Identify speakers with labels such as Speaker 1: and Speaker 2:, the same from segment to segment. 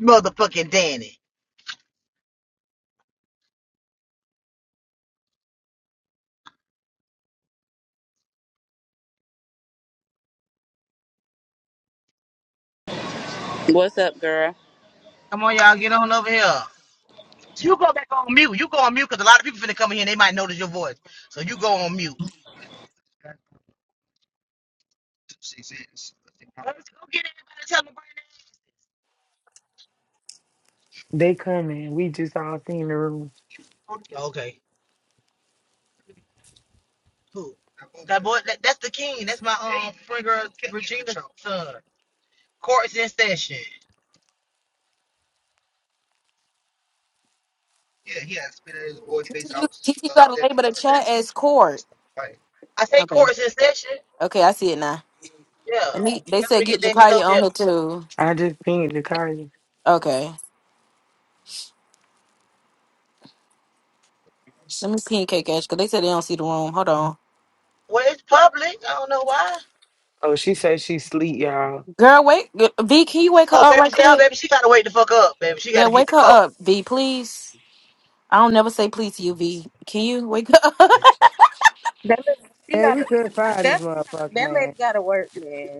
Speaker 1: motherfucking Danny.
Speaker 2: What's up, girl?
Speaker 1: Come on, y'all, get on over here. You go back on mute. You go on mute because a lot of people finna come in here and they might notice your voice. So you go on mute. She says- Let's go get everybody to tell them right
Speaker 3: They coming. We just all seen the room.
Speaker 1: now. Okay, Who? That boy, that, that's the king. That's my um friend girl Regina's son. Court's in session.
Speaker 4: Kiki, you, Kiki, you gotta label the chat as court.
Speaker 1: I say
Speaker 4: Okay.
Speaker 1: court's in session.
Speaker 4: Okay, I see it now.
Speaker 1: Yeah,
Speaker 4: Let me. They
Speaker 1: tell
Speaker 4: said
Speaker 1: me to
Speaker 4: get
Speaker 1: get that
Speaker 4: Jacardi
Speaker 1: over here.
Speaker 4: on here too.
Speaker 3: I just pinged the car.
Speaker 4: Okay. Let me pin K Cash because they said they don't see the room. Hold on.
Speaker 1: Well, it's public. I don't know why.
Speaker 3: Oh, she said she sleep, y'all.
Speaker 4: Girl, wait. V, can you wake her
Speaker 1: Oh,
Speaker 4: up
Speaker 1: baby,
Speaker 4: right
Speaker 1: tell
Speaker 4: quick?
Speaker 1: baby she gotta wake the fuck up, baby. She
Speaker 4: Yeah,
Speaker 1: gotta get
Speaker 4: wake
Speaker 1: the
Speaker 4: her
Speaker 1: coffee.
Speaker 4: up, V, please. I don't never say please to you, V. Can you wake her up?
Speaker 5: That lady, she
Speaker 6: Man, we
Speaker 5: gotta
Speaker 6: couldn't find this
Speaker 5: that
Speaker 6: motherfucker,
Speaker 5: that lady
Speaker 6: man.
Speaker 5: gotta work, man.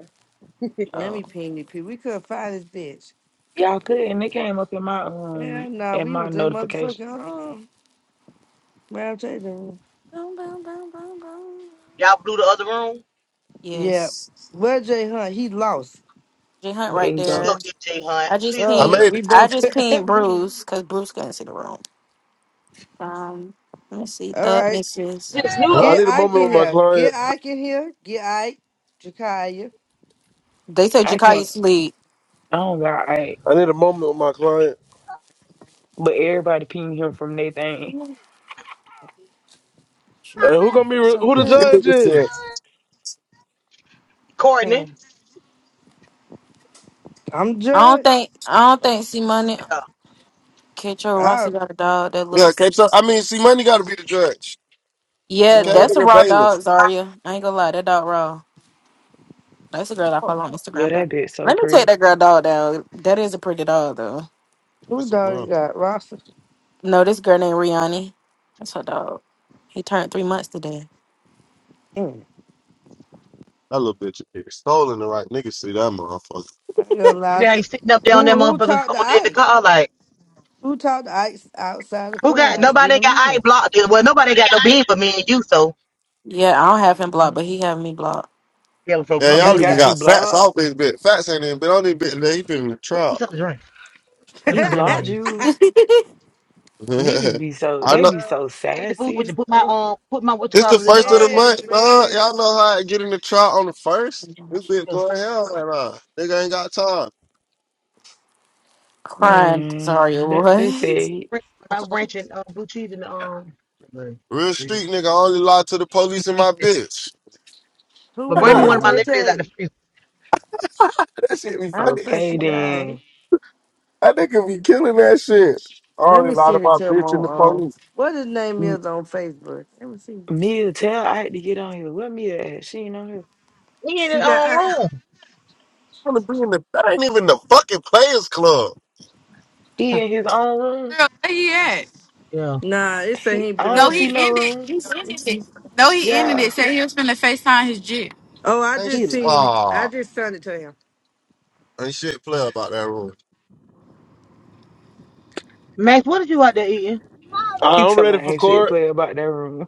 Speaker 6: Let
Speaker 4: Oh.
Speaker 6: me ping you, P. We couldn't find this bitch.
Speaker 3: Y'all could, and it came up in my um
Speaker 6: Hell no,
Speaker 3: in
Speaker 6: we
Speaker 3: my
Speaker 6: was in
Speaker 3: notification.
Speaker 6: motherfucking um, round table.
Speaker 4: Boom, boom, boom, boom, boom.
Speaker 1: Y'all blew the other room.
Speaker 6: Yeah.
Speaker 4: Yes.
Speaker 6: Well, Jay Hunt, he lost.
Speaker 4: J Hunt
Speaker 3: But There
Speaker 4: right
Speaker 3: you
Speaker 7: So
Speaker 3: go.
Speaker 1: Go
Speaker 4: there.
Speaker 1: get Jay Hunt.
Speaker 4: I just
Speaker 1: Please go
Speaker 7: I
Speaker 6: Oh,
Speaker 1: get
Speaker 4: pinged.
Speaker 7: made
Speaker 6: we
Speaker 7: it.
Speaker 4: I
Speaker 6: both.
Speaker 4: just pinged Bruce because Bruce couldn't see the room. Um, let me see.
Speaker 6: All
Speaker 4: Thug
Speaker 6: right.
Speaker 4: misses.
Speaker 8: I
Speaker 6: Get
Speaker 8: need a
Speaker 6: Ike
Speaker 8: moment
Speaker 6: in
Speaker 8: with my
Speaker 6: here.
Speaker 8: client.
Speaker 6: Get Ike in here. Get Ike. Jakaya.
Speaker 4: They said
Speaker 3: I
Speaker 4: Jakaya
Speaker 3: can't.
Speaker 4: sleep.
Speaker 3: I don't got I.
Speaker 8: I need a moment with my client.
Speaker 3: But everybody pinged him from their
Speaker 4: I
Speaker 3: thing.
Speaker 8: And who gonna be re- who the
Speaker 7: That
Speaker 8: judge
Speaker 7: nigga
Speaker 8: is?
Speaker 7: said,
Speaker 1: Courtney.
Speaker 6: I'm
Speaker 4: don't
Speaker 6: judged.
Speaker 4: think I don't think C Money
Speaker 1: Yeah.
Speaker 4: Ketro
Speaker 6: All
Speaker 4: Rossi
Speaker 6: right.
Speaker 4: got a dog that
Speaker 7: yeah,
Speaker 4: looks
Speaker 7: K Tron. I
Speaker 4: just like
Speaker 7: mean, see, money got to be the judge. To
Speaker 4: Yeah,
Speaker 6: All
Speaker 7: Taylor
Speaker 6: right.
Speaker 4: that's a
Speaker 7: and
Speaker 4: raw
Speaker 7: bailiff.
Speaker 4: dog, Zaria. I ain't gonna lie, that dog raw. That's a girl I
Speaker 7: Fuck,
Speaker 4: follow on
Speaker 3: Yeah,
Speaker 4: Instagram though.
Speaker 3: that bitch so
Speaker 4: Let me take
Speaker 3: pretty.
Speaker 4: that girl dog down. That is a pretty dog though.
Speaker 6: Who
Speaker 7: That's a
Speaker 6: dog you
Speaker 7: blunt.
Speaker 6: got? Roster?
Speaker 4: No, this girl named Rihanna. That's her dog. He turned three months today.
Speaker 6: Mm.
Speaker 7: That little bitch is stolen the right nigga. See that motherfucker.
Speaker 6: I ain't gonna lie.
Speaker 1: Yeah, he's sitting up there on that
Speaker 6: Who, who
Speaker 1: motherfucking
Speaker 6: talked to
Speaker 1: corner in the
Speaker 6: Ike?
Speaker 1: car like,
Speaker 6: Who talked to Ike outside the
Speaker 1: who got
Speaker 6: clubhouse? Get
Speaker 1: nobody
Speaker 6: him
Speaker 1: got
Speaker 6: in
Speaker 1: I
Speaker 6: here.
Speaker 1: ain't blocked it. Well nobody got
Speaker 9: Hallelujah.
Speaker 1: no bean but me and you, so
Speaker 4: Yeah, I don't have him blocked,
Speaker 3: Mhm.
Speaker 4: but he have me blocked.
Speaker 1: yeah, so
Speaker 7: Yeah,
Speaker 1: we
Speaker 3: Oh,
Speaker 1: got
Speaker 3: he
Speaker 7: y'all
Speaker 1: we
Speaker 7: even
Speaker 3: got
Speaker 1: got
Speaker 3: you
Speaker 7: got fats
Speaker 3: blocked.
Speaker 7: off this bit. Fats ain't even been on this bit. today. He been in the
Speaker 1: who's
Speaker 7: trial.
Speaker 1: up to drink? One of
Speaker 3: He
Speaker 1: my
Speaker 3: blocked
Speaker 1: lemonades.
Speaker 3: you. Niggas be so
Speaker 7: I
Speaker 3: they
Speaker 7: know.
Speaker 3: be so
Speaker 1: Take the food with you,
Speaker 3: sassy.
Speaker 1: put my um put my what you
Speaker 7: It's the
Speaker 1: call it in the
Speaker 7: first of
Speaker 1: um
Speaker 7: the month,
Speaker 6: yes,
Speaker 7: dog.
Speaker 6: man.
Speaker 7: Y'all know how I get in the trial on the first? This bitch
Speaker 1: you know,
Speaker 7: going to hell right now. Nigga ain't got time.
Speaker 4: Crying, Zaria.
Speaker 3: Man, they, they
Speaker 4: What?
Speaker 3: say,
Speaker 1: my ranch and um, blue cheese in the um but
Speaker 7: Real
Speaker 1: bring
Speaker 7: street nigga, I only lie to the police and
Speaker 1: me
Speaker 7: my bitch.
Speaker 6: Who in here?
Speaker 1: one of
Speaker 7: that
Speaker 1: my
Speaker 6: Tay.
Speaker 3: mm,
Speaker 1: lemonades out
Speaker 6: Tay.
Speaker 1: the freezer.
Speaker 7: shit be
Speaker 6: I don't
Speaker 7: funny.
Speaker 6: think she
Speaker 3: okay
Speaker 6: died.
Speaker 3: then.
Speaker 7: That nigga be killing that shit. I
Speaker 6: Let
Speaker 7: already
Speaker 6: me
Speaker 7: lied
Speaker 6: send it
Speaker 7: about
Speaker 6: to him
Speaker 7: bitch in the
Speaker 6: on um
Speaker 7: police.
Speaker 6: what his name is on Facebook. Let me see.
Speaker 3: Mia tell I had to get on here. Where Mia at? She ain't on here.
Speaker 1: He in
Speaker 6: She
Speaker 1: his
Speaker 6: got
Speaker 1: own
Speaker 6: I,
Speaker 1: room.
Speaker 7: I wanna be in the that ain't even the fucking players club.
Speaker 3: He in his own room.
Speaker 10: Girl, where he at?
Speaker 1: Yeah.
Speaker 6: nah, it said he
Speaker 3: He
Speaker 6: ain't
Speaker 3: I
Speaker 6: been on
Speaker 10: No,
Speaker 3: don't
Speaker 6: here.
Speaker 10: he
Speaker 3: see no
Speaker 10: ended.
Speaker 3: room.
Speaker 10: He ended it. No, he ended
Speaker 3: Yeah,
Speaker 10: it. Said he was finna FaceTime his jit.
Speaker 6: Oh, I
Speaker 7: Ain't
Speaker 3: he
Speaker 6: just
Speaker 7: sh-
Speaker 6: seen
Speaker 3: lying.
Speaker 6: it. I
Speaker 7: ah,
Speaker 6: just sent it to him.
Speaker 7: ain't shit play about that rule.
Speaker 1: Max, what is you out there eating?
Speaker 3: He
Speaker 8: I- I'm
Speaker 3: tell my
Speaker 8: ready for
Speaker 3: ain't shit
Speaker 8: court.
Speaker 3: play about that room.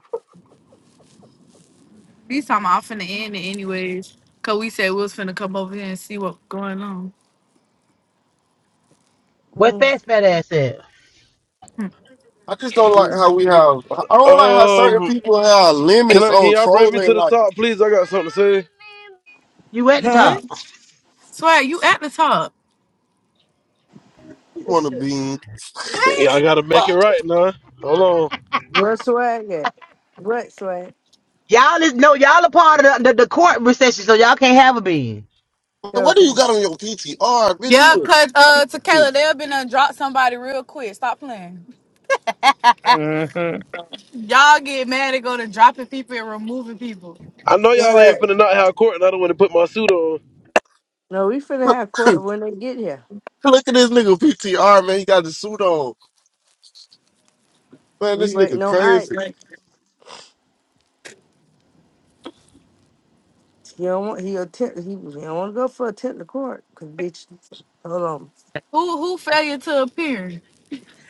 Speaker 10: He's talking about I'm finna end it anyways. Cause we said we was finna come over here and see what going on.
Speaker 1: Where
Speaker 6: Mm,
Speaker 1: fast fat ass at?
Speaker 10: Hmm.
Speaker 7: I just don't like
Speaker 6: just,
Speaker 7: how we have I don't like how certain
Speaker 8: Um,
Speaker 7: people have
Speaker 8: can
Speaker 7: limits
Speaker 8: I can
Speaker 7: on
Speaker 8: y'all bring me
Speaker 7: trolling
Speaker 8: to the
Speaker 7: like
Speaker 8: top, please? I got something to say.
Speaker 1: You at the
Speaker 6: huh?
Speaker 10: What?
Speaker 1: top.
Speaker 10: Swag, you at the top.
Speaker 7: you wanna be.
Speaker 8: Yeah, I gotta
Speaker 7: But
Speaker 8: make
Speaker 7: I
Speaker 8: it right now. Hold on.
Speaker 6: What swag at? What swag?
Speaker 1: Y'all is no, y'all a part of the, the, the court recession, so y'all can't have a bean.
Speaker 7: just- what do you
Speaker 6: Okay.
Speaker 7: got on your PTR, bitch?
Speaker 10: Yeah,
Speaker 7: You
Speaker 10: cause uh Tequila,
Speaker 7: a-
Speaker 10: they'll been done drop somebody real quick. Stop playing.
Speaker 3: hmm
Speaker 10: Y'all get mad and go to dropping people and removing people.
Speaker 8: I know y'all
Speaker 7: yeah.
Speaker 8: ain't finna not have court, and I don't want to put my suit on.
Speaker 6: No, we finna have court when they get here.
Speaker 7: Look at this nigga PTR, man. He got the suit on. Man,
Speaker 6: We
Speaker 7: this nigga
Speaker 6: waiting on Ike.
Speaker 7: crazy.
Speaker 6: He don't want he attempt he, he don't want to go for attempt to court because bitch, hold on,
Speaker 10: Who who failure to appear?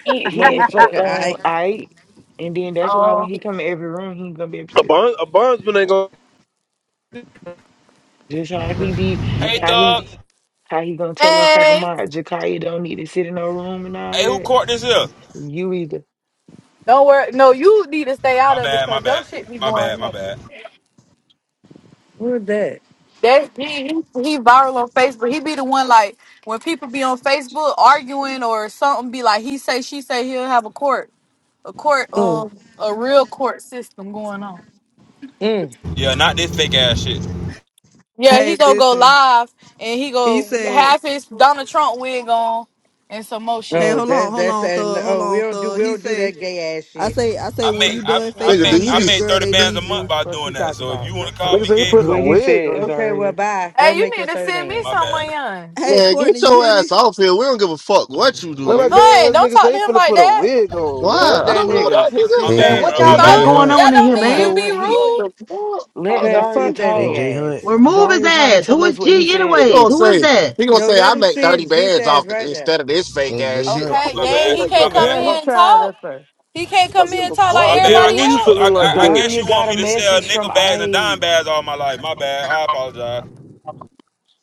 Speaker 3: He he uh,
Speaker 6: motherfucker,
Speaker 3: um
Speaker 6: I
Speaker 3: I and then that's why when he come in every room he gonna be
Speaker 8: A
Speaker 3: upset.
Speaker 8: bond, a bondsman ain't gonna.
Speaker 3: Just how he be
Speaker 11: Hey,
Speaker 3: how he
Speaker 11: Thug.
Speaker 3: how he gonna tell us talking
Speaker 10: Hey,
Speaker 3: about Jakaya don't need to sit in no room and all
Speaker 11: Hey, who
Speaker 3: that.
Speaker 11: court this here?
Speaker 3: You either.
Speaker 10: don't worry. No, you need to stay out
Speaker 11: My
Speaker 10: of it
Speaker 11: bad, my
Speaker 10: because your
Speaker 11: bad,
Speaker 10: shit be
Speaker 11: my bad,
Speaker 10: going
Speaker 11: my
Speaker 10: up.
Speaker 11: bad.
Speaker 6: where that?
Speaker 10: That he, he he viral on Facebook. He be the one like when people be on Facebook arguing or something. Be like he say she say he'll have a court a court
Speaker 6: Mm,
Speaker 10: um a real court system going on.
Speaker 6: mm.
Speaker 11: Yeah, not this fake ass shit.
Speaker 10: Yeah, he
Speaker 12: Hey,
Speaker 10: gonna go
Speaker 12: listen.
Speaker 10: live and he
Speaker 12: He
Speaker 10: go
Speaker 12: said,
Speaker 10: have his Donald Trump wig on and some more
Speaker 12: "Hey,
Speaker 10: shit.
Speaker 6: Oh,
Speaker 12: hold on,
Speaker 6: that's
Speaker 12: hold
Speaker 6: that's
Speaker 12: on,
Speaker 6: and
Speaker 12: thug, hold
Speaker 6: oh we
Speaker 12: on,
Speaker 6: don't do
Speaker 12: thug."
Speaker 6: we
Speaker 12: He
Speaker 6: don't do
Speaker 12: say,
Speaker 6: that gay ass
Speaker 12: "I
Speaker 6: shit.
Speaker 12: say, I say,
Speaker 11: I
Speaker 12: when
Speaker 11: make,
Speaker 12: you
Speaker 11: I,
Speaker 12: done
Speaker 6: What
Speaker 11: I
Speaker 7: Nigga, do
Speaker 11: make,
Speaker 12: Facetime,
Speaker 7: you
Speaker 11: I
Speaker 7: be
Speaker 12: baby
Speaker 11: made
Speaker 12: girl,
Speaker 11: thirty
Speaker 12: they
Speaker 11: bands a
Speaker 12: need you."
Speaker 11: month by
Speaker 6: fuck you
Speaker 11: doing that.
Speaker 6: talking
Speaker 11: So if
Speaker 6: about?
Speaker 11: you wanna call
Speaker 8: Nigga
Speaker 11: me
Speaker 8: say he
Speaker 11: gay,
Speaker 8: putting a
Speaker 3: What
Speaker 11: cool.
Speaker 3: he
Speaker 8: wig
Speaker 3: said,
Speaker 8: on.
Speaker 6: Okay, well
Speaker 3: Zaria.
Speaker 6: bye. Go
Speaker 10: Hey, you
Speaker 6: make your
Speaker 10: need to
Speaker 6: third
Speaker 10: send me
Speaker 6: man.
Speaker 11: My
Speaker 10: some money,
Speaker 11: bad.
Speaker 10: hun.
Speaker 12: Hey,
Speaker 7: man,
Speaker 12: Courtney,
Speaker 7: get
Speaker 12: you
Speaker 7: your
Speaker 12: hear me?
Speaker 7: ass off here. We don't give a fuck what you do,
Speaker 8: Man, I
Speaker 7: nigga.
Speaker 10: Hun,
Speaker 8: guess
Speaker 10: don't
Speaker 8: nigga
Speaker 10: talk
Speaker 8: say
Speaker 10: to
Speaker 8: he
Speaker 10: him
Speaker 8: finna
Speaker 10: like
Speaker 8: put a
Speaker 10: that.
Speaker 8: wig on. Man,
Speaker 6: Fuck
Speaker 7: Why?
Speaker 8: what
Speaker 7: I
Speaker 8: the
Speaker 6: that
Speaker 7: don't know
Speaker 8: fuck?
Speaker 11: I,
Speaker 7: that
Speaker 6: nigga.
Speaker 7: nigga.
Speaker 11: my
Speaker 6: Sis
Speaker 13: A-
Speaker 1: Man,
Speaker 11: bad,
Speaker 6: ass
Speaker 1: what
Speaker 11: bro. My
Speaker 1: y'all
Speaker 6: bitch.
Speaker 1: got
Speaker 13: AJ
Speaker 11: bad. My
Speaker 10: So
Speaker 1: going
Speaker 13: Hunt,
Speaker 10: that
Speaker 1: on in
Speaker 11: bad.
Speaker 10: don't
Speaker 1: here,
Speaker 6: Come
Speaker 10: mean
Speaker 6: on,
Speaker 10: you
Speaker 3: So
Speaker 1: man?
Speaker 10: be
Speaker 3: what he
Speaker 7: What
Speaker 10: rude.
Speaker 7: the fuck? Fuck
Speaker 3: let
Speaker 6: man.
Speaker 7: that
Speaker 3: Zaria
Speaker 6: Fuck
Speaker 7: nigga.
Speaker 6: that
Speaker 3: talk.
Speaker 13: AJ
Speaker 6: nigga
Speaker 13: Hunt,
Speaker 6: ass.
Speaker 1: Remove his
Speaker 3: Zaria trying to
Speaker 1: ass.
Speaker 3: tell
Speaker 1: Who is
Speaker 3: us what he
Speaker 1: G
Speaker 7: He
Speaker 3: said.
Speaker 1: anyways?
Speaker 7: gonna
Speaker 1: Who is
Speaker 7: say
Speaker 1: that?
Speaker 7: he gonna
Speaker 6: No,
Speaker 7: say I
Speaker 6: let him
Speaker 7: make
Speaker 6: see
Speaker 7: thirty
Speaker 6: his bitch
Speaker 7: bands
Speaker 6: ass
Speaker 7: off it
Speaker 6: right there.
Speaker 7: instead of this fake ass
Speaker 13: AJ
Speaker 7: shit.
Speaker 13: Hunt,
Speaker 7: Like
Speaker 10: Okay,
Speaker 11: My
Speaker 7: nigga,
Speaker 10: dang,
Speaker 7: we
Speaker 11: bad.
Speaker 10: he
Speaker 7: don't
Speaker 11: My
Speaker 10: can't
Speaker 7: give a
Speaker 10: come in
Speaker 6: Yeah,
Speaker 11: bad.
Speaker 6: he
Speaker 10: here
Speaker 7: fuck.
Speaker 10: and
Speaker 6: tried
Speaker 10: talk.
Speaker 6: us first.
Speaker 10: He can't
Speaker 7: We
Speaker 10: come
Speaker 7: don't
Speaker 10: in
Speaker 7: give
Speaker 10: and
Speaker 7: a
Speaker 10: talk like
Speaker 7: fuck,
Speaker 11: My
Speaker 8: Hey,
Speaker 11: bad.
Speaker 7: nigga.
Speaker 11: I
Speaker 8: Gary,
Speaker 10: everybody
Speaker 8: who
Speaker 11: guess
Speaker 8: you
Speaker 11: you,
Speaker 10: else.
Speaker 11: I,
Speaker 8: feeling like
Speaker 11: I, I
Speaker 8: today?
Speaker 11: guess
Speaker 3: Daria
Speaker 11: you want
Speaker 3: got a
Speaker 11: me to sell
Speaker 3: message from
Speaker 11: nickel bags and dime
Speaker 3: Ike.
Speaker 11: bags all my life. My bad. I
Speaker 14: No,
Speaker 11: apologize.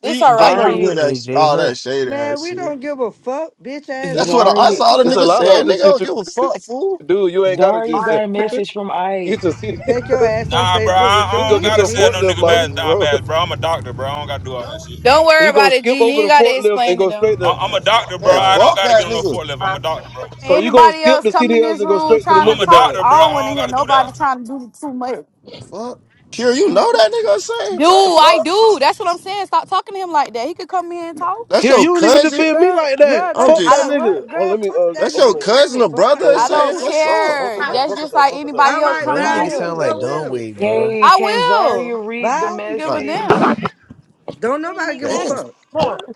Speaker 10: It's
Speaker 7: See,
Speaker 10: all
Speaker 7: I
Speaker 10: right,
Speaker 7: know you
Speaker 10: G.
Speaker 7: hear
Speaker 3: Daria,
Speaker 7: that
Speaker 13: AJ
Speaker 7: all that
Speaker 13: Hunt.
Speaker 7: shade
Speaker 6: Man,
Speaker 7: ass
Speaker 6: we
Speaker 7: shit.
Speaker 6: don't give a fuck, bitch ass
Speaker 7: That's
Speaker 8: It's
Speaker 7: what
Speaker 6: nigga.
Speaker 7: I,
Speaker 6: The
Speaker 7: I
Speaker 3: Daria,
Speaker 6: fuck
Speaker 7: saw
Speaker 6: you
Speaker 7: the
Speaker 8: it's a
Speaker 6: talking
Speaker 7: nigga
Speaker 6: about?
Speaker 8: lot of
Speaker 7: saying. Nigga,
Speaker 8: other
Speaker 7: I
Speaker 8: shit.
Speaker 7: don't
Speaker 8: you.
Speaker 7: give a fuck, fool.
Speaker 8: Dude, you ain't gotta
Speaker 3: Daria
Speaker 8: just
Speaker 14: I
Speaker 8: sell.
Speaker 3: got
Speaker 14: think
Speaker 3: a
Speaker 8: you
Speaker 3: message from
Speaker 8: can get
Speaker 3: Ike.
Speaker 8: your CD.
Speaker 6: Take your ass on
Speaker 11: Nah, bro. I,
Speaker 6: Facebook with
Speaker 8: You
Speaker 6: your
Speaker 11: I
Speaker 8: go
Speaker 11: don't
Speaker 8: get
Speaker 6: wig,
Speaker 11: gotta
Speaker 8: your
Speaker 11: sell
Speaker 6: bitch.
Speaker 11: no
Speaker 8: forklift
Speaker 11: nickel
Speaker 6: Go to
Speaker 11: bags
Speaker 8: license,
Speaker 11: and
Speaker 6: court.
Speaker 11: dime
Speaker 8: bro.
Speaker 11: bags, bro. I'm a doctor, bro. I don't gotta do all that shit.
Speaker 10: Don't
Speaker 8: So
Speaker 10: worry
Speaker 8: you gonna
Speaker 10: about it,
Speaker 8: skip
Speaker 10: G. You
Speaker 8: over
Speaker 10: ain't
Speaker 8: the
Speaker 10: gotta
Speaker 8: forklift and
Speaker 10: explain to
Speaker 8: go
Speaker 10: them.
Speaker 8: straight
Speaker 11: I,
Speaker 8: to.
Speaker 11: I'm a doctor, bro.
Speaker 7: Man,
Speaker 8: All
Speaker 11: I
Speaker 8: right.
Speaker 11: don't
Speaker 7: fuck
Speaker 11: gotta
Speaker 7: that
Speaker 11: get on no
Speaker 7: nigga.
Speaker 11: forklift. I'm a doctor, bro.
Speaker 8: So
Speaker 7: Fuck,
Speaker 8: you gonna
Speaker 10: Anybody
Speaker 8: skip
Speaker 10: else
Speaker 8: the
Speaker 10: come in
Speaker 8: CDLs
Speaker 10: this
Speaker 8: and go
Speaker 10: room
Speaker 8: straight to the
Speaker 10: trying
Speaker 11: I'm
Speaker 10: to
Speaker 8: nickel
Speaker 11: a
Speaker 10: talk?
Speaker 11: doctor,
Speaker 8: bag.
Speaker 10: I
Speaker 11: bro.
Speaker 10: don't
Speaker 11: I
Speaker 10: want to
Speaker 11: don't
Speaker 10: hear
Speaker 11: gotta do
Speaker 10: nobody
Speaker 11: that.
Speaker 10: trying to do too much.
Speaker 7: fuck. Kira, you know that nigga I'm saying?
Speaker 10: Do
Speaker 7: What the
Speaker 10: I
Speaker 7: fuck?
Speaker 10: do? That's what I'm saying. Stop talking to him like that. He could come in and talk.
Speaker 7: That's
Speaker 8: Kerry,
Speaker 7: your
Speaker 8: you don't even
Speaker 7: cousin.
Speaker 8: defend me
Speaker 6: Girl,
Speaker 8: like
Speaker 6: girl,
Speaker 8: that.
Speaker 7: I'm
Speaker 6: that's
Speaker 8: Fuck
Speaker 10: I
Speaker 8: that
Speaker 6: like
Speaker 7: just.
Speaker 10: don't.
Speaker 8: nigga.
Speaker 6: what?
Speaker 8: Oh,
Speaker 6: Girl,
Speaker 8: let me.
Speaker 6: fuck
Speaker 8: Uh,
Speaker 6: that
Speaker 7: That's
Speaker 8: I'm
Speaker 6: nigga.
Speaker 7: your
Speaker 6: We
Speaker 8: finna
Speaker 6: don't give
Speaker 7: cousin
Speaker 6: a
Speaker 7: or
Speaker 6: fuck about
Speaker 7: brother
Speaker 6: that
Speaker 10: I
Speaker 8: go
Speaker 6: nigga.
Speaker 10: don't
Speaker 7: saying.
Speaker 6: eh?
Speaker 7: What's up?
Speaker 6: The
Speaker 10: care.
Speaker 8: multitask,
Speaker 6: Fuck.
Speaker 10: That's just
Speaker 8: multitask,
Speaker 10: like
Speaker 8: multitask.
Speaker 10: anybody
Speaker 6: All
Speaker 10: else
Speaker 6: right,
Speaker 13: But that
Speaker 10: coming
Speaker 6: bye.
Speaker 10: in
Speaker 13: nigga
Speaker 6: You could
Speaker 10: here.
Speaker 13: sound like
Speaker 6: go with him.
Speaker 13: Dunway,
Speaker 6: The fuck?
Speaker 13: bro.
Speaker 3: Hey,
Speaker 10: I
Speaker 3: can Zaria
Speaker 10: will.
Speaker 3: read the
Speaker 10: I
Speaker 6: Bye.
Speaker 10: don't give a
Speaker 7: Like,
Speaker 3: message?
Speaker 10: damn.
Speaker 6: Don't nobody give a
Speaker 7: damn.
Speaker 6: fuck.
Speaker 8: Come on,
Speaker 6: Fuck.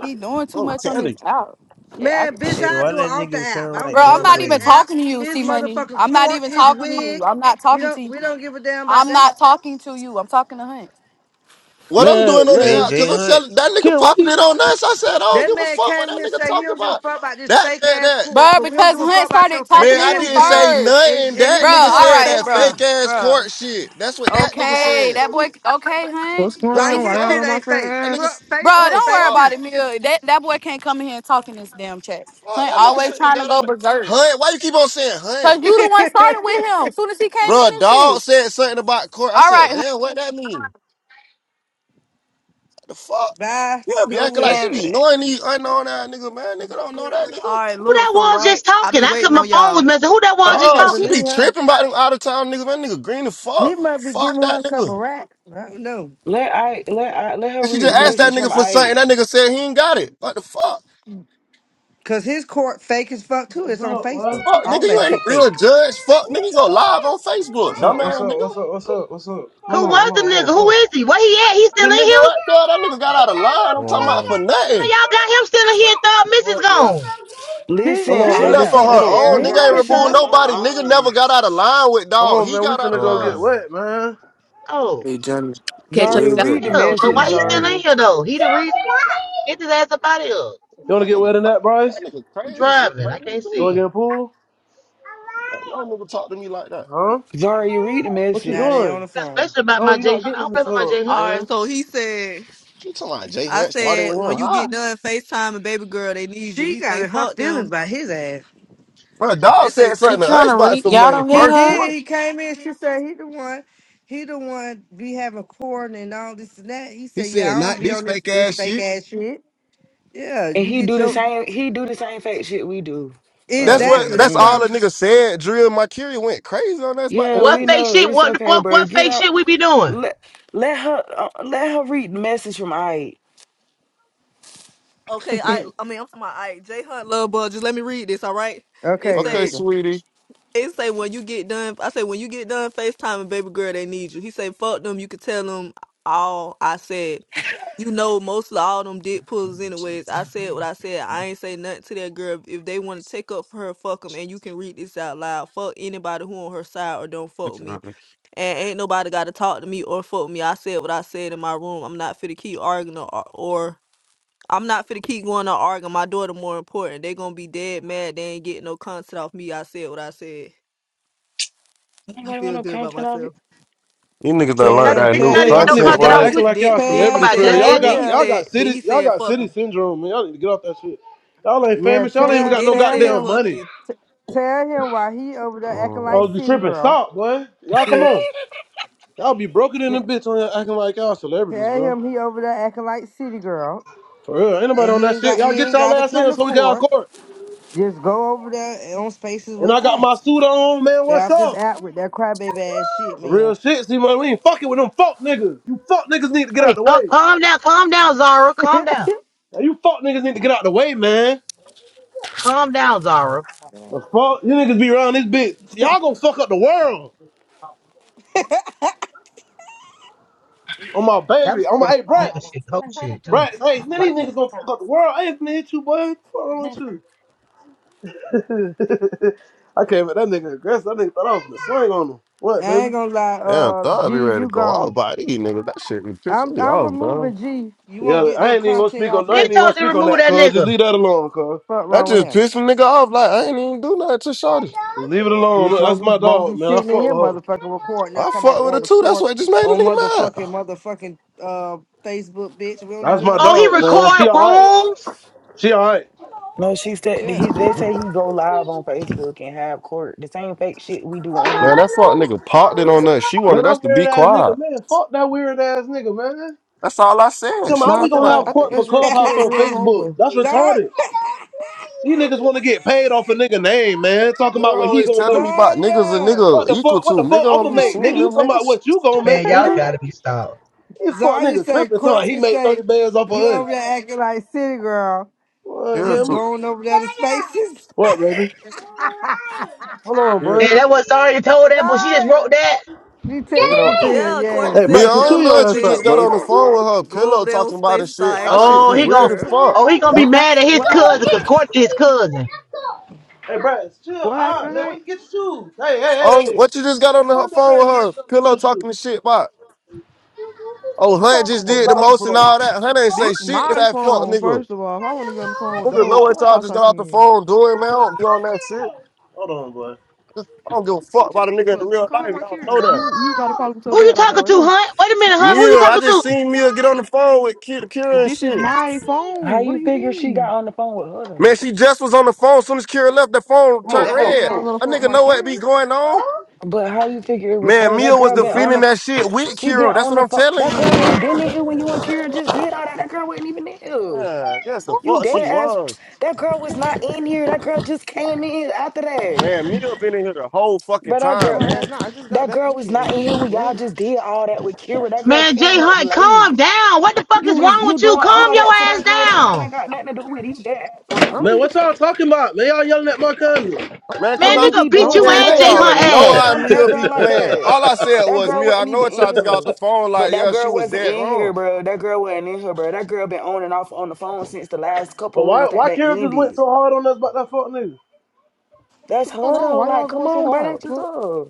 Speaker 10: Be doing too
Speaker 7: I'm
Speaker 10: much on
Speaker 7: telling
Speaker 10: this
Speaker 7: you.
Speaker 10: out. Yeah,
Speaker 6: Man,
Speaker 10: actually,
Speaker 6: bitch,
Speaker 13: Hey,
Speaker 6: I
Speaker 13: why
Speaker 6: do it
Speaker 13: that
Speaker 6: off the
Speaker 13: nigga
Speaker 6: app. I
Speaker 13: sound
Speaker 6: don't
Speaker 13: like
Speaker 6: give
Speaker 10: bro,
Speaker 6: a
Speaker 10: I'm
Speaker 6: fuck about
Speaker 10: not
Speaker 6: this
Speaker 10: even
Speaker 13: Dunway?
Speaker 6: app.
Speaker 10: talking to you,
Speaker 6: His
Speaker 10: C Money.
Speaker 6: motherfucking
Speaker 10: I'm not
Speaker 6: court,
Speaker 10: even
Speaker 6: his
Speaker 10: talking to you.
Speaker 6: wig.
Speaker 10: I'm not
Speaker 6: We
Speaker 10: talking to
Speaker 6: don't
Speaker 10: you.
Speaker 6: we don't give a damn about
Speaker 10: I'm
Speaker 6: that.
Speaker 10: not talking to you. I'm talking to Hunt.
Speaker 7: What I'm doing
Speaker 8: man,
Speaker 7: on the
Speaker 8: man.
Speaker 7: app, because
Speaker 13: AJ
Speaker 7: I'm
Speaker 13: Hunt.
Speaker 7: telling that nigga
Speaker 8: Kerry, why
Speaker 7: popping
Speaker 8: you?
Speaker 7: it on us. I said, I don't
Speaker 6: That
Speaker 7: give a
Speaker 6: man
Speaker 7: fuck what
Speaker 6: came
Speaker 7: that
Speaker 6: here and
Speaker 7: nigga
Speaker 6: say he
Speaker 7: talking
Speaker 6: don't give a
Speaker 7: about.
Speaker 6: fuck about this
Speaker 7: That,
Speaker 6: fake
Speaker 7: that,
Speaker 6: ass
Speaker 7: that.
Speaker 6: court,
Speaker 10: Bruh,
Speaker 6: but we don't
Speaker 10: because
Speaker 6: give a
Speaker 10: Hunt
Speaker 6: fuck about your
Speaker 10: started
Speaker 6: fake
Speaker 10: talking
Speaker 7: Man,
Speaker 10: to
Speaker 7: I
Speaker 6: ass
Speaker 10: him
Speaker 7: didn't
Speaker 6: wig.
Speaker 7: say
Speaker 10: first.
Speaker 6: And,
Speaker 7: nothing.
Speaker 6: and
Speaker 7: That
Speaker 10: Bruh,
Speaker 6: his
Speaker 7: nigga
Speaker 6: court
Speaker 10: all
Speaker 7: said
Speaker 10: right,
Speaker 7: that
Speaker 6: fake
Speaker 10: bruh,
Speaker 7: fake
Speaker 6: too.
Speaker 7: ass
Speaker 10: bruh.
Speaker 7: court shit. That's what that nigga
Speaker 10: Okay,
Speaker 7: said.
Speaker 10: that boy, okay, Hunt.
Speaker 7: What the
Speaker 6: Like
Speaker 10: In,
Speaker 6: his shit
Speaker 7: fuck?
Speaker 6: ain't fake.
Speaker 7: That nigga,
Speaker 6: Look,
Speaker 7: s-
Speaker 10: bruh,
Speaker 7: what the
Speaker 6: Facebook
Speaker 10: don't worry
Speaker 6: fake
Speaker 7: fuck?
Speaker 6: too.
Speaker 10: about it, Mill. That, that boy can't come in here and talk in this damn chat.
Speaker 7: Fuck,
Speaker 10: Hunt
Speaker 7: that nigga
Speaker 10: always
Speaker 7: shouldn't
Speaker 10: trying to
Speaker 7: got
Speaker 10: go
Speaker 7: out of.
Speaker 10: berserk.
Speaker 7: Hunt, why you keep on saying hunt?
Speaker 10: Because you the one started with him soon as he came in
Speaker 7: Bro,
Speaker 10: this
Speaker 7: dog
Speaker 10: bitch.
Speaker 7: said something about court. I
Speaker 10: All
Speaker 7: said,
Speaker 10: right,
Speaker 7: damn, what that mean? What the fuck?
Speaker 6: Bye.
Speaker 7: Yeah, be
Speaker 6: Go
Speaker 7: acting
Speaker 6: with
Speaker 7: like
Speaker 6: her.
Speaker 7: she
Speaker 3: Can
Speaker 7: be knowing these unknown ass niggas, man. Nigga don't know that
Speaker 12: All
Speaker 7: nigga.
Speaker 12: right,
Speaker 1: Who
Speaker 12: look,
Speaker 1: that
Speaker 12: so
Speaker 1: was
Speaker 12: right,
Speaker 1: just
Speaker 12: I've
Speaker 1: talking?
Speaker 12: been
Speaker 1: I could
Speaker 12: waiting
Speaker 1: my
Speaker 12: on
Speaker 1: phone was
Speaker 12: y'all.
Speaker 1: messing. Who that was
Speaker 6: I
Speaker 1: just
Speaker 7: Dog,
Speaker 6: can't
Speaker 7: she
Speaker 1: talking?
Speaker 7: be
Speaker 6: believe her.
Speaker 7: tripping about them out of town niggas. That nigga green as fuck.
Speaker 6: He must be
Speaker 7: Fuck
Speaker 6: giving her
Speaker 7: that
Speaker 6: a couple
Speaker 7: nigga.
Speaker 6: racks. I don't know.
Speaker 3: let I let I let her
Speaker 7: And she
Speaker 3: read
Speaker 7: just
Speaker 3: the
Speaker 6: Shit, cause,
Speaker 7: asked that
Speaker 6: his,
Speaker 3: message from
Speaker 7: nigga for something.
Speaker 3: Ike.
Speaker 7: That nigga said he ain't got it. What the fuck?
Speaker 6: cause his court fake as fuck too.
Speaker 8: What's
Speaker 6: It's on
Speaker 8: up, man?
Speaker 6: Facebook.
Speaker 7: Fuck, nigga,
Speaker 6: All
Speaker 7: you
Speaker 6: that
Speaker 7: ain't a
Speaker 6: shit
Speaker 7: real
Speaker 6: fake.
Speaker 7: judge. Fuck, nigga, you go live on Facebook.
Speaker 8: What's up? What's
Speaker 7: Dumbass
Speaker 8: up?
Speaker 7: nigga.
Speaker 8: What's up? What's up? What's up? Hold
Speaker 1: Who
Speaker 8: on, hold
Speaker 1: was the
Speaker 8: on, hold on,
Speaker 1: nigga? Who
Speaker 8: hold on.
Speaker 1: is he? Where he at? He
Speaker 7: The
Speaker 1: still in
Speaker 7: nigga
Speaker 1: here?
Speaker 7: right there, that nigga got out of line.
Speaker 13: Come
Speaker 7: I'm talking about
Speaker 13: on,
Speaker 7: for
Speaker 1: Why
Speaker 7: nothing.
Speaker 1: y'all got him still in here? Thought
Speaker 8: All
Speaker 1: Mrs.
Speaker 8: right, baby.
Speaker 1: gone.
Speaker 6: She
Speaker 8: Come
Speaker 3: Listen,
Speaker 8: on,
Speaker 6: she
Speaker 7: She
Speaker 3: Ike
Speaker 8: baby.
Speaker 7: left on
Speaker 6: left.
Speaker 3: sent
Speaker 8: Come
Speaker 3: the
Speaker 7: her
Speaker 8: on.
Speaker 6: We
Speaker 7: own. Nigga
Speaker 6: ain't
Speaker 7: ain't
Speaker 3: paragraph.
Speaker 6: kick
Speaker 3: She
Speaker 7: removed
Speaker 6: her.
Speaker 3: left on
Speaker 7: nobody. Nigga
Speaker 3: her
Speaker 7: never
Speaker 3: own.
Speaker 7: got out of line with
Speaker 8: Come
Speaker 7: dog.
Speaker 8: on,
Speaker 7: He
Speaker 8: man. We
Speaker 7: got out of
Speaker 8: finna go
Speaker 7: line.
Speaker 8: get
Speaker 13: come
Speaker 8: wet, man.
Speaker 1: Oh,
Speaker 15: Hey, Johnny,
Speaker 16: Catch
Speaker 15: where
Speaker 16: up.
Speaker 3: Zaria,
Speaker 16: You
Speaker 15: is
Speaker 16: got
Speaker 3: read the
Speaker 15: that?
Speaker 1: still. So
Speaker 3: message,
Speaker 1: why he
Speaker 13: on.
Speaker 1: still in
Speaker 3: Zaria.
Speaker 1: here though? He the reason. Get his ass up out of here.
Speaker 8: You wanna
Speaker 7: That
Speaker 8: get
Speaker 7: nigga,
Speaker 8: wet in that,
Speaker 7: that
Speaker 8: Bryce?
Speaker 7: nigga
Speaker 1: I'm
Speaker 7: crazy. She
Speaker 1: driving. I
Speaker 7: crazy
Speaker 1: can't
Speaker 8: You
Speaker 7: too.
Speaker 8: wanna get in
Speaker 1: see.
Speaker 8: a pool?
Speaker 7: Like, No nigga talk to me like that.
Speaker 8: Huh?
Speaker 3: Zaria, read the
Speaker 8: What you
Speaker 6: Now
Speaker 3: message.
Speaker 6: they on
Speaker 8: doing?
Speaker 6: the phone.
Speaker 1: Especially about
Speaker 8: No,
Speaker 1: my
Speaker 8: you're
Speaker 1: J
Speaker 8: not
Speaker 1: Hunt. I
Speaker 8: getting in
Speaker 1: don't
Speaker 8: the
Speaker 1: play about my
Speaker 8: tub,
Speaker 1: J Hunt.
Speaker 12: All
Speaker 1: now.
Speaker 12: right,
Speaker 8: man.
Speaker 12: so he said,
Speaker 7: She talking about Jay
Speaker 12: "I
Speaker 7: Hunt started
Speaker 12: said,
Speaker 7: with
Speaker 12: when
Speaker 7: him.
Speaker 12: you
Speaker 7: Hi.
Speaker 12: get done Facetime, and baby girl, they need you."
Speaker 6: She
Speaker 12: He
Speaker 6: got
Speaker 12: say,
Speaker 6: in her
Speaker 12: "Fuck
Speaker 6: feelings
Speaker 12: them."
Speaker 6: by his ass.
Speaker 7: Bro,
Speaker 12: They
Speaker 7: dog
Speaker 12: say,
Speaker 7: said
Speaker 4: She
Speaker 7: something to
Speaker 4: trying
Speaker 7: us
Speaker 4: to
Speaker 7: about
Speaker 4: read.
Speaker 7: some
Speaker 4: Y'all
Speaker 7: money
Speaker 4: don't hear
Speaker 6: He
Speaker 7: first
Speaker 4: her?
Speaker 6: did.
Speaker 7: quarter.
Speaker 6: He came in. She said he the one. He the one be having court and all this and that. He
Speaker 7: He
Speaker 6: said, "Yeah,
Speaker 7: said,
Speaker 6: I don't
Speaker 7: not
Speaker 6: be
Speaker 7: this
Speaker 6: on this
Speaker 7: fake
Speaker 6: this
Speaker 7: ass
Speaker 6: fake
Speaker 7: shit.
Speaker 6: ass shit." Yeah,
Speaker 3: And
Speaker 6: you
Speaker 3: he
Speaker 6: get
Speaker 3: do the
Speaker 6: your
Speaker 3: same. He do the same fake shit we do. Like,
Speaker 7: That's what
Speaker 6: exactly.
Speaker 3: okay,
Speaker 7: that's
Speaker 6: That's why
Speaker 7: all
Speaker 3: mm.
Speaker 6: I'm.
Speaker 7: the nigga said. Drill and Mercury went crazy on us about
Speaker 3: yeah,
Speaker 7: that
Speaker 1: What
Speaker 3: we
Speaker 7: shit.
Speaker 1: fake
Speaker 3: know
Speaker 1: shit?
Speaker 3: it's
Speaker 1: What the
Speaker 3: okay,
Speaker 1: fuck?
Speaker 3: bro.
Speaker 1: What
Speaker 3: Get
Speaker 1: fake
Speaker 3: out.
Speaker 1: shit we be doing?
Speaker 3: Let let her uh, let her read the message from I.
Speaker 12: "Okay, I, I mean, I'm talking about, I, J Hunt, love bug. Just let me read this, all right?" It
Speaker 6: Okay, let's
Speaker 7: Okay,
Speaker 12: say.
Speaker 6: go.
Speaker 7: sweetie.
Speaker 12: They say when you get done, I say when you get done FaceTiming, baby girl, they need you. He say, fuck them. You could tell them all I said. You know, most of all them dick pullers anyways. I said what I said. I ain't say nothing to that girl. If they want to take up for her, fuck them. And you can read this out loud. Fuck anybody who on her side or don't
Speaker 7: You
Speaker 12: fuck with me. And ain't nobody got to talk to me or fuck with me. I said what I said in my room. I'm not fit to keep arguing or, or I'm not finna keep going on arguing. My daughter more important. They gonna be dead mad. They ain't getting no content off me. I said what I said. I
Speaker 3: Anybody want
Speaker 12: feel
Speaker 3: no
Speaker 12: good about
Speaker 3: content of
Speaker 12: myself.
Speaker 3: it?
Speaker 7: niggas
Speaker 1: We
Speaker 7: done
Speaker 6: Tell
Speaker 7: learned
Speaker 1: gotta,
Speaker 6: him,
Speaker 7: that
Speaker 1: we
Speaker 7: new
Speaker 6: tell
Speaker 8: Man,
Speaker 1: gotta get
Speaker 8: y'all
Speaker 6: him,
Speaker 1: no
Speaker 8: need to
Speaker 7: content
Speaker 12: And
Speaker 1: content
Speaker 12: then
Speaker 8: stop
Speaker 7: word.
Speaker 1: out.
Speaker 8: acting
Speaker 1: We
Speaker 12: she
Speaker 1: just
Speaker 8: like
Speaker 12: then
Speaker 1: sit
Speaker 8: y'all
Speaker 1: here and
Speaker 12: then
Speaker 1: talk
Speaker 12: she
Speaker 6: tell,
Speaker 8: celebrities
Speaker 1: about
Speaker 8: for
Speaker 1: you.
Speaker 8: real.
Speaker 12: said
Speaker 1: That's
Speaker 8: Y'all
Speaker 12: then
Speaker 6: tell
Speaker 1: it.
Speaker 12: then
Speaker 8: got
Speaker 12: he
Speaker 8: y'all
Speaker 6: him.
Speaker 12: said
Speaker 8: got
Speaker 12: then
Speaker 8: city
Speaker 12: he
Speaker 8: y'all
Speaker 12: said
Speaker 8: got
Speaker 12: fuck
Speaker 8: city
Speaker 12: him.
Speaker 8: syndrome, man. Y'all need to get off that shit. Y'all ain't
Speaker 6: Yeah,
Speaker 8: famous. Y'all ain't even
Speaker 12: Then
Speaker 6: tell
Speaker 8: got
Speaker 12: then
Speaker 8: no
Speaker 12: he
Speaker 6: tell
Speaker 12: said
Speaker 8: goddamn
Speaker 6: him
Speaker 12: fuck
Speaker 8: money.
Speaker 12: you.
Speaker 6: tell him why he over there acting like
Speaker 8: Y'all
Speaker 7: Mm,
Speaker 8: be
Speaker 6: city
Speaker 8: tripping.
Speaker 6: girl.
Speaker 8: Stop, boy. Y'all come
Speaker 6: Bitch.
Speaker 8: on. Y'all be broken in
Speaker 6: T-
Speaker 8: the bitch on here acting like y'all celebrities,
Speaker 6: Tell
Speaker 8: bro.
Speaker 6: him he over there acting like city girl.
Speaker 8: For real. Ain't nobody
Speaker 6: and
Speaker 8: on
Speaker 6: he
Speaker 8: that
Speaker 6: ain't
Speaker 8: shit.
Speaker 6: got
Speaker 8: Y'all
Speaker 6: he
Speaker 8: get
Speaker 6: ain't
Speaker 8: y'all
Speaker 6: got to
Speaker 8: ass in
Speaker 6: come
Speaker 8: here
Speaker 6: to
Speaker 8: so we can have
Speaker 6: court.
Speaker 8: court.
Speaker 6: Just go Over there on spaces
Speaker 8: And
Speaker 6: with
Speaker 8: I got my
Speaker 6: facts.
Speaker 8: suit on, man.
Speaker 6: They
Speaker 8: What's
Speaker 6: off this
Speaker 8: up?
Speaker 6: app with that crybaby ass shit,
Speaker 8: Real
Speaker 6: man.
Speaker 8: shit, see, man. We ain't fucking with them fuck niggas. You fuck niggas need to get out
Speaker 1: Hey,
Speaker 8: the
Speaker 1: calm,
Speaker 8: way.
Speaker 1: calm down, calm down, Zara. Calm down,
Speaker 8: Now, you fuck niggas need to get out the way, man.
Speaker 1: calm down, Zara.
Speaker 8: The fuck? You niggas be around this bitch. Y'all gonna fuck up the world. On my
Speaker 1: That
Speaker 8: baby.
Speaker 1: was
Speaker 8: On my,
Speaker 1: real
Speaker 8: hey,
Speaker 1: fuck nigga
Speaker 8: Brats.
Speaker 1: shit, coke shit too.
Speaker 8: Brats,
Speaker 1: I
Speaker 8: hey,
Speaker 1: don't
Speaker 8: man,
Speaker 1: like
Speaker 8: these
Speaker 1: that.
Speaker 8: niggas gonna fuck up the world. I ain't finna hit you, boy. What's wrong with you? I came at that nigga aggressive. That nigga thought I was gonna swing on him.
Speaker 6: I
Speaker 8: What,
Speaker 6: ain't
Speaker 8: baby?
Speaker 6: gonna lie.
Speaker 7: damn,
Speaker 6: uh,
Speaker 7: thought I'd be
Speaker 6: G,
Speaker 7: ready to
Speaker 6: you
Speaker 7: go
Speaker 6: gone.
Speaker 7: out by these niggas. That shit be pissing
Speaker 6: I'm
Speaker 7: me
Speaker 6: I'm
Speaker 7: off, bro.
Speaker 6: removing G. You
Speaker 8: Yeah,
Speaker 6: won't get no
Speaker 8: I ain't even gonna
Speaker 6: content
Speaker 8: speak on.
Speaker 6: off
Speaker 8: I
Speaker 1: Bitch
Speaker 8: ain't
Speaker 6: us.
Speaker 8: even gonna
Speaker 1: told you to
Speaker 8: speak on
Speaker 1: remove
Speaker 8: that,
Speaker 1: that
Speaker 8: cuz. Just
Speaker 1: nigga.
Speaker 8: leave that alone, cuz.
Speaker 6: Fuck
Speaker 7: That
Speaker 6: wrong with
Speaker 7: just
Speaker 6: him.
Speaker 7: pissed a nigga off. Like, I ain't even do nothing to Shawty.
Speaker 8: Just leave it alone.
Speaker 6: Bitch won't
Speaker 8: That's my
Speaker 6: be won't be
Speaker 8: dog, man. I
Speaker 6: sitting in
Speaker 8: fuck
Speaker 6: here
Speaker 8: with her.
Speaker 6: motherfucking recording us
Speaker 7: I
Speaker 6: talking about
Speaker 7: fucked with her
Speaker 6: going to
Speaker 7: too. That's
Speaker 6: court
Speaker 7: what just made a
Speaker 6: on
Speaker 7: nigga
Speaker 6: motherfucking
Speaker 7: mad.
Speaker 6: motherfucking uh Facebook bitch. We don't
Speaker 8: That's
Speaker 6: even
Speaker 8: my
Speaker 6: know
Speaker 1: Oh,
Speaker 6: you.
Speaker 1: he
Speaker 8: dog, man. She
Speaker 1: record
Speaker 8: alright.
Speaker 1: rooms.
Speaker 8: She alright.
Speaker 3: No, she said that
Speaker 6: Yeah.
Speaker 3: he, they say he go live on Facebook and have court the same fake shit we do on
Speaker 7: Man,
Speaker 3: here.
Speaker 7: that fuck nigga parked it on us. She
Speaker 8: Man,
Speaker 7: wanted us
Speaker 8: I'm
Speaker 7: to be
Speaker 8: weird ass
Speaker 7: quiet.
Speaker 8: nigga, man. Fuck that weird ass nigga, man.
Speaker 7: That's all I said.
Speaker 8: Tell me
Speaker 7: She
Speaker 8: how we
Speaker 7: talking
Speaker 8: gonna
Speaker 7: about
Speaker 14: that,
Speaker 8: have
Speaker 14: I think
Speaker 8: court for
Speaker 14: that's real- kid
Speaker 8: Clubhouse
Speaker 14: a
Speaker 8: on
Speaker 14: real
Speaker 8: Facebook?
Speaker 14: homeboy.
Speaker 8: That's
Speaker 6: Zarya
Speaker 8: retarded. You niggas wanna get paid off a nigga name, man. Talking
Speaker 7: You're
Speaker 8: about what he
Speaker 7: always
Speaker 8: gonna
Speaker 7: telling
Speaker 8: make.
Speaker 7: me about niggas a
Speaker 6: Zarya
Speaker 8: What
Speaker 7: nigga
Speaker 8: the
Speaker 7: equal
Speaker 8: fuck?
Speaker 7: to.
Speaker 8: What the
Speaker 7: Nigga
Speaker 8: fuck? I'ma
Speaker 7: don't be
Speaker 8: make, nigga.
Speaker 7: seeing
Speaker 8: You
Speaker 7: them
Speaker 8: talking about
Speaker 7: niggas.
Speaker 8: what you gonna
Speaker 1: Man,
Speaker 8: make,
Speaker 1: y'all
Speaker 8: nigga?
Speaker 1: gotta be stopped.
Speaker 8: You fuck
Speaker 6: Zarya
Speaker 8: nigga
Speaker 6: say
Speaker 8: tripping. Talking about he
Speaker 6: Courtney
Speaker 8: made
Speaker 6: say
Speaker 8: thirty bands off of
Speaker 6: you
Speaker 8: us.
Speaker 6: over there acting like city girl.
Speaker 8: What,
Speaker 7: Here
Speaker 6: Just
Speaker 8: man?
Speaker 7: to
Speaker 6: going over there to spaces.
Speaker 8: What, baby? Hold on,
Speaker 7: here.
Speaker 1: And
Speaker 8: boy.
Speaker 1: that was Zara told that, but she just
Speaker 6: Sorry.
Speaker 1: wrote that.
Speaker 6: You
Speaker 7: Nigga
Speaker 6: texted
Speaker 7: don't
Speaker 6: to him,
Speaker 12: Yeah, Courtney
Speaker 6: yes.
Speaker 8: Hey,
Speaker 7: Me, I
Speaker 12: said
Speaker 8: Braxton,
Speaker 12: tell
Speaker 8: chill
Speaker 7: don't
Speaker 12: him
Speaker 7: know
Speaker 12: I
Speaker 8: your
Speaker 7: that you
Speaker 8: ass up,
Speaker 12: said
Speaker 7: just got
Speaker 8: bro.
Speaker 7: on
Speaker 12: this.
Speaker 7: the phone with her
Speaker 12: Go over
Speaker 7: pillow
Speaker 12: there on
Speaker 7: talking about
Speaker 12: space and
Speaker 7: this shit.
Speaker 12: start
Speaker 7: That
Speaker 12: acting like a
Speaker 7: shit
Speaker 1: Oh,
Speaker 7: be
Speaker 1: he
Speaker 12: city
Speaker 1: gon'
Speaker 7: weird as
Speaker 12: girl.
Speaker 7: fuck.
Speaker 1: oh he gonna be
Speaker 14: What
Speaker 1: mad
Speaker 14: happened?
Speaker 1: at his
Speaker 14: What
Speaker 1: cousin
Speaker 14: happened?
Speaker 1: because Courtney his cousin.
Speaker 8: Hey, bro, chill
Speaker 14: What
Speaker 8: out,
Speaker 14: happened?
Speaker 8: man. Where
Speaker 14: Hank?
Speaker 8: you get your shoes? Hey, hey, hey,
Speaker 7: Oh,
Speaker 8: hey.
Speaker 7: what you just got
Speaker 8: Man,
Speaker 7: on
Speaker 8: come
Speaker 7: the
Speaker 8: on, your
Speaker 7: phone with
Speaker 8: crazy ass
Speaker 7: her
Speaker 8: up and get
Speaker 7: pillow
Speaker 8: your shoes.
Speaker 7: talking the shit about? Oh, Hunt just
Speaker 8: Get some
Speaker 7: did the
Speaker 14: Phone.
Speaker 8: socks to
Speaker 7: most
Speaker 8: put
Speaker 7: and
Speaker 8: on.
Speaker 7: all that. Hunt ain't say
Speaker 14: This
Speaker 7: shit to
Speaker 14: my
Speaker 7: that fuck
Speaker 14: phone.
Speaker 7: nigga.
Speaker 14: First of all, if I want to get on the phone with the
Speaker 7: Nigga
Speaker 14: whole
Speaker 7: know what y'all
Speaker 14: clubhouse,
Speaker 7: just
Speaker 14: I
Speaker 7: got off the
Speaker 14: can.
Speaker 7: phone doing, man. I don't be on that shit.
Speaker 8: Hold on, boy.
Speaker 7: I don't
Speaker 14: What the
Speaker 7: give
Speaker 14: fuck
Speaker 7: a
Speaker 14: you
Speaker 7: fuck about a
Speaker 14: texting me
Speaker 7: nigga
Speaker 14: for?
Speaker 7: in
Speaker 14: Just
Speaker 7: real
Speaker 14: Call
Speaker 7: life.
Speaker 14: my
Speaker 7: Y'all know
Speaker 14: carrier. If
Speaker 7: that.
Speaker 14: you you gotta call them so
Speaker 1: Who you
Speaker 14: bad like that
Speaker 1: talking
Speaker 14: right
Speaker 1: to,
Speaker 14: now.
Speaker 1: Hunt? Wait a minute, Hunt. Who you
Speaker 7: Mia, I
Speaker 1: talking
Speaker 7: just
Speaker 1: to?
Speaker 7: seen Mia get on the phone with Ki-
Speaker 14: But
Speaker 7: Kira and
Speaker 14: this is
Speaker 7: shit.
Speaker 14: my
Speaker 3: How
Speaker 14: phone. What do
Speaker 3: you
Speaker 14: you
Speaker 3: figure she got
Speaker 14: mean?
Speaker 3: on the phone with her though?
Speaker 7: Man, she just was on the phone. Soon as Kira left, the phone
Speaker 8: Come on,
Speaker 7: turned
Speaker 14: That
Speaker 8: come
Speaker 14: don't
Speaker 8: on,
Speaker 14: mean
Speaker 8: come
Speaker 7: red.
Speaker 14: I was
Speaker 8: on.
Speaker 14: on the
Speaker 7: A
Speaker 14: phone with
Speaker 7: nigga
Speaker 14: my
Speaker 7: know what
Speaker 14: carrier.
Speaker 7: be going on.
Speaker 3: But how you figure it was
Speaker 7: Man,
Speaker 3: her? That
Speaker 7: Mia was
Speaker 3: girl been on
Speaker 7: defending
Speaker 3: the
Speaker 7: that shit with
Speaker 3: she been
Speaker 7: Kira. That's
Speaker 3: on
Speaker 7: what
Speaker 3: the
Speaker 7: I'm
Speaker 3: phone.
Speaker 7: telling
Speaker 3: That
Speaker 7: you.
Speaker 3: girl ain't
Speaker 6: yeah.
Speaker 3: been in here when you and Kira just did all that. That girl wasn't even in here.
Speaker 7: Man, yes, the
Speaker 3: You
Speaker 7: fuck
Speaker 14: What?
Speaker 7: she
Speaker 3: dead ass.
Speaker 7: was.
Speaker 3: That girl was not in here. That girl just came in after that.
Speaker 7: Man, Mia been in here the whole fucking
Speaker 3: But that
Speaker 7: time,
Speaker 3: girl.
Speaker 14: No, I
Speaker 7: man.
Speaker 14: have not. I just got
Speaker 3: That
Speaker 14: back
Speaker 3: girl
Speaker 14: in
Speaker 3: was not
Speaker 14: here.
Speaker 3: in here when y'all
Speaker 14: What?
Speaker 3: just did all that with Kira. That girl
Speaker 1: Man, Jay
Speaker 3: came up
Speaker 1: Hunt, calm
Speaker 3: late.
Speaker 1: down. What the fuck is
Speaker 3: You is
Speaker 1: wrong
Speaker 3: you
Speaker 1: with you?
Speaker 3: doing
Speaker 1: Calm
Speaker 3: all
Speaker 1: your
Speaker 3: that to
Speaker 1: ass
Speaker 3: that girl. That girl ain't
Speaker 1: down.
Speaker 3: got nothing to do with it. He's dead
Speaker 14: I
Speaker 3: wrong.
Speaker 14: don't
Speaker 8: Man,
Speaker 14: even
Speaker 8: what y'all talking about? Man, y'all yelling at my
Speaker 3: Like,
Speaker 8: cousin.
Speaker 7: Man, cause
Speaker 3: no,
Speaker 1: Man,
Speaker 3: he
Speaker 7: I'm
Speaker 1: nigga
Speaker 3: be
Speaker 14: going
Speaker 1: beat
Speaker 3: doing
Speaker 14: on?
Speaker 1: you
Speaker 3: too
Speaker 7: man,
Speaker 14: What the
Speaker 1: and
Speaker 7: they
Speaker 3: much.
Speaker 1: Jay
Speaker 3: You
Speaker 14: fuck?
Speaker 3: ain't
Speaker 7: already
Speaker 1: Hunt
Speaker 3: even got
Speaker 7: know
Speaker 3: to
Speaker 1: ass.
Speaker 7: how
Speaker 3: come at that
Speaker 7: Mia be
Speaker 3: girl like
Speaker 7: playing.
Speaker 3: that.
Speaker 7: All I said
Speaker 3: That
Speaker 7: was,
Speaker 3: girl
Speaker 7: Mia, I
Speaker 3: wasn't
Speaker 7: know
Speaker 3: even
Speaker 7: it
Speaker 3: in
Speaker 7: y'all just got off
Speaker 3: here.
Speaker 7: the phone
Speaker 3: But
Speaker 7: like,
Speaker 3: that
Speaker 7: yeah, she
Speaker 3: girl
Speaker 7: was
Speaker 3: wasn't
Speaker 7: dead
Speaker 3: in
Speaker 7: wrong.
Speaker 3: here, bro. That girl wasn't in here, bro. That girl been on and off on the phone since the last
Speaker 8: But
Speaker 3: couple
Speaker 8: why,
Speaker 3: rooms that
Speaker 8: why
Speaker 3: they
Speaker 8: Carol just went
Speaker 3: ended.
Speaker 8: so hard on us about that fuck nigga?
Speaker 3: That's
Speaker 14: What's going
Speaker 3: her
Speaker 14: on?
Speaker 3: though.
Speaker 14: Why y'all
Speaker 3: Like, come
Speaker 14: going so
Speaker 3: on, bro.
Speaker 14: hard? What
Speaker 3: That's
Speaker 14: the
Speaker 3: just
Speaker 14: fuck?
Speaker 3: her.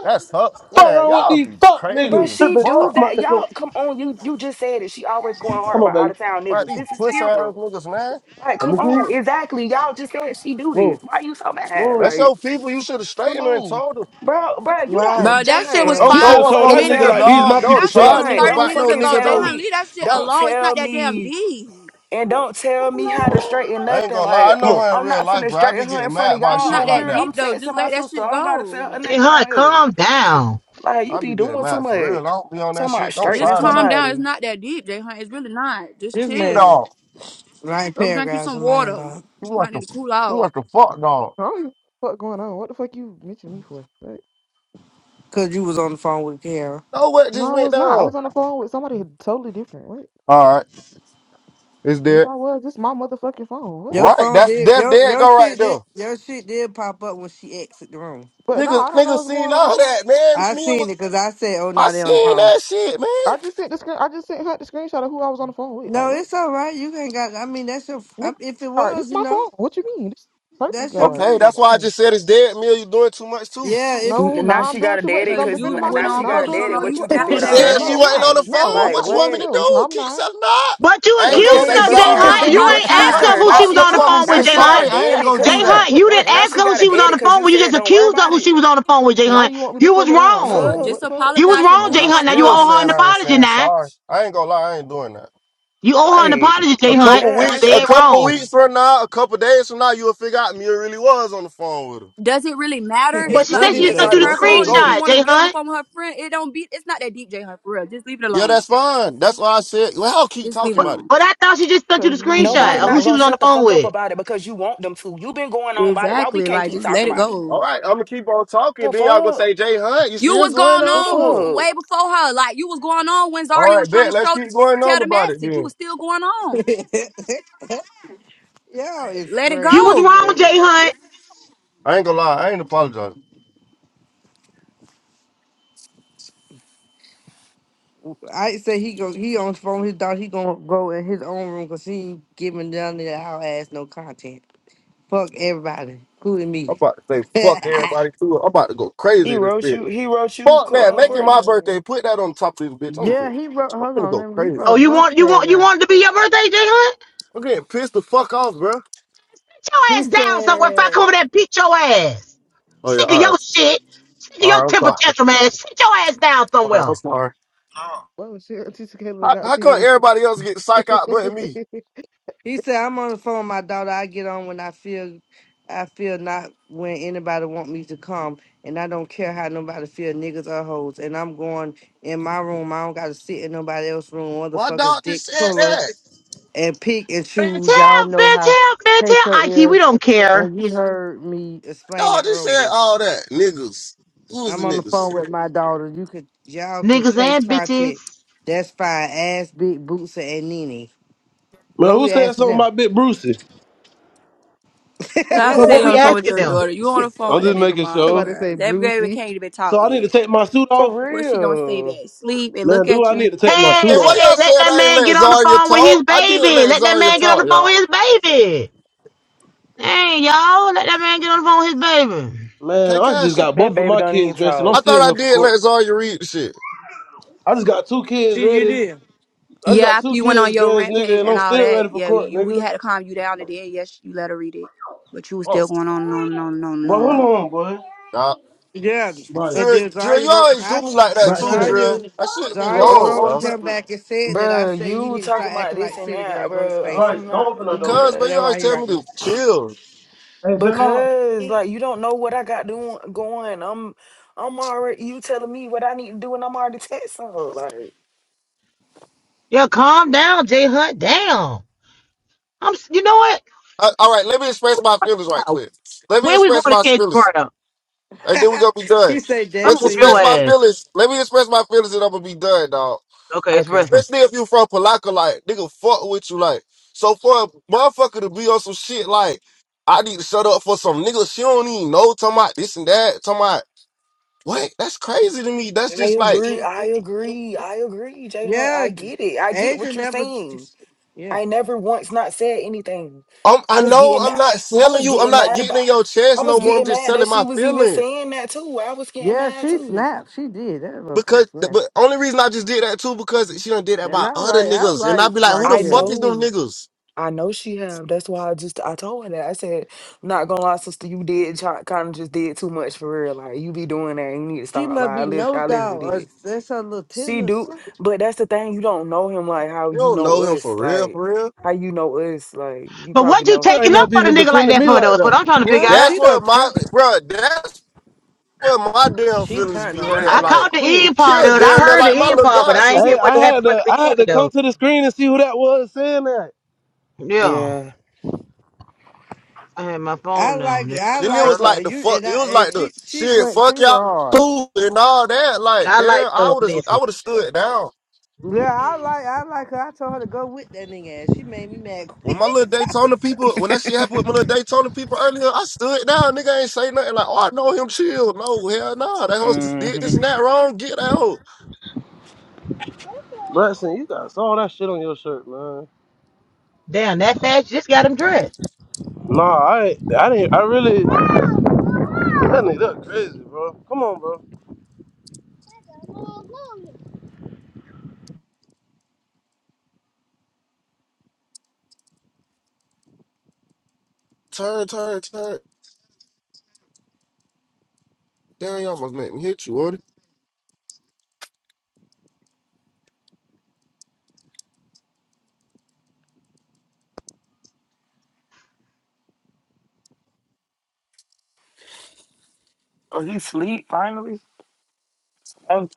Speaker 7: That's up.
Speaker 8: Fuck
Speaker 7: Man,
Speaker 8: wrong with
Speaker 7: y'all
Speaker 8: these
Speaker 7: be
Speaker 8: fuck
Speaker 3: But
Speaker 7: crazy
Speaker 8: niggas?
Speaker 7: as
Speaker 8: Tripping,
Speaker 3: she
Speaker 8: talking
Speaker 3: do
Speaker 7: fuck.
Speaker 8: about
Speaker 3: that.
Speaker 8: they
Speaker 3: Y'all, come
Speaker 8: gon-
Speaker 3: on. You you just said it. She always going
Speaker 8: Come
Speaker 3: hard
Speaker 8: on,
Speaker 3: by out
Speaker 8: baby.
Speaker 3: of town
Speaker 7: Like
Speaker 3: niggas.
Speaker 7: these
Speaker 3: This is
Speaker 7: pussy ass
Speaker 3: Kira.
Speaker 7: niggas, man.
Speaker 3: Like,
Speaker 8: Let me
Speaker 3: come
Speaker 8: see.
Speaker 3: on. Exactly. Y'all just said she do
Speaker 8: Move,
Speaker 3: this. Why you so mad?
Speaker 8: move.
Speaker 7: That's
Speaker 3: Like,
Speaker 7: your people. You should have
Speaker 3: come
Speaker 7: straightened her and
Speaker 3: on.
Speaker 7: told her.
Speaker 3: Bro, bro, you
Speaker 6: Why?
Speaker 3: don't,
Speaker 16: Bro,
Speaker 3: Jay
Speaker 16: that shit
Speaker 3: Hunt,
Speaker 16: was
Speaker 6: Girl,
Speaker 3: f-
Speaker 7: Don't
Speaker 8: She should
Speaker 16: five
Speaker 7: go
Speaker 3: don't
Speaker 8: have
Speaker 7: up
Speaker 8: told
Speaker 7: on a
Speaker 3: fucking
Speaker 8: that
Speaker 16: minutes.
Speaker 8: nigga
Speaker 7: nigga,
Speaker 3: tell
Speaker 8: like
Speaker 3: me,
Speaker 8: these
Speaker 7: dog.
Speaker 8: my
Speaker 7: Don't
Speaker 8: people.
Speaker 16: That
Speaker 8: Chill
Speaker 16: shit
Speaker 3: Jay
Speaker 7: try a
Speaker 16: was
Speaker 8: out.
Speaker 3: Hunt,
Speaker 7: nigga
Speaker 16: 30
Speaker 3: don't
Speaker 7: back
Speaker 16: minutes
Speaker 7: no
Speaker 3: fucking
Speaker 16: ago.
Speaker 7: nigga
Speaker 16: Jay
Speaker 3: tell
Speaker 16: Hunt,
Speaker 7: though.
Speaker 3: me,
Speaker 16: leave that shit
Speaker 3: don't
Speaker 16: alone. It's not
Speaker 3: tell
Speaker 16: that damn
Speaker 3: me,
Speaker 16: deep.
Speaker 3: and don't tell me how to straighten
Speaker 7: I ain't
Speaker 3: nothing.
Speaker 7: gonna lie,
Speaker 3: Like,
Speaker 7: I
Speaker 8: Come
Speaker 7: know
Speaker 8: on,
Speaker 7: her in
Speaker 3: I'm
Speaker 7: real
Speaker 3: not
Speaker 7: life,
Speaker 3: finna
Speaker 7: bro. I be
Speaker 3: straighten her in
Speaker 7: getting
Speaker 3: front of
Speaker 7: mad by
Speaker 16: It's
Speaker 3: y'all
Speaker 7: shit
Speaker 16: not
Speaker 3: on
Speaker 7: like
Speaker 16: that
Speaker 3: here.
Speaker 7: that.
Speaker 16: deep,
Speaker 3: I'm
Speaker 16: though. Just
Speaker 3: texting my
Speaker 16: let that
Speaker 3: sister.
Speaker 16: shit
Speaker 3: I don't gotta tell
Speaker 16: go.
Speaker 3: her
Speaker 1: Jay
Speaker 3: nothing
Speaker 1: Hunt,
Speaker 3: on here.
Speaker 1: calm down.
Speaker 3: Like, you
Speaker 7: I be
Speaker 3: be
Speaker 7: getting
Speaker 3: doing too
Speaker 7: mad for real. I
Speaker 3: much.
Speaker 7: don't be on that
Speaker 3: Talking about
Speaker 7: shit. Don't
Speaker 16: Just
Speaker 3: straightening
Speaker 7: try a
Speaker 16: calm
Speaker 7: nigga.
Speaker 16: down. It's
Speaker 3: somebody.
Speaker 16: not that deep, Jay Hunt. It's really not. Just
Speaker 6: this
Speaker 7: No
Speaker 16: chill.
Speaker 6: mess
Speaker 7: dog.
Speaker 6: nine
Speaker 16: Go drink you
Speaker 6: paragraphs
Speaker 16: some
Speaker 6: in my
Speaker 16: water.
Speaker 6: inbox.
Speaker 7: You want
Speaker 16: Might
Speaker 7: the
Speaker 16: need to cool
Speaker 7: you
Speaker 16: off.
Speaker 7: want the fuck dog.
Speaker 14: I don't know what the fuck going on. What the fuck you mentioned me for? Like,
Speaker 6: Cause you was on the phone with Kara.
Speaker 7: No what
Speaker 14: no,
Speaker 7: just
Speaker 14: I
Speaker 7: went
Speaker 14: was not. I
Speaker 7: down.
Speaker 14: was on the phone with somebody totally different. What?
Speaker 7: Alright, it's
Speaker 14: And if
Speaker 7: dead.
Speaker 14: I was, it's my motherfucking phone. What?
Speaker 6: Your
Speaker 7: Right,
Speaker 6: phone
Speaker 7: that's
Speaker 6: did
Speaker 7: that's
Speaker 6: your
Speaker 7: dead
Speaker 6: your
Speaker 7: go right
Speaker 6: shit
Speaker 7: there.
Speaker 6: did your shit did pop up when she exited the room.
Speaker 14: But no,
Speaker 7: Niggas
Speaker 14: I don't know
Speaker 7: niggas
Speaker 14: what's
Speaker 7: seen
Speaker 14: going
Speaker 7: all
Speaker 14: on.
Speaker 7: that, man.
Speaker 6: I
Speaker 7: Me
Speaker 6: seen
Speaker 7: was
Speaker 6: it because I said, "Oh,
Speaker 7: I
Speaker 6: now they on the
Speaker 7: seen
Speaker 6: phone."
Speaker 7: that shit, man.
Speaker 14: I just sent the screen. I just sent her the screenshot of who I was on the phone with. Like,
Speaker 6: No,
Speaker 14: wait,
Speaker 6: it's all right. You ain't got. I mean, that's your.
Speaker 14: Nigga,
Speaker 6: I- If it
Speaker 14: all right, this
Speaker 6: was, you
Speaker 14: my
Speaker 6: know,
Speaker 14: phone. What you mean? This
Speaker 6: that's
Speaker 14: perfectly all
Speaker 6: your
Speaker 14: right. This
Speaker 7: Okay,
Speaker 14: my
Speaker 7: that's
Speaker 6: friend.
Speaker 7: why I
Speaker 14: phone.
Speaker 7: just said it's dead. Mill, you doing too much too.
Speaker 6: Yeah, it's.
Speaker 14: No,
Speaker 3: N- now
Speaker 14: now I'm
Speaker 3: she got
Speaker 14: doing
Speaker 3: to
Speaker 14: too much
Speaker 3: date
Speaker 14: because
Speaker 3: it
Speaker 14: I'm
Speaker 16: Because
Speaker 3: because
Speaker 14: defending
Speaker 16: you went
Speaker 3: now
Speaker 14: myself.
Speaker 3: she
Speaker 16: on
Speaker 14: Now
Speaker 3: got
Speaker 14: I'm
Speaker 3: to
Speaker 16: for
Speaker 14: doing
Speaker 16: so
Speaker 3: date
Speaker 14: too
Speaker 16: long.
Speaker 3: it.
Speaker 14: much.
Speaker 16: You
Speaker 3: What you
Speaker 14: What the
Speaker 3: just
Speaker 16: snapped
Speaker 7: She
Speaker 14: fuck?
Speaker 16: on
Speaker 3: did
Speaker 16: that
Speaker 3: all
Speaker 14: No,
Speaker 16: girl
Speaker 7: said
Speaker 16: and
Speaker 7: she
Speaker 14: no,
Speaker 3: that?
Speaker 14: I'm
Speaker 7: wasn't
Speaker 14: not.
Speaker 7: on the
Speaker 16: everything.
Speaker 14: No,
Speaker 7: phone.
Speaker 14: I'm
Speaker 3: Like
Speaker 7: What
Speaker 14: not
Speaker 7: you
Speaker 14: doing
Speaker 7: want
Speaker 14: the
Speaker 7: me
Speaker 3: what?
Speaker 7: to
Speaker 14: most.
Speaker 7: do?
Speaker 14: I'm
Speaker 7: Keep
Speaker 14: not.
Speaker 7: selling out?
Speaker 1: But you
Speaker 7: I ain't
Speaker 16: You
Speaker 7: gonna
Speaker 1: accused
Speaker 16: just
Speaker 3: Okay,
Speaker 7: say
Speaker 1: her, Jay
Speaker 3: but you
Speaker 16: accused
Speaker 7: sorry.
Speaker 16: her.
Speaker 3: just
Speaker 1: Hunt. You
Speaker 3: you
Speaker 1: ain't
Speaker 3: accused
Speaker 1: ask
Speaker 7: What the
Speaker 1: her
Speaker 3: her.
Speaker 1: who
Speaker 3: Now
Speaker 16: apologize.
Speaker 1: she
Speaker 7: fuck?
Speaker 1: was
Speaker 7: What
Speaker 3: she
Speaker 1: on
Speaker 7: you
Speaker 1: the
Speaker 7: want
Speaker 16: The
Speaker 7: me to
Speaker 1: phone
Speaker 3: now
Speaker 1: with,
Speaker 7: say
Speaker 1: Jay
Speaker 3: she got
Speaker 1: Hunt.
Speaker 3: to
Speaker 7: sorry? I
Speaker 3: date
Speaker 7: ain't
Speaker 3: it
Speaker 7: gonna
Speaker 1: Jay
Speaker 7: do
Speaker 3: because
Speaker 7: that.
Speaker 1: Hunt, you didn't
Speaker 3: now
Speaker 1: ask
Speaker 3: she
Speaker 1: her who
Speaker 3: got to
Speaker 1: she was
Speaker 3: date it
Speaker 1: on the
Speaker 3: because
Speaker 1: phone
Speaker 3: you
Speaker 1: with. You
Speaker 3: said
Speaker 1: just
Speaker 3: don't worry
Speaker 1: accused her
Speaker 3: about
Speaker 1: who
Speaker 3: it.
Speaker 1: she was on the phone with, Jay
Speaker 14: Now
Speaker 1: Hunt.
Speaker 14: you want me to
Speaker 1: You was
Speaker 14: simmer down.
Speaker 16: Fuck.
Speaker 1: wrong.
Speaker 16: Fuck.
Speaker 14: No,
Speaker 3: Fuck,
Speaker 14: what
Speaker 16: Just
Speaker 14: the
Speaker 1: You
Speaker 14: fuck?
Speaker 1: was
Speaker 16: apologize and
Speaker 1: wrong,
Speaker 16: move
Speaker 7: Man,
Speaker 16: the
Speaker 1: Jay
Speaker 7: I
Speaker 1: Hunt.
Speaker 16: fuck
Speaker 1: Now you
Speaker 7: still
Speaker 1: owe her
Speaker 7: said
Speaker 1: an
Speaker 16: on.
Speaker 7: I ain't
Speaker 1: apology
Speaker 7: saying
Speaker 1: now.
Speaker 7: sorry. I ain't gonna lie, I ain't doing that.
Speaker 1: You owe her an
Speaker 3: like
Speaker 1: apology, Jay
Speaker 7: A
Speaker 3: be
Speaker 1: Hunt.
Speaker 7: couple
Speaker 1: You
Speaker 3: dead
Speaker 1: was
Speaker 7: weeks,
Speaker 3: ass
Speaker 7: a
Speaker 1: dead
Speaker 3: fucking
Speaker 7: couple
Speaker 1: wrong.
Speaker 3: wrong.
Speaker 7: weeks from now, a couple days from now, you'll figure out Mia really was on the phone with him.
Speaker 16: Does it really
Speaker 14: I
Speaker 16: matter?
Speaker 6: Y'all
Speaker 14: really
Speaker 1: But
Speaker 16: It
Speaker 1: she
Speaker 16: like,
Speaker 1: said she
Speaker 14: wasn't
Speaker 16: again,
Speaker 1: just
Speaker 7: This
Speaker 14: though,
Speaker 1: sent
Speaker 7: how
Speaker 16: it's
Speaker 1: you
Speaker 14: but
Speaker 1: the
Speaker 16: her
Speaker 7: this shit
Speaker 16: fault if
Speaker 14: okay.
Speaker 16: she
Speaker 7: goes.
Speaker 1: screenshot,
Speaker 16: want to
Speaker 1: Jay
Speaker 16: get on the
Speaker 1: Hunt.
Speaker 16: phone with her friend. It don't be. It's not that deep, J. Her for real. Just leave it
Speaker 7: Yeah,
Speaker 16: alone.
Speaker 7: that's fine. That's why I said, well, I'll keep
Speaker 16: Just leave
Speaker 7: talking
Speaker 16: it
Speaker 1: But
Speaker 7: about it.
Speaker 16: alone.
Speaker 1: but I thought she just sent you
Speaker 14: Cause
Speaker 1: the
Speaker 14: you did
Speaker 3: Nobody
Speaker 1: screenshot of
Speaker 3: not
Speaker 1: who she
Speaker 3: gonna
Speaker 1: was
Speaker 14: wrong.
Speaker 1: on the
Speaker 3: shut the
Speaker 1: phone
Speaker 3: fuck up
Speaker 1: with.
Speaker 3: about it because you want them to. you been going on about it. Why we
Speaker 16: Exactly.
Speaker 3: can't
Speaker 16: Like
Speaker 3: keep
Speaker 16: just let
Speaker 3: talking
Speaker 16: it
Speaker 3: about it?
Speaker 7: All
Speaker 16: go.
Speaker 7: right, I'm gonna keep on talking.
Speaker 3: The
Speaker 7: Then y'all gonna
Speaker 3: fuck?
Speaker 7: say, Jay Hunt, you
Speaker 16: You
Speaker 7: still
Speaker 16: was
Speaker 7: going
Speaker 16: going
Speaker 3: The
Speaker 16: on
Speaker 7: on?
Speaker 16: bef-
Speaker 3: fuck?
Speaker 16: way before her. Like you was going on when
Speaker 7: All
Speaker 16: Zarya was
Speaker 7: right,
Speaker 16: trying
Speaker 7: bet.
Speaker 16: to
Speaker 7: Let's
Speaker 16: show
Speaker 7: keep going
Speaker 16: tell
Speaker 7: on
Speaker 16: the
Speaker 7: about it
Speaker 16: message. You
Speaker 7: then.
Speaker 16: was still going on.
Speaker 6: is
Speaker 16: Let it
Speaker 1: You was
Speaker 6: crazy,
Speaker 16: go.
Speaker 1: wrong,
Speaker 6: man.
Speaker 1: Jay Hunt.
Speaker 7: I ain't gonna lie, I ain't apologizing.
Speaker 6: I say he go he on his phone, his dog, he gonna go in his own room because he ain't giving down there our ass no content. Fuck everybody, including
Speaker 7: I'm
Speaker 6: me.
Speaker 7: about to say fuck
Speaker 6: yeah,
Speaker 7: everybody too. I'm about to go crazy
Speaker 3: He
Speaker 7: in this
Speaker 3: wrote
Speaker 7: bitch.
Speaker 3: you. He wrote you,
Speaker 7: Fuck
Speaker 3: Co-
Speaker 7: that,
Speaker 3: um,
Speaker 7: make it
Speaker 14: Oh,
Speaker 7: my
Speaker 3: Courtney.
Speaker 7: birthday.
Speaker 14: but-
Speaker 7: Put that on top of this bitch. I'm finna,
Speaker 6: he wrote
Speaker 7: I'm
Speaker 6: hold
Speaker 7: finna
Speaker 6: on,
Speaker 7: go
Speaker 6: let me- he
Speaker 7: crazy.
Speaker 1: Oh,
Speaker 6: wrote a
Speaker 1: you
Speaker 6: bunch
Speaker 1: want
Speaker 6: of
Speaker 1: you want you
Speaker 6: paragraphs.
Speaker 1: wanted to be your birthday, Jay Hunt?
Speaker 7: I'm getting pissed the fuck off, bro.
Speaker 1: Sit your
Speaker 6: He
Speaker 1: ass down somewhere if I come
Speaker 6: said
Speaker 1: over there and beat your ass.
Speaker 7: Oh yeah,
Speaker 1: Sick of
Speaker 7: all right,
Speaker 1: your shit. Sick of
Speaker 7: all
Speaker 1: your
Speaker 7: right. I'm
Speaker 1: temper
Speaker 7: sorry.
Speaker 1: tantrum ass. Sit your ass down
Speaker 7: All right,
Speaker 1: somewhere.
Speaker 7: I'm sorry.
Speaker 14: Well, shit, Tisa Kayla
Speaker 7: How,
Speaker 14: got
Speaker 7: how come
Speaker 14: serious.
Speaker 7: everybody else get psych out but me?
Speaker 6: He said, "I'm on the phone, with my daughter. I get on when I feel, I feel not when anybody want me to come, and I don't care how nobody feel, niggas or hoes. And I'm going in my room. I don't got to sit in nobody else's room.
Speaker 7: Why
Speaker 6: Motherfuckers,
Speaker 7: dog
Speaker 6: dick
Speaker 7: just said
Speaker 6: puller
Speaker 7: that?
Speaker 6: and pick and
Speaker 1: Man, tell,
Speaker 6: choose. Y'all know
Speaker 1: man,
Speaker 6: how
Speaker 1: tell, man,
Speaker 6: take
Speaker 1: tell
Speaker 6: your
Speaker 1: Ike,
Speaker 6: ears.
Speaker 1: we don't care.
Speaker 6: And you heard me explain it
Speaker 7: Dog just said
Speaker 6: earlier.
Speaker 7: all that, niggas. Who is
Speaker 6: I'm
Speaker 7: the
Speaker 6: on the
Speaker 7: niggas?
Speaker 6: phone with my daughter. You could, y'all can
Speaker 1: Niggas
Speaker 6: chase
Speaker 1: and bitches.
Speaker 6: content. That's fine. Ass, big boots, and Nene.
Speaker 8: man.
Speaker 6: What
Speaker 8: Who
Speaker 6: we
Speaker 8: said
Speaker 6: asking
Speaker 8: something
Speaker 6: them?
Speaker 8: about Big Brucey?
Speaker 16: Stop
Speaker 1: But
Speaker 16: saying
Speaker 1: what
Speaker 16: you on
Speaker 1: we
Speaker 16: the phone with
Speaker 1: asking
Speaker 16: your
Speaker 1: them?
Speaker 16: daughter. You on
Speaker 6: Shit,
Speaker 16: the phone
Speaker 8: I'm
Speaker 16: with that
Speaker 8: just
Speaker 16: baby
Speaker 8: making
Speaker 16: mama,
Speaker 8: sure.
Speaker 14: Somebody
Speaker 16: girl.
Speaker 14: say
Speaker 16: That baby
Speaker 14: Brucey.
Speaker 16: can't even talk
Speaker 8: So I need to
Speaker 16: yet.
Speaker 8: take my suit
Speaker 3: For
Speaker 8: off.
Speaker 16: What she gonna say
Speaker 3: real.
Speaker 16: back? Sleep and
Speaker 8: Man,
Speaker 16: look
Speaker 8: dude,
Speaker 16: at
Speaker 8: I
Speaker 16: you.
Speaker 8: need to take my
Speaker 1: Hey,
Speaker 8: suit
Speaker 7: And why
Speaker 8: off.
Speaker 1: hey,
Speaker 7: y'all
Speaker 1: let
Speaker 7: said
Speaker 1: that
Speaker 7: I ain't
Speaker 1: man
Speaker 7: let
Speaker 1: get on the
Speaker 7: Zarya
Speaker 1: phone with his
Speaker 7: talk? I did
Speaker 1: baby.
Speaker 7: let
Speaker 1: Let that
Speaker 7: Zarya
Speaker 1: man get on the
Speaker 7: talk,
Speaker 1: phone
Speaker 7: y'all.
Speaker 1: with his baby. Hey, y'all, let that man get on the phone with his baby.
Speaker 8: Man,
Speaker 7: Can't
Speaker 8: I just
Speaker 7: cash it.
Speaker 8: got
Speaker 3: That
Speaker 8: both of
Speaker 3: baby
Speaker 8: my
Speaker 3: don't even
Speaker 8: kids dressed and I'm
Speaker 3: talk.
Speaker 7: I thought
Speaker 8: still
Speaker 7: I
Speaker 8: here for
Speaker 7: did
Speaker 8: court.
Speaker 7: let Zarya read the shit.
Speaker 8: I just got two kids
Speaker 6: you
Speaker 8: ready.
Speaker 6: did.
Speaker 8: I just
Speaker 16: Yeah,
Speaker 8: got
Speaker 16: after
Speaker 8: two
Speaker 16: you went on
Speaker 8: kids
Speaker 16: your
Speaker 8: dressed,
Speaker 16: rent
Speaker 8: nigga,
Speaker 16: page
Speaker 8: and
Speaker 16: and
Speaker 8: I'm
Speaker 16: all
Speaker 8: still
Speaker 16: that,
Speaker 8: ready for
Speaker 16: yeah,
Speaker 8: court,
Speaker 16: you we
Speaker 8: nigga.
Speaker 16: had to calm you down and then yes, you let her read it. But you was
Speaker 7: Oh.
Speaker 16: still going on no no no
Speaker 8: But
Speaker 16: no
Speaker 8: hold
Speaker 16: no.
Speaker 8: on, boy.
Speaker 7: nah.
Speaker 6: Yeah, and
Speaker 8: Bryce.
Speaker 7: Drill,
Speaker 6: then
Speaker 7: drill,
Speaker 6: Zaya
Speaker 7: you
Speaker 6: wrote,
Speaker 7: always do
Speaker 6: I
Speaker 7: me like that
Speaker 8: Bryce,
Speaker 7: too,
Speaker 8: sir.
Speaker 7: Drill.
Speaker 6: Zaya,
Speaker 7: I shouldn't be
Speaker 8: hey,
Speaker 6: Zaya
Speaker 8: hold,
Speaker 7: wrong,
Speaker 8: hold
Speaker 6: wrote
Speaker 7: bro.
Speaker 8: it back,
Speaker 6: him
Speaker 8: Bryce.
Speaker 6: back and said that I
Speaker 3: Bruh,
Speaker 6: said you
Speaker 3: you
Speaker 6: need to
Speaker 3: talking
Speaker 6: start
Speaker 3: about
Speaker 6: acting
Speaker 3: this
Speaker 6: like
Speaker 3: and
Speaker 6: city
Speaker 3: that,
Speaker 6: girl, go to
Speaker 3: bruh.
Speaker 8: Hey,
Speaker 6: space. So
Speaker 8: Bryce,
Speaker 3: I'm
Speaker 8: don't
Speaker 3: not
Speaker 8: open that
Speaker 3: finna do
Speaker 8: door.
Speaker 7: Because, bro,
Speaker 3: that
Speaker 7: you
Speaker 6: that's
Speaker 7: always
Speaker 6: why he
Speaker 7: tell me
Speaker 6: writing
Speaker 7: to
Speaker 6: me.
Speaker 7: chill.
Speaker 8: Hey, J-Law.
Speaker 3: because, like, you don't know what I got doing going. I'm, I'm already. You telling me what I need to do, and I'm already texting her. Like,
Speaker 1: Yeah, calm down, J Hut. Damn. I'm s- you know what?
Speaker 7: I, all right, let me express my feelings
Speaker 1: Yeah.
Speaker 7: right quick. Let me
Speaker 1: When we going
Speaker 7: express
Speaker 1: to
Speaker 7: my
Speaker 1: catch
Speaker 7: feelings,
Speaker 1: Carter?
Speaker 7: and then we gonna be done.
Speaker 6: he said
Speaker 1: I'm gonna
Speaker 7: Let's
Speaker 1: whoop
Speaker 6: definitely
Speaker 7: express
Speaker 1: your
Speaker 7: my
Speaker 6: is.
Speaker 1: ass.
Speaker 7: feelings. Let me express my feelings, and I'm gonna be done, dog.
Speaker 1: Okay, it's
Speaker 3: okay,
Speaker 1: wrestling.
Speaker 7: Especially if you from Palaka, like nigga, fuck with you, like. So for a motherfucker to be on some shit like, I need to shut up for some nigga. She don't even know. Talking about this and that. Talking about what? That's crazy to me. That's
Speaker 3: I
Speaker 7: just like.
Speaker 3: agree. I agree. I agree, Jalen.
Speaker 6: Yeah,
Speaker 3: I get it. I get
Speaker 6: Asia
Speaker 3: what you're
Speaker 6: never.
Speaker 3: saying.
Speaker 6: Yeah,
Speaker 3: I never once not said anything.
Speaker 7: I'm,
Speaker 3: I
Speaker 7: I
Speaker 3: was
Speaker 7: know
Speaker 3: getting
Speaker 7: I'm
Speaker 3: mad.
Speaker 7: not
Speaker 3: I
Speaker 7: selling
Speaker 3: was
Speaker 7: you. I'm
Speaker 3: getting
Speaker 7: not
Speaker 3: mad
Speaker 7: getting in
Speaker 3: about.
Speaker 7: your
Speaker 3: I
Speaker 7: chest no
Speaker 3: was
Speaker 7: more. I'm
Speaker 3: getting
Speaker 7: just
Speaker 3: mad that
Speaker 7: telling
Speaker 3: she
Speaker 7: my
Speaker 3: was even
Speaker 7: feelings.
Speaker 3: saying that too. I was getting
Speaker 6: yeah,
Speaker 3: mad
Speaker 6: she
Speaker 3: too.
Speaker 6: snapped. She did that motherfucker
Speaker 7: Because,
Speaker 6: snapped.
Speaker 7: but only reason I just did that too, because she done did that
Speaker 6: And
Speaker 7: by
Speaker 6: I
Speaker 7: other
Speaker 6: like, I
Speaker 7: niggas. And
Speaker 6: like
Speaker 7: I be like, who the
Speaker 3: I
Speaker 7: fuck
Speaker 6: Markeria.
Speaker 7: is them
Speaker 3: know.
Speaker 7: niggas?
Speaker 3: I know she have. That's why I just I told her that. I said, not gonna lie, sister, you did kind of just did too much for real. Like you be doing that, and you need to
Speaker 6: She
Speaker 3: stop. Like
Speaker 6: must
Speaker 3: I
Speaker 6: be
Speaker 3: lit,
Speaker 6: no
Speaker 3: I
Speaker 6: doubt,
Speaker 3: literally
Speaker 6: or
Speaker 3: did.
Speaker 6: that's her little
Speaker 3: She do,
Speaker 6: tennis.
Speaker 3: but that's the thing. You don't know him like how
Speaker 7: You
Speaker 3: you
Speaker 7: don't
Speaker 3: know
Speaker 7: know him
Speaker 3: us.
Speaker 7: for real,
Speaker 3: Like
Speaker 7: for real.
Speaker 3: how you know us. Like you
Speaker 1: But
Speaker 3: probably
Speaker 1: what you
Speaker 3: know.
Speaker 8: You
Speaker 1: taking
Speaker 8: ain't
Speaker 1: up
Speaker 8: up
Speaker 1: for the
Speaker 8: even
Speaker 1: nigga like
Speaker 8: defending
Speaker 1: that
Speaker 8: me
Speaker 1: for though
Speaker 8: like
Speaker 1: is what
Speaker 8: that.
Speaker 1: I'm trying to figure
Speaker 6: Well,
Speaker 1: out.
Speaker 7: That's
Speaker 6: she
Speaker 7: where
Speaker 6: done
Speaker 7: my,
Speaker 6: turn.
Speaker 7: bro, that's where my damn
Speaker 6: She
Speaker 7: feelings
Speaker 6: turned
Speaker 7: be
Speaker 6: on her
Speaker 7: hurt at.
Speaker 1: I
Speaker 6: ass
Speaker 7: Like,
Speaker 1: caught the
Speaker 6: quick.
Speaker 7: look,
Speaker 1: end part
Speaker 7: kill
Speaker 1: of it. I
Speaker 7: down there
Speaker 1: heard
Speaker 7: like my
Speaker 1: the end
Speaker 7: little
Speaker 1: part, but
Speaker 7: god
Speaker 1: I ain't
Speaker 7: sister.
Speaker 1: hear
Speaker 8: Hey,
Speaker 1: what
Speaker 8: I
Speaker 1: happened
Speaker 8: had
Speaker 1: from
Speaker 8: to,
Speaker 1: the
Speaker 8: I
Speaker 1: beginning
Speaker 8: had to come
Speaker 1: though.
Speaker 8: to the screen and see who that was saying that.
Speaker 1: Yeah.
Speaker 3: Yeah.
Speaker 1: I had my
Speaker 6: I
Speaker 1: phone now and
Speaker 6: like
Speaker 1: that's
Speaker 6: I
Speaker 1: what
Speaker 7: Then it
Speaker 1: I
Speaker 6: like
Speaker 7: was
Speaker 1: heard.
Speaker 6: her.
Speaker 7: like the
Speaker 6: You
Speaker 7: fuck,
Speaker 6: and
Speaker 7: it
Speaker 6: I
Speaker 7: was
Speaker 6: and
Speaker 7: like the
Speaker 6: she she
Speaker 7: shit,
Speaker 6: went she
Speaker 7: fuck
Speaker 6: went
Speaker 7: y'all
Speaker 6: hard.
Speaker 7: cool and all that. Like,
Speaker 1: I like
Speaker 7: damn, I
Speaker 1: those
Speaker 7: would have, I
Speaker 1: messages.
Speaker 7: would have stood down.
Speaker 6: Yeah, I like I like her. I told her to go with that nigga ass. She made me mad
Speaker 7: When
Speaker 6: quick.
Speaker 7: my little
Speaker 6: I
Speaker 7: Daytona
Speaker 6: was-
Speaker 7: people, when that shit happened with my little Daytona people earlier, I stood down. Nigga ain't say nothing. Like, oh, I know him. Chill. No, hell nah. That host just did this
Speaker 3: Mm-hmm.
Speaker 7: and that wrong. Get out.
Speaker 8: Bryson, you got all that shit on your shirt, man.
Speaker 1: Damn, that fast you just got him dressed.
Speaker 8: No, I I didn't. I really. That nigga look crazy, bro. Come on, bro.
Speaker 7: Turn, turn, turn. Damn, you almost made me hit you, Woody.
Speaker 3: Oh, he sleep finally. Oh,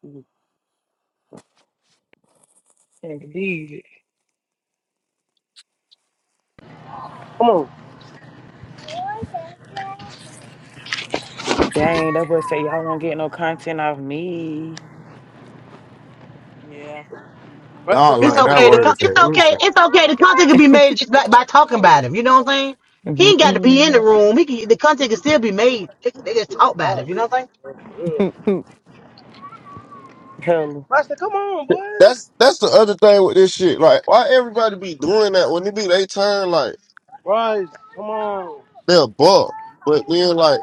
Speaker 3: indeed.
Speaker 8: Come on,
Speaker 3: Dang, that boy say y'all won't get no content off me.
Speaker 6: yeah.
Speaker 8: Braxton.
Speaker 7: Y'all
Speaker 8: Come
Speaker 1: It's
Speaker 7: learned
Speaker 8: on,
Speaker 7: that
Speaker 1: okay to
Speaker 7: word
Speaker 1: come.
Speaker 8: boy.
Speaker 7: is that.
Speaker 1: It's
Speaker 7: It was
Speaker 1: okay. It's okay. The content can be made just
Speaker 8: Come
Speaker 1: by, by
Speaker 8: on, come
Speaker 1: talking
Speaker 8: on.
Speaker 1: about him. You know what I'm saying? He ain't got to be in the
Speaker 3: Mm-hmm.
Speaker 1: room. He can, the content can still be made. They, they just
Speaker 8: Yeah,
Speaker 1: talk about him. You
Speaker 8: sorry,
Speaker 1: know
Speaker 8: this
Speaker 1: what I'm
Speaker 8: one,
Speaker 1: saying?
Speaker 8: bro, for real. Braxton, come on, boy.
Speaker 7: that's that's the other thing with this shit. Like, why everybody be doing that when it be they turn? Like,
Speaker 8: Bryce, come on.
Speaker 7: they're a buck, but then like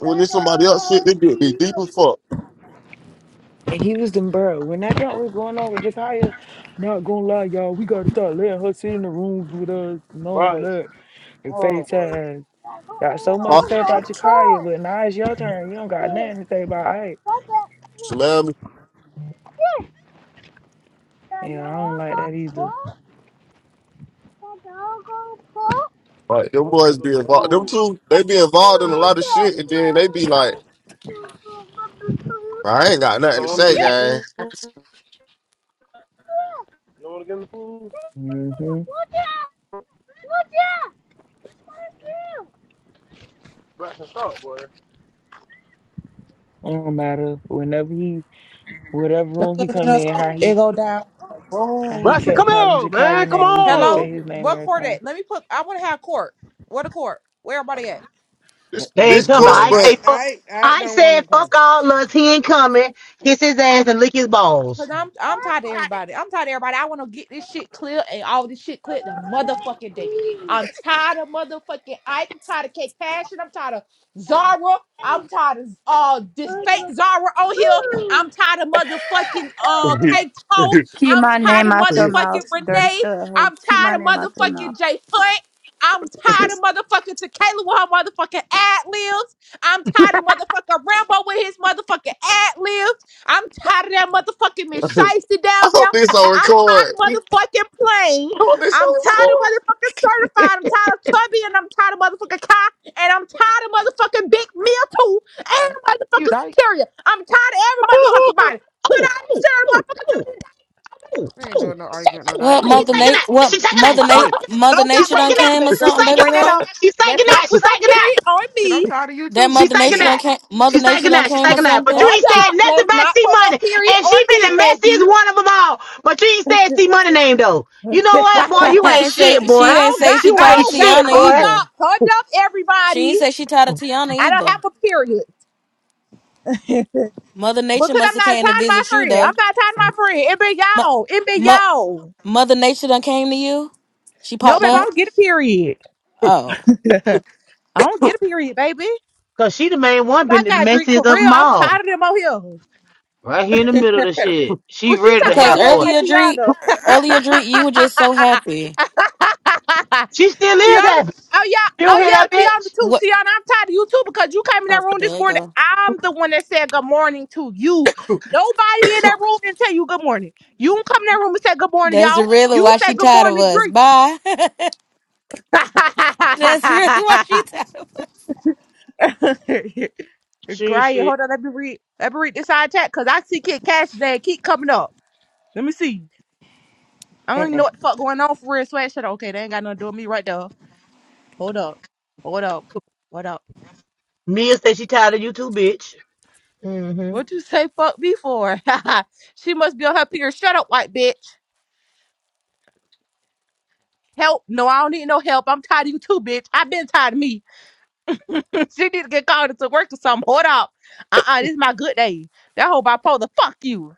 Speaker 7: when it's somebody else shit, they get be deep as fuck.
Speaker 3: And he was them bro. When that thought was going on with Jakaya, not gonna lie, y'all, we gotta start letting her sit in the rooms with us and all
Speaker 8: Bryce,
Speaker 3: that
Speaker 8: come
Speaker 3: and
Speaker 8: on, boy.
Speaker 3: FaceTime. Got so much
Speaker 7: Huh?
Speaker 3: to say about Jakaya, but now it's your turn. You don't got nothing to say about Ike.
Speaker 7: Slam me.
Speaker 3: Yeah, I don't like that either.
Speaker 7: Like
Speaker 8: You
Speaker 7: them
Speaker 8: want to go
Speaker 7: boys be
Speaker 8: to the
Speaker 7: involved. Them
Speaker 8: pool?
Speaker 7: two, they be involved in a lot of shit, and then they be like. I ain't got
Speaker 8: You
Speaker 7: nothing to
Speaker 8: don't want to
Speaker 7: say,
Speaker 8: get
Speaker 7: gang.
Speaker 8: in the pool? You don't want to get in the pool?
Speaker 3: Mm-hmm. It
Speaker 8: Braxton, stop, boy.
Speaker 3: don't matter. Whenever he, whatever room he
Speaker 17: Because in
Speaker 3: come
Speaker 17: a
Speaker 3: in,
Speaker 17: song,
Speaker 3: how
Speaker 17: it
Speaker 3: he,
Speaker 17: go down in the
Speaker 3: how he
Speaker 17: room.
Speaker 8: Braxton,
Speaker 3: kept
Speaker 8: come
Speaker 3: calling
Speaker 8: on, man.
Speaker 3: Jakaya
Speaker 8: Come
Speaker 3: name, we gonna
Speaker 8: on.
Speaker 3: say
Speaker 17: Hello,
Speaker 3: his name
Speaker 17: what
Speaker 3: every
Speaker 17: court
Speaker 3: time.
Speaker 17: at? Let me put. I want to have court. What a court? Where everybody at?
Speaker 7: This
Speaker 3: W-
Speaker 1: They ain't
Speaker 7: this
Speaker 1: coming.
Speaker 7: court,
Speaker 3: Well,
Speaker 1: I
Speaker 7: but
Speaker 6: I
Speaker 1: say fuck.
Speaker 6: I I
Speaker 1: I
Speaker 6: don't want to
Speaker 1: said
Speaker 6: come.
Speaker 1: fuck all us. He ain't coming. Kiss his ass and lick his
Speaker 17: Cause
Speaker 1: balls.
Speaker 17: I'm I'm tired of everybody. I'm tired of everybody. I want to get this shit clear and all this shit clear the motherfucking day. I'm tired of motherfucking Ike. I'm tired of Kate Passion. I'm tired of Zara. I'm tired of uh this fake Zara on here. I'm tired of motherfucking uh Kate Toe.
Speaker 16: Keep
Speaker 17: I'm
Speaker 16: my
Speaker 17: tired
Speaker 16: name
Speaker 17: of
Speaker 16: out your
Speaker 7: I
Speaker 16: mouth,
Speaker 17: motherfucking
Speaker 16: dirty
Speaker 17: Renee.
Speaker 16: stud hoe.
Speaker 17: I'm
Speaker 16: Keep my
Speaker 17: tired of
Speaker 16: name out your mouth.
Speaker 17: motherfucking Jay Hunt. I'm tired of motherfucking Tequila with her motherfucking ad libs. I'm tired of motherfucking Rambo with his motherfucking ad libs. I'm tired of that motherfucking Miss Shiesty down there.
Speaker 7: hope this on
Speaker 17: I'm tired
Speaker 7: record.
Speaker 17: of
Speaker 7: I
Speaker 17: motherfucking playing.
Speaker 7: hope this
Speaker 17: I'm tired of
Speaker 7: on
Speaker 17: motherfucking certified. I'm tired of Tubby and I'm tired of motherfucking Kai and I'm tired of motherfucking Big Meal too and
Speaker 14: You
Speaker 17: motherfucking
Speaker 14: dyke.
Speaker 17: Superior. I'm tired of every motherfucking body. Put
Speaker 1: Oh,
Speaker 17: all this
Speaker 1: oh,
Speaker 17: shit on the
Speaker 1: oh,
Speaker 17: motherfucking
Speaker 1: oh,
Speaker 17: tummy.
Speaker 1: oh,
Speaker 14: I ain't
Speaker 1: oh,
Speaker 14: doing no
Speaker 17: This shit
Speaker 14: argument, no
Speaker 1: oh.
Speaker 14: dyke.
Speaker 4: What
Speaker 1: oh,
Speaker 17: no.
Speaker 1: She's
Speaker 14: Fuck
Speaker 4: mother
Speaker 14: you.
Speaker 1: taking
Speaker 4: nat?
Speaker 1: that.
Speaker 4: What
Speaker 1: She's taking
Speaker 6: Oh
Speaker 1: that.
Speaker 4: mother
Speaker 1: She's
Speaker 4: nat?
Speaker 6: shit.
Speaker 1: taking that.
Speaker 17: I
Speaker 4: Mother
Speaker 17: don't
Speaker 1: She's
Speaker 17: got
Speaker 4: Nature
Speaker 17: mother
Speaker 4: done
Speaker 1: taking
Speaker 17: nature,
Speaker 1: that.
Speaker 4: came or
Speaker 17: baby girl.
Speaker 1: She's
Speaker 4: something,
Speaker 17: When you
Speaker 4: baby
Speaker 1: taking
Speaker 17: bring
Speaker 1: that.
Speaker 17: that
Speaker 4: girl.
Speaker 17: up,
Speaker 1: She's
Speaker 17: let's
Speaker 1: taking
Speaker 17: not
Speaker 1: that. She's
Speaker 17: put no
Speaker 1: taking that.
Speaker 17: period on
Speaker 14: Shit, I'm
Speaker 17: me.
Speaker 14: tired of you
Speaker 4: That
Speaker 1: She's
Speaker 4: mother
Speaker 1: taking
Speaker 4: Nature
Speaker 14: too,
Speaker 4: done
Speaker 1: that.
Speaker 4: came. Mother
Speaker 1: She's
Speaker 4: Nature
Speaker 1: taking
Speaker 4: done
Speaker 1: that. She's
Speaker 4: came or
Speaker 1: taking that. But you
Speaker 4: something.
Speaker 17: Hold
Speaker 1: ain't said
Speaker 17: up.
Speaker 1: nothing
Speaker 17: Let's
Speaker 1: about
Speaker 17: not
Speaker 1: C
Speaker 17: put no
Speaker 1: Money.
Speaker 17: period
Speaker 1: And
Speaker 17: on
Speaker 1: she been
Speaker 17: me,
Speaker 1: the messiest one of them all. But you ain't said C Money name though. You know what, boy?
Speaker 17: baby.
Speaker 1: You
Speaker 4: She
Speaker 1: ain't
Speaker 4: ain't say
Speaker 1: shit,
Speaker 4: she
Speaker 17: I
Speaker 1: boy.
Speaker 4: ain't
Speaker 17: don't
Speaker 4: say
Speaker 17: got,
Speaker 4: she
Speaker 1: You
Speaker 4: tired
Speaker 17: I
Speaker 4: of
Speaker 1: ain't
Speaker 17: don't got,
Speaker 1: shit,
Speaker 4: Tiana
Speaker 17: hold
Speaker 1: boy.
Speaker 17: up,
Speaker 4: either.
Speaker 17: hold up,
Speaker 4: She ain't
Speaker 17: everybody.
Speaker 4: say she tired of Tiana
Speaker 17: I don't
Speaker 4: either.
Speaker 17: have a period.
Speaker 4: Mother Nature
Speaker 17: because
Speaker 4: must
Speaker 17: I'm
Speaker 4: have
Speaker 17: not tired
Speaker 4: came to
Speaker 17: of my
Speaker 4: visit you
Speaker 17: friend.
Speaker 4: though.
Speaker 17: I'm not tired of my friend. It been
Speaker 4: Mo-
Speaker 17: y'all. It been
Speaker 4: mo-
Speaker 17: y'all.
Speaker 4: mother Nature done came to you. She
Speaker 17: No,
Speaker 4: popped
Speaker 17: baby, I
Speaker 4: up.
Speaker 17: don't get a period.
Speaker 4: Oh,
Speaker 17: I don't get a period, baby.
Speaker 1: Cause she the main one
Speaker 17: I
Speaker 1: been the
Speaker 17: got drink
Speaker 1: messiest
Speaker 17: for
Speaker 1: of
Speaker 17: real.
Speaker 1: them
Speaker 17: I'm
Speaker 1: all.
Speaker 17: tired of them out here.
Speaker 1: Right here in the middle of the shit. She
Speaker 17: Well, she
Speaker 1: ready to
Speaker 17: talk
Speaker 4: because
Speaker 17: about
Speaker 1: have
Speaker 17: what
Speaker 1: court.
Speaker 17: about
Speaker 4: earlier, Dree,
Speaker 17: Tiana?
Speaker 4: earlier, Dree, you were just so happy.
Speaker 1: She still is
Speaker 17: Tiana,
Speaker 1: happy.
Speaker 17: oh yeah,
Speaker 1: You don't
Speaker 17: oh
Speaker 1: hear
Speaker 17: yeah,
Speaker 1: that
Speaker 17: Tiana
Speaker 1: bitch?
Speaker 17: too.
Speaker 4: What?
Speaker 17: Tiana, I'm tired of you too because you came in
Speaker 4: Oh,
Speaker 17: that room this
Speaker 4: there you
Speaker 17: morning.
Speaker 4: go.
Speaker 17: I'm the one that said good morning to you. Nobody in that room didn't tell you good morning. You don't come in that room and say good morning,
Speaker 4: That's
Speaker 17: y'all.
Speaker 4: really
Speaker 17: You
Speaker 4: why she
Speaker 17: said good
Speaker 4: tired of
Speaker 17: morning,
Speaker 4: us.
Speaker 17: drink.
Speaker 4: Bye. That's really what she talking about.
Speaker 1: She ain't
Speaker 17: Great.
Speaker 1: shit.
Speaker 17: Hold on, let me read. Let me read this side chat because I see Kid Cash today. Keep coming up. Let me see. I don't even
Speaker 6: Uh-uh.
Speaker 17: know what the fuck going on for real. Sweat shit. Okay, they ain't got nothing to do with me right there. Hold up. Hold up. What up?
Speaker 1: Mia said she tired of you too, bitch. hmm
Speaker 17: What you say fuck me for? she must be on her period. Shut up, white bitch. Help. No, I don't need no help. I'm tired of you too, bitch. i have been tired of me. she need to get called into work or something. Hold up. Uh-uh. This is my good day. That whole bipolar. Fuck you.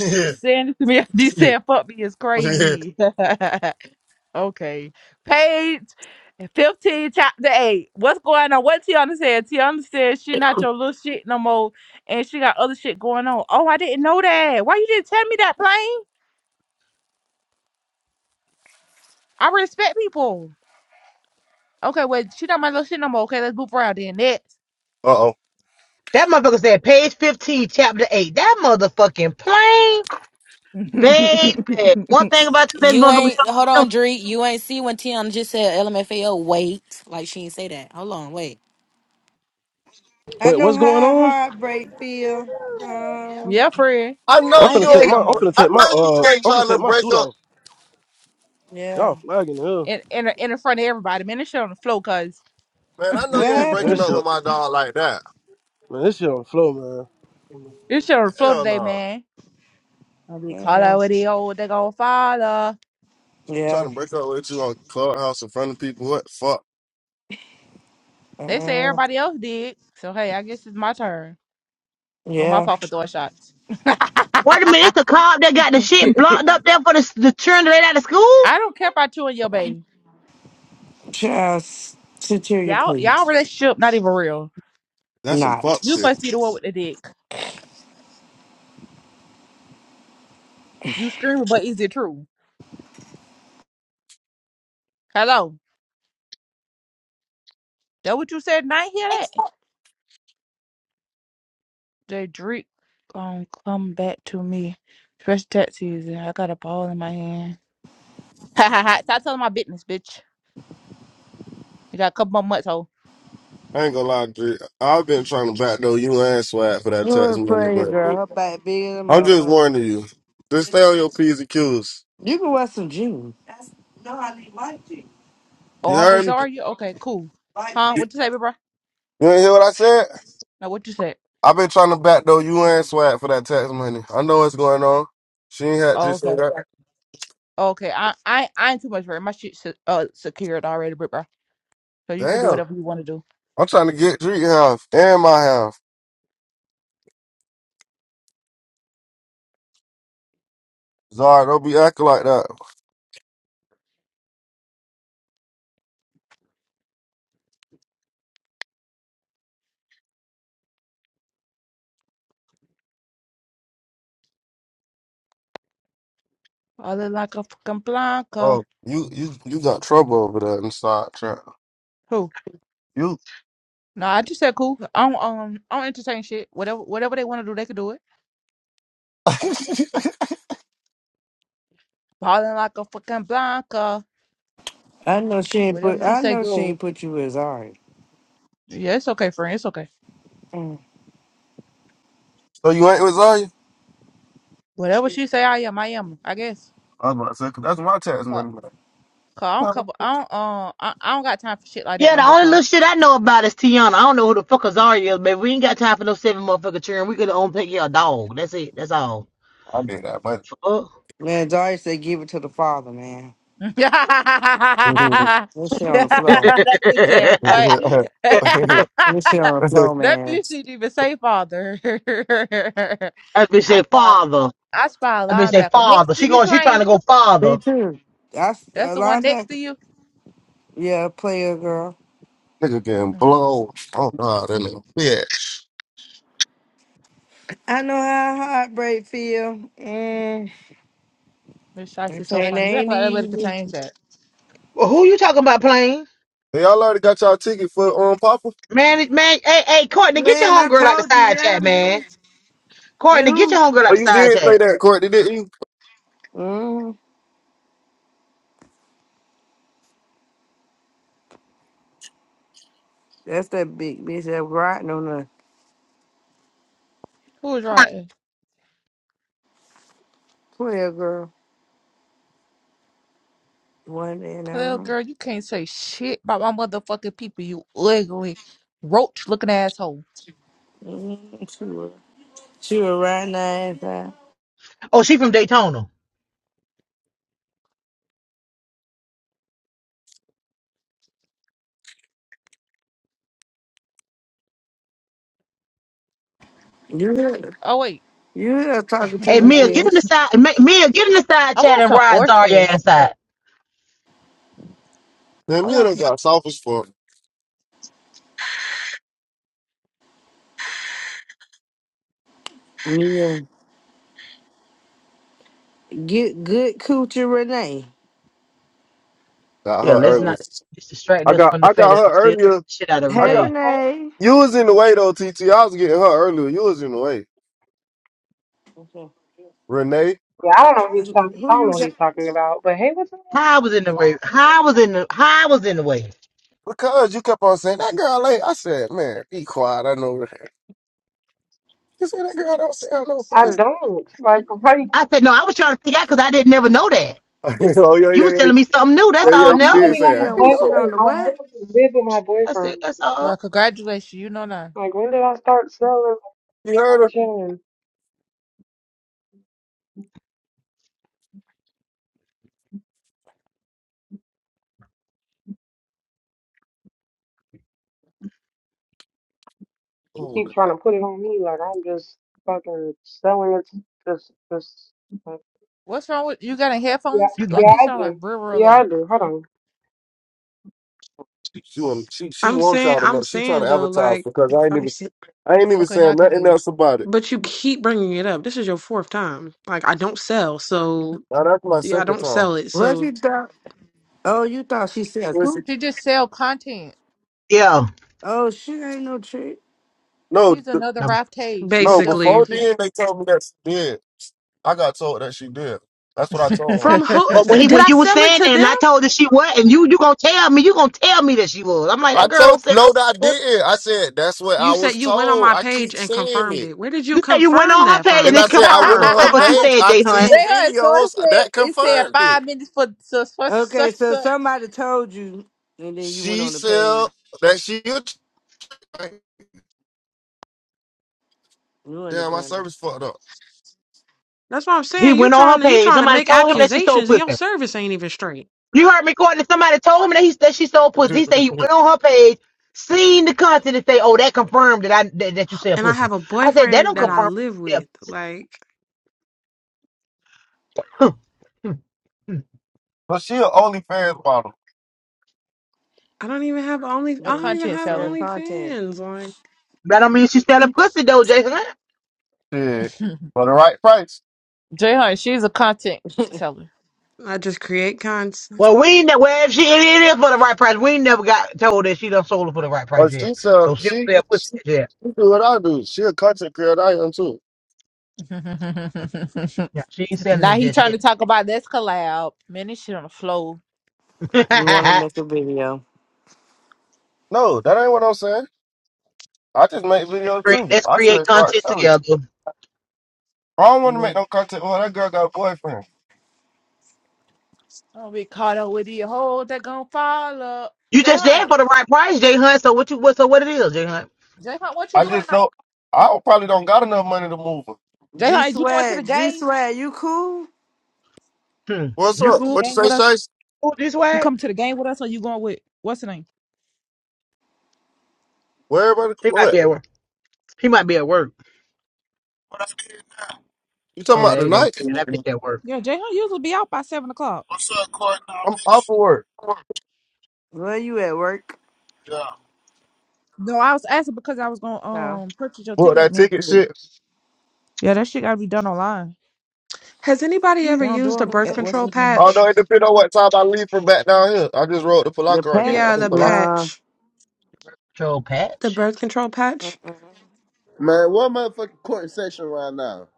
Speaker 7: record.
Speaker 17: Saying it to me after you said fuck me is
Speaker 7: uh
Speaker 17: crazy. Okay. Page 15, chapter 8. What's going on? What Tiana said. Tiana said she not your little shit no more and she got other shit going on. Oh, I didn't know that. Why you didn't tell me that, Plain? I respect people. Okay, well, she not my little shit no more. Okay, let's move around then. Next.
Speaker 7: oh.
Speaker 1: That motherfucker said page 15, chapter 8. That motherfucking plane. Baby, one thing about today's
Speaker 4: You ain't hold
Speaker 1: motherfuckers,
Speaker 4: on, Dree. You ain't see when Tiana just said LMFAO. Wait, like she ain't say that. Hold on, wait.
Speaker 6: I
Speaker 8: Wait,
Speaker 6: know
Speaker 8: what's going
Speaker 6: how
Speaker 8: on?
Speaker 6: heartbreak feel. Um
Speaker 17: yeah, friend.
Speaker 7: I
Speaker 17: I
Speaker 7: know
Speaker 8: I'm
Speaker 17: don't
Speaker 8: finna
Speaker 17: get
Speaker 7: you
Speaker 8: take
Speaker 17: them no
Speaker 8: my.
Speaker 7: ain't.
Speaker 8: I'm
Speaker 17: more.
Speaker 8: finna
Speaker 7: I
Speaker 8: take my.
Speaker 7: know you
Speaker 8: Uh,
Speaker 7: ain't
Speaker 8: I'm finna
Speaker 7: trying to
Speaker 8: take my
Speaker 7: break
Speaker 8: suit
Speaker 7: up,
Speaker 8: off.
Speaker 6: yeah.
Speaker 8: Y'all flagging the hell.
Speaker 17: In, in, in front of everybody, man. This shit on the floor, cuz.
Speaker 7: man. I know
Speaker 6: What
Speaker 7: you ain't
Speaker 8: Man,
Speaker 7: breaking
Speaker 8: this
Speaker 6: happened?
Speaker 7: up
Speaker 8: shit.
Speaker 7: with my dog like that.
Speaker 8: Man, this shit on the flow, man.
Speaker 17: This shit on the floor
Speaker 7: Hell
Speaker 17: today,
Speaker 7: no.
Speaker 17: man. I'll be call
Speaker 6: Uh,
Speaker 17: out with the old, they gonna follow.
Speaker 7: You trying
Speaker 6: yeah.
Speaker 7: to break up with you on clubhouse in front of people? What fuck?
Speaker 17: They say
Speaker 6: Uh,
Speaker 17: everybody else did. So hey, I guess it's my turn. Well, my
Speaker 6: yeah.
Speaker 17: fault for throwing shots.
Speaker 1: wait a minute,
Speaker 17: I
Speaker 1: it's a cop that got the shit blocked up there for the, the children right out of school?
Speaker 17: don't care about you and your babe.
Speaker 6: Just Cecilia,
Speaker 17: Y'all, y'all
Speaker 6: please.
Speaker 17: relationship not even real.
Speaker 7: That's some
Speaker 6: Not.
Speaker 7: fuck
Speaker 17: You
Speaker 7: shit.
Speaker 17: must be the one with the dick. You screaming, but is it true? Hello, that what you said? Not hear that. They drink um come back to me. Fresh taxis, and I got a ball in my hand. Ha ha ha! Stop telling my business, bitch. You got a couple more months, ho.
Speaker 7: I ain't gonna lie, Dre. I've been trying to backdoor you and Swag for that
Speaker 6: You were
Speaker 7: text
Speaker 6: a pretty
Speaker 7: money,
Speaker 6: girl. Her back bigger than a
Speaker 7: I'm just
Speaker 6: motherfucker.
Speaker 7: warning you. Just stay on your P's and Q's.
Speaker 6: You can wear some jeans.
Speaker 7: You
Speaker 17: Oh, I'm with
Speaker 7: heard me?
Speaker 17: Zarya. Okay, cool. Huh?
Speaker 7: You
Speaker 17: What you say, bro?
Speaker 7: you ain't hear what I said?
Speaker 17: No, what you said?
Speaker 7: I've been trying to backdoor you and Swag for that tax money. I know what's going on. She ain't had to say that.
Speaker 17: Okay, I I I ain't too much worried. My shit se- uh secured already, bro. So you can do
Speaker 7: Damn.
Speaker 17: whatever you want to do.
Speaker 7: I'm trying to get Dree half and my half. Zara, don't be acting like that.
Speaker 17: I look like a fucking blanca.
Speaker 7: Oh, you you you got trouble over there inside trap.
Speaker 17: Who?
Speaker 7: You
Speaker 17: No, I just said cool. I don't um I don't entertain shit. Whatever whatever they want to do, they can do it. Ballin' like a fucking blanca.
Speaker 6: I know she ain't put.
Speaker 17: Whatever she
Speaker 6: I
Speaker 17: say
Speaker 6: know she ain't
Speaker 17: goes.
Speaker 6: put you as Zari.
Speaker 17: Yeah, it's okay, friend. It's okay.
Speaker 6: Mm.
Speaker 7: so you ain't with Zaya?
Speaker 17: Whatever she say, I am. I am. I guess.
Speaker 7: I was about to say, 'cause that's my tax
Speaker 17: Uh,
Speaker 7: money. Man.
Speaker 17: Cause I don't cover. I don't. Uh, I, I don't got time for shit like that
Speaker 1: Yeah,
Speaker 17: no
Speaker 1: the
Speaker 17: more.
Speaker 1: only little shit I know about is Tiana. I don't know who the fuck Azaria is, baby. We ain't got time for no seven motherfucker children. We could only take care of a dog. That's it. That's all.
Speaker 7: I made that money.
Speaker 1: Fuck.
Speaker 6: Man, Zari said give it to the father, man. Let's sit on the flow.
Speaker 17: That he said,
Speaker 1: that
Speaker 17: "What? that
Speaker 6: Let's sit on the flow, man.
Speaker 17: bitch didn't even say father."
Speaker 1: bitch
Speaker 17: I
Speaker 1: say
Speaker 17: spy,
Speaker 1: father.
Speaker 17: I spy a
Speaker 1: That bitch say
Speaker 17: linebacker next
Speaker 1: father.
Speaker 17: to
Speaker 1: She
Speaker 17: you
Speaker 1: going, she trying
Speaker 17: playing.
Speaker 1: to go
Speaker 6: Me
Speaker 1: father.
Speaker 6: too. I s-
Speaker 17: That's
Speaker 6: a
Speaker 17: the one next to
Speaker 6: linebacker.
Speaker 17: you.
Speaker 6: Yeah, player girl.
Speaker 7: Nigga getting blown. Oh god, that nigga.
Speaker 6: I know how heartbreak feel. Mm.
Speaker 17: Miss Shicey's
Speaker 6: It
Speaker 17: so
Speaker 6: ain't
Speaker 17: funny. You act
Speaker 6: ain't
Speaker 17: like Athletic could
Speaker 6: easy.
Speaker 17: change that.
Speaker 1: Well, who you talking about, playing?
Speaker 7: Hey, Y'all already got y'all ticket for um Papa.
Speaker 1: Man, it- man, hey, hey, Courtney, get your
Speaker 6: Man, I
Speaker 1: homegirl out the
Speaker 6: told you,
Speaker 1: side
Speaker 6: yeah,
Speaker 1: chat, man.
Speaker 6: man.
Speaker 1: Courtney, get
Speaker 6: You
Speaker 1: your homegirl
Speaker 7: Oh,
Speaker 1: out the
Speaker 7: you
Speaker 1: side
Speaker 7: did say
Speaker 1: chat.
Speaker 7: that, Courtney, didn't you?
Speaker 6: who? Mm. That's that big bitch that riding on the
Speaker 17: Who was right?
Speaker 6: player girl. One day in that
Speaker 17: Well,
Speaker 6: room.
Speaker 17: girl, you can't say shit about my motherfucking people, you ugly, roach looking asshole.
Speaker 6: Mm, she was. She was riding that ass out.
Speaker 1: Oh, she from Daytona.
Speaker 6: You hear?
Speaker 17: Oh, wait.
Speaker 6: You here talking to
Speaker 1: Hey,
Speaker 6: you,
Speaker 17: What?
Speaker 1: Mia, get in the
Speaker 6: bitch.
Speaker 1: side. Ma- Mia, get in the side
Speaker 17: I
Speaker 1: chat
Speaker 17: want
Speaker 1: and
Speaker 17: some
Speaker 1: ride Zarya
Speaker 17: oysters.
Speaker 1: ass out.
Speaker 7: Man,
Speaker 17: I
Speaker 7: me and
Speaker 17: want
Speaker 7: her
Speaker 17: some.
Speaker 7: got soft as fuck.
Speaker 6: Yeah. Get good coochie Renee.
Speaker 7: Got
Speaker 1: Yeah,
Speaker 7: her
Speaker 1: let's
Speaker 18: Yeah,
Speaker 7: earlier.
Speaker 1: not let's distract
Speaker 7: I
Speaker 1: us
Speaker 7: got
Speaker 1: from the
Speaker 7: I
Speaker 1: fact
Speaker 7: got
Speaker 1: that
Speaker 7: her
Speaker 1: I'm still throwing
Speaker 7: earlier.
Speaker 1: the shit out every
Speaker 7: I
Speaker 6: Hey
Speaker 7: got
Speaker 1: day.
Speaker 18: I
Speaker 6: Renee.
Speaker 7: you was in the way though, TT. I was getting her earlier. You was in the way,
Speaker 6: Okay.
Speaker 7: Renee.
Speaker 18: I don't know who he's
Speaker 6: Who
Speaker 18: talking. I
Speaker 6: who
Speaker 18: don't know
Speaker 6: you
Speaker 18: what
Speaker 6: got
Speaker 18: he's talking about. But hey, what's up?
Speaker 1: How I was in the way? How I was in the? How I was in the way?
Speaker 7: Because you kept on saying that girl late. I said, man, be quiet. I know. You said that girl don't sound no
Speaker 18: I
Speaker 7: voice.
Speaker 18: don't like. Like,
Speaker 1: I said no. I was trying to figure out because I didn't never know that.
Speaker 7: oh yeah,
Speaker 1: You was
Speaker 7: yeah, yeah,
Speaker 1: telling me something new.
Speaker 7: yeah,
Speaker 1: That's
Speaker 7: yeah.
Speaker 1: all.
Speaker 7: You
Speaker 18: I'm
Speaker 1: Nell.
Speaker 7: did
Speaker 6: that
Speaker 18: literally
Speaker 7: say
Speaker 6: she
Speaker 7: it.
Speaker 18: like a
Speaker 7: I
Speaker 6: don't
Speaker 7: ain't
Speaker 6: want sit
Speaker 7: know
Speaker 6: on
Speaker 18: boyfriend.
Speaker 7: that.
Speaker 6: the
Speaker 18: I
Speaker 6: what?
Speaker 18: literally live with my
Speaker 1: that's
Speaker 18: boyfriend.
Speaker 1: it. That's
Speaker 17: Well,
Speaker 1: all.
Speaker 17: congratulations. You know now.
Speaker 18: Like, when did I start selling?
Speaker 7: You heard
Speaker 18: I'm
Speaker 7: her.
Speaker 18: chilling. You
Speaker 7: Ooh,
Speaker 18: keep trying to put it on me. Like, I'm just fucking selling it. Just, just. Like,
Speaker 17: What's wrong with you? Got in
Speaker 18: yeah,
Speaker 17: headphones?
Speaker 1: You got
Speaker 17: Like,
Speaker 18: yeah,
Speaker 1: it.
Speaker 17: you
Speaker 18: I
Speaker 17: sound like
Speaker 18: do.
Speaker 17: real, real
Speaker 18: Yeah, I
Speaker 17: low.
Speaker 18: do. Hold on.
Speaker 7: she want she she
Speaker 18: I'm
Speaker 7: wants
Speaker 18: saying,
Speaker 7: y'all to
Speaker 18: I'm
Speaker 7: know. She trying
Speaker 18: saying
Speaker 7: to
Speaker 18: though,
Speaker 7: advertise
Speaker 18: like,
Speaker 7: because I ain't
Speaker 18: I'm
Speaker 7: even
Speaker 18: saying,
Speaker 7: I ain't even
Speaker 17: Okay, now I
Speaker 7: saying
Speaker 17: can hear
Speaker 7: nothing
Speaker 17: you.
Speaker 7: else about it.
Speaker 18: but you keep bringing it up. This is your fourth time. Like, I don't sell, so
Speaker 7: Now that's my
Speaker 18: yeah, I
Speaker 7: second
Speaker 18: don't
Speaker 7: time.
Speaker 18: sell it.
Speaker 6: What
Speaker 18: So.
Speaker 6: she thought? Oh, you thought she said
Speaker 7: Pussy.
Speaker 6: coochie?
Speaker 17: She just sell content.
Speaker 1: Yeah.
Speaker 6: Oh she ain't no trick.
Speaker 7: No,
Speaker 17: She's
Speaker 7: th-
Speaker 17: another
Speaker 1: No, I was-
Speaker 17: Ralph Tay. She just
Speaker 7: no.
Speaker 17: sell
Speaker 18: Basically,
Speaker 7: Before
Speaker 17: content.
Speaker 7: then, they told me that she did. I got told that she did. That's what I
Speaker 17: JR,
Speaker 7: told her.
Speaker 18: from who
Speaker 1: But when
Speaker 18: th-
Speaker 1: he
Speaker 18: did
Speaker 1: when
Speaker 18: I
Speaker 1: you was
Speaker 18: sell it
Speaker 1: saying
Speaker 18: to
Speaker 1: that and
Speaker 18: them?
Speaker 1: I told her she was and you you gonna tell me you gonna tell me that she was. I'm like
Speaker 7: I
Speaker 1: that girl don't
Speaker 7: told
Speaker 1: say
Speaker 7: no
Speaker 1: no.
Speaker 7: that I didn't. I said that's what I
Speaker 18: You said
Speaker 7: was
Speaker 18: you went on
Speaker 7: told.
Speaker 18: my
Speaker 7: I keep
Speaker 18: page and
Speaker 7: saying
Speaker 18: confirmed
Speaker 7: it,
Speaker 18: it. Where did you
Speaker 1: You say you went
Speaker 18: confirm
Speaker 1: on her
Speaker 18: that
Speaker 1: page and
Speaker 7: and
Speaker 18: from?
Speaker 7: I
Speaker 1: it's
Speaker 7: said I went
Speaker 1: confirmed.
Speaker 7: on her
Speaker 1: That's what you
Speaker 7: page.
Speaker 1: said,
Speaker 7: I
Speaker 1: Jay Hunt.
Speaker 7: seen
Speaker 17: so it
Speaker 7: videos
Speaker 17: said,
Speaker 7: that
Speaker 17: it said
Speaker 7: confirmed it.
Speaker 17: five minutes for, so, for
Speaker 6: Okay,
Speaker 17: such and
Speaker 6: so
Speaker 17: such.
Speaker 6: somebody told you and then you went
Speaker 7: She
Speaker 6: on the
Speaker 7: said
Speaker 6: page.
Speaker 7: that she. a
Speaker 6: You in the
Speaker 7: Damn, my
Speaker 6: blender.
Speaker 7: service fucked up.
Speaker 18: That's what I'm
Speaker 1: He
Speaker 18: saying. You
Speaker 1: went on
Speaker 18: trying
Speaker 1: her
Speaker 18: to you
Speaker 1: page.
Speaker 18: trying to
Speaker 1: Somebody
Speaker 18: make
Speaker 1: told him
Speaker 7: I
Speaker 1: that
Speaker 7: said-
Speaker 1: she sold
Speaker 18: accusations and your
Speaker 1: pussy.
Speaker 18: service ain't even straight.
Speaker 1: You heard me Courtney. Somebody told him that he that she sold pussy. He said he went on her page, seen the content, and say, "Oh, that confirmed that I that, that you sell
Speaker 18: And I
Speaker 1: pussy."
Speaker 18: have a
Speaker 1: I said that
Speaker 18: boyfriend
Speaker 1: don't
Speaker 18: that
Speaker 6: Mm.
Speaker 18: I
Speaker 1: confirm.
Speaker 18: live
Speaker 1: That you sell
Speaker 18: with.
Speaker 1: pussy."
Speaker 18: Like
Speaker 7: but she an OnlyFans model.
Speaker 18: I don't even have only
Speaker 17: A
Speaker 18: I
Speaker 6: Yeah,
Speaker 18: don't even
Speaker 6: she
Speaker 17: content
Speaker 18: have
Speaker 6: said
Speaker 17: seller.
Speaker 6: content.
Speaker 18: OnlyFans. Like
Speaker 1: That don't mean she selling pussy though, Jay Hunt.
Speaker 7: Shit, for the right price.
Speaker 17: Jay Hunt, she's a content seller.
Speaker 18: I just create cons.
Speaker 1: Well, we ain't ne- well if she it is for the right price. We ain't never got told that she done sold it for the right price
Speaker 7: But she
Speaker 1: yet.
Speaker 7: said
Speaker 1: So she don't
Speaker 7: she.
Speaker 1: sell pussy yet.
Speaker 7: You do what I do. She a content creator. I am too.
Speaker 1: Yeah, she ain't selling
Speaker 17: now
Speaker 1: it
Speaker 17: he
Speaker 1: just
Speaker 17: trying to
Speaker 1: yet.
Speaker 17: talk about this collab. Man, this shit on the flow.
Speaker 6: You wanna make a video.
Speaker 7: No, that ain't what I'm saying. I just make
Speaker 1: Let's
Speaker 7: videos
Speaker 1: create
Speaker 7: too.
Speaker 1: let's
Speaker 7: I
Speaker 1: create
Speaker 7: said, "Fuck,
Speaker 1: content
Speaker 7: no."
Speaker 1: together.
Speaker 7: I don't want to make
Speaker 6: Mhm.
Speaker 7: no content. Well, that girl got a boyfriend.
Speaker 17: Don't be caught up with these hoes that gonna fall up.
Speaker 1: You
Speaker 17: Jay
Speaker 1: just there
Speaker 17: Hunt,
Speaker 1: for the right price, Jay Hunt. So what you what so what it is, Jay Hunt?
Speaker 17: Jay Hunt, what you
Speaker 7: I
Speaker 17: doing
Speaker 7: just
Speaker 17: tonight?
Speaker 7: know I don't- probably don't got enough money to move her.
Speaker 17: Jay
Speaker 6: G
Speaker 17: Hunt, is you going to the
Speaker 6: Swag, G
Speaker 17: game?
Speaker 6: Swag, you cool?
Speaker 1: Hmm.
Speaker 17: You
Speaker 7: What's
Speaker 1: You
Speaker 17: coming
Speaker 7: up?
Speaker 17: to the
Speaker 1: cool
Speaker 7: What you
Speaker 17: game
Speaker 7: say,
Speaker 17: with us?
Speaker 7: Chase?
Speaker 1: with this
Speaker 17: You
Speaker 1: way?
Speaker 17: coming to the game with us, or you going with what's the name?
Speaker 7: Where everybody?
Speaker 1: He might
Speaker 7: What
Speaker 1: be at work. He might be at work.
Speaker 7: you talking
Speaker 1: Oh,
Speaker 7: about
Speaker 1: there you go.
Speaker 7: tonight?
Speaker 1: Did I bitch that work?
Speaker 17: Yeah, Jay Hunt usually be out by seven o'clock.
Speaker 7: I'm off of work.
Speaker 6: Where you at work?
Speaker 17: No, I was asking because I was gonna um purchase your
Speaker 7: What
Speaker 17: ticket with
Speaker 7: that
Speaker 17: me.
Speaker 7: ticket shit.
Speaker 17: Yeah, that shit gotta be done online.
Speaker 18: Has anybody
Speaker 17: They
Speaker 18: ever
Speaker 17: don't do
Speaker 18: used
Speaker 17: not do
Speaker 18: a
Speaker 17: them
Speaker 18: birth
Speaker 17: at
Speaker 6: The
Speaker 17: what's
Speaker 18: control
Speaker 17: the name? no more.
Speaker 7: Although
Speaker 18: patch?
Speaker 7: it depends on what time I leave from back down here. I just rode to Palaka right here.
Speaker 18: Yeah,
Speaker 7: I'm
Speaker 6: patch,
Speaker 7: in
Speaker 18: the
Speaker 7: Palaka.
Speaker 6: nah.
Speaker 18: patch,
Speaker 1: Troll
Speaker 18: the
Speaker 1: Patch.
Speaker 18: birth control patch.
Speaker 6: Mm-mm.
Speaker 19: Man, what motherfucking court in session right now?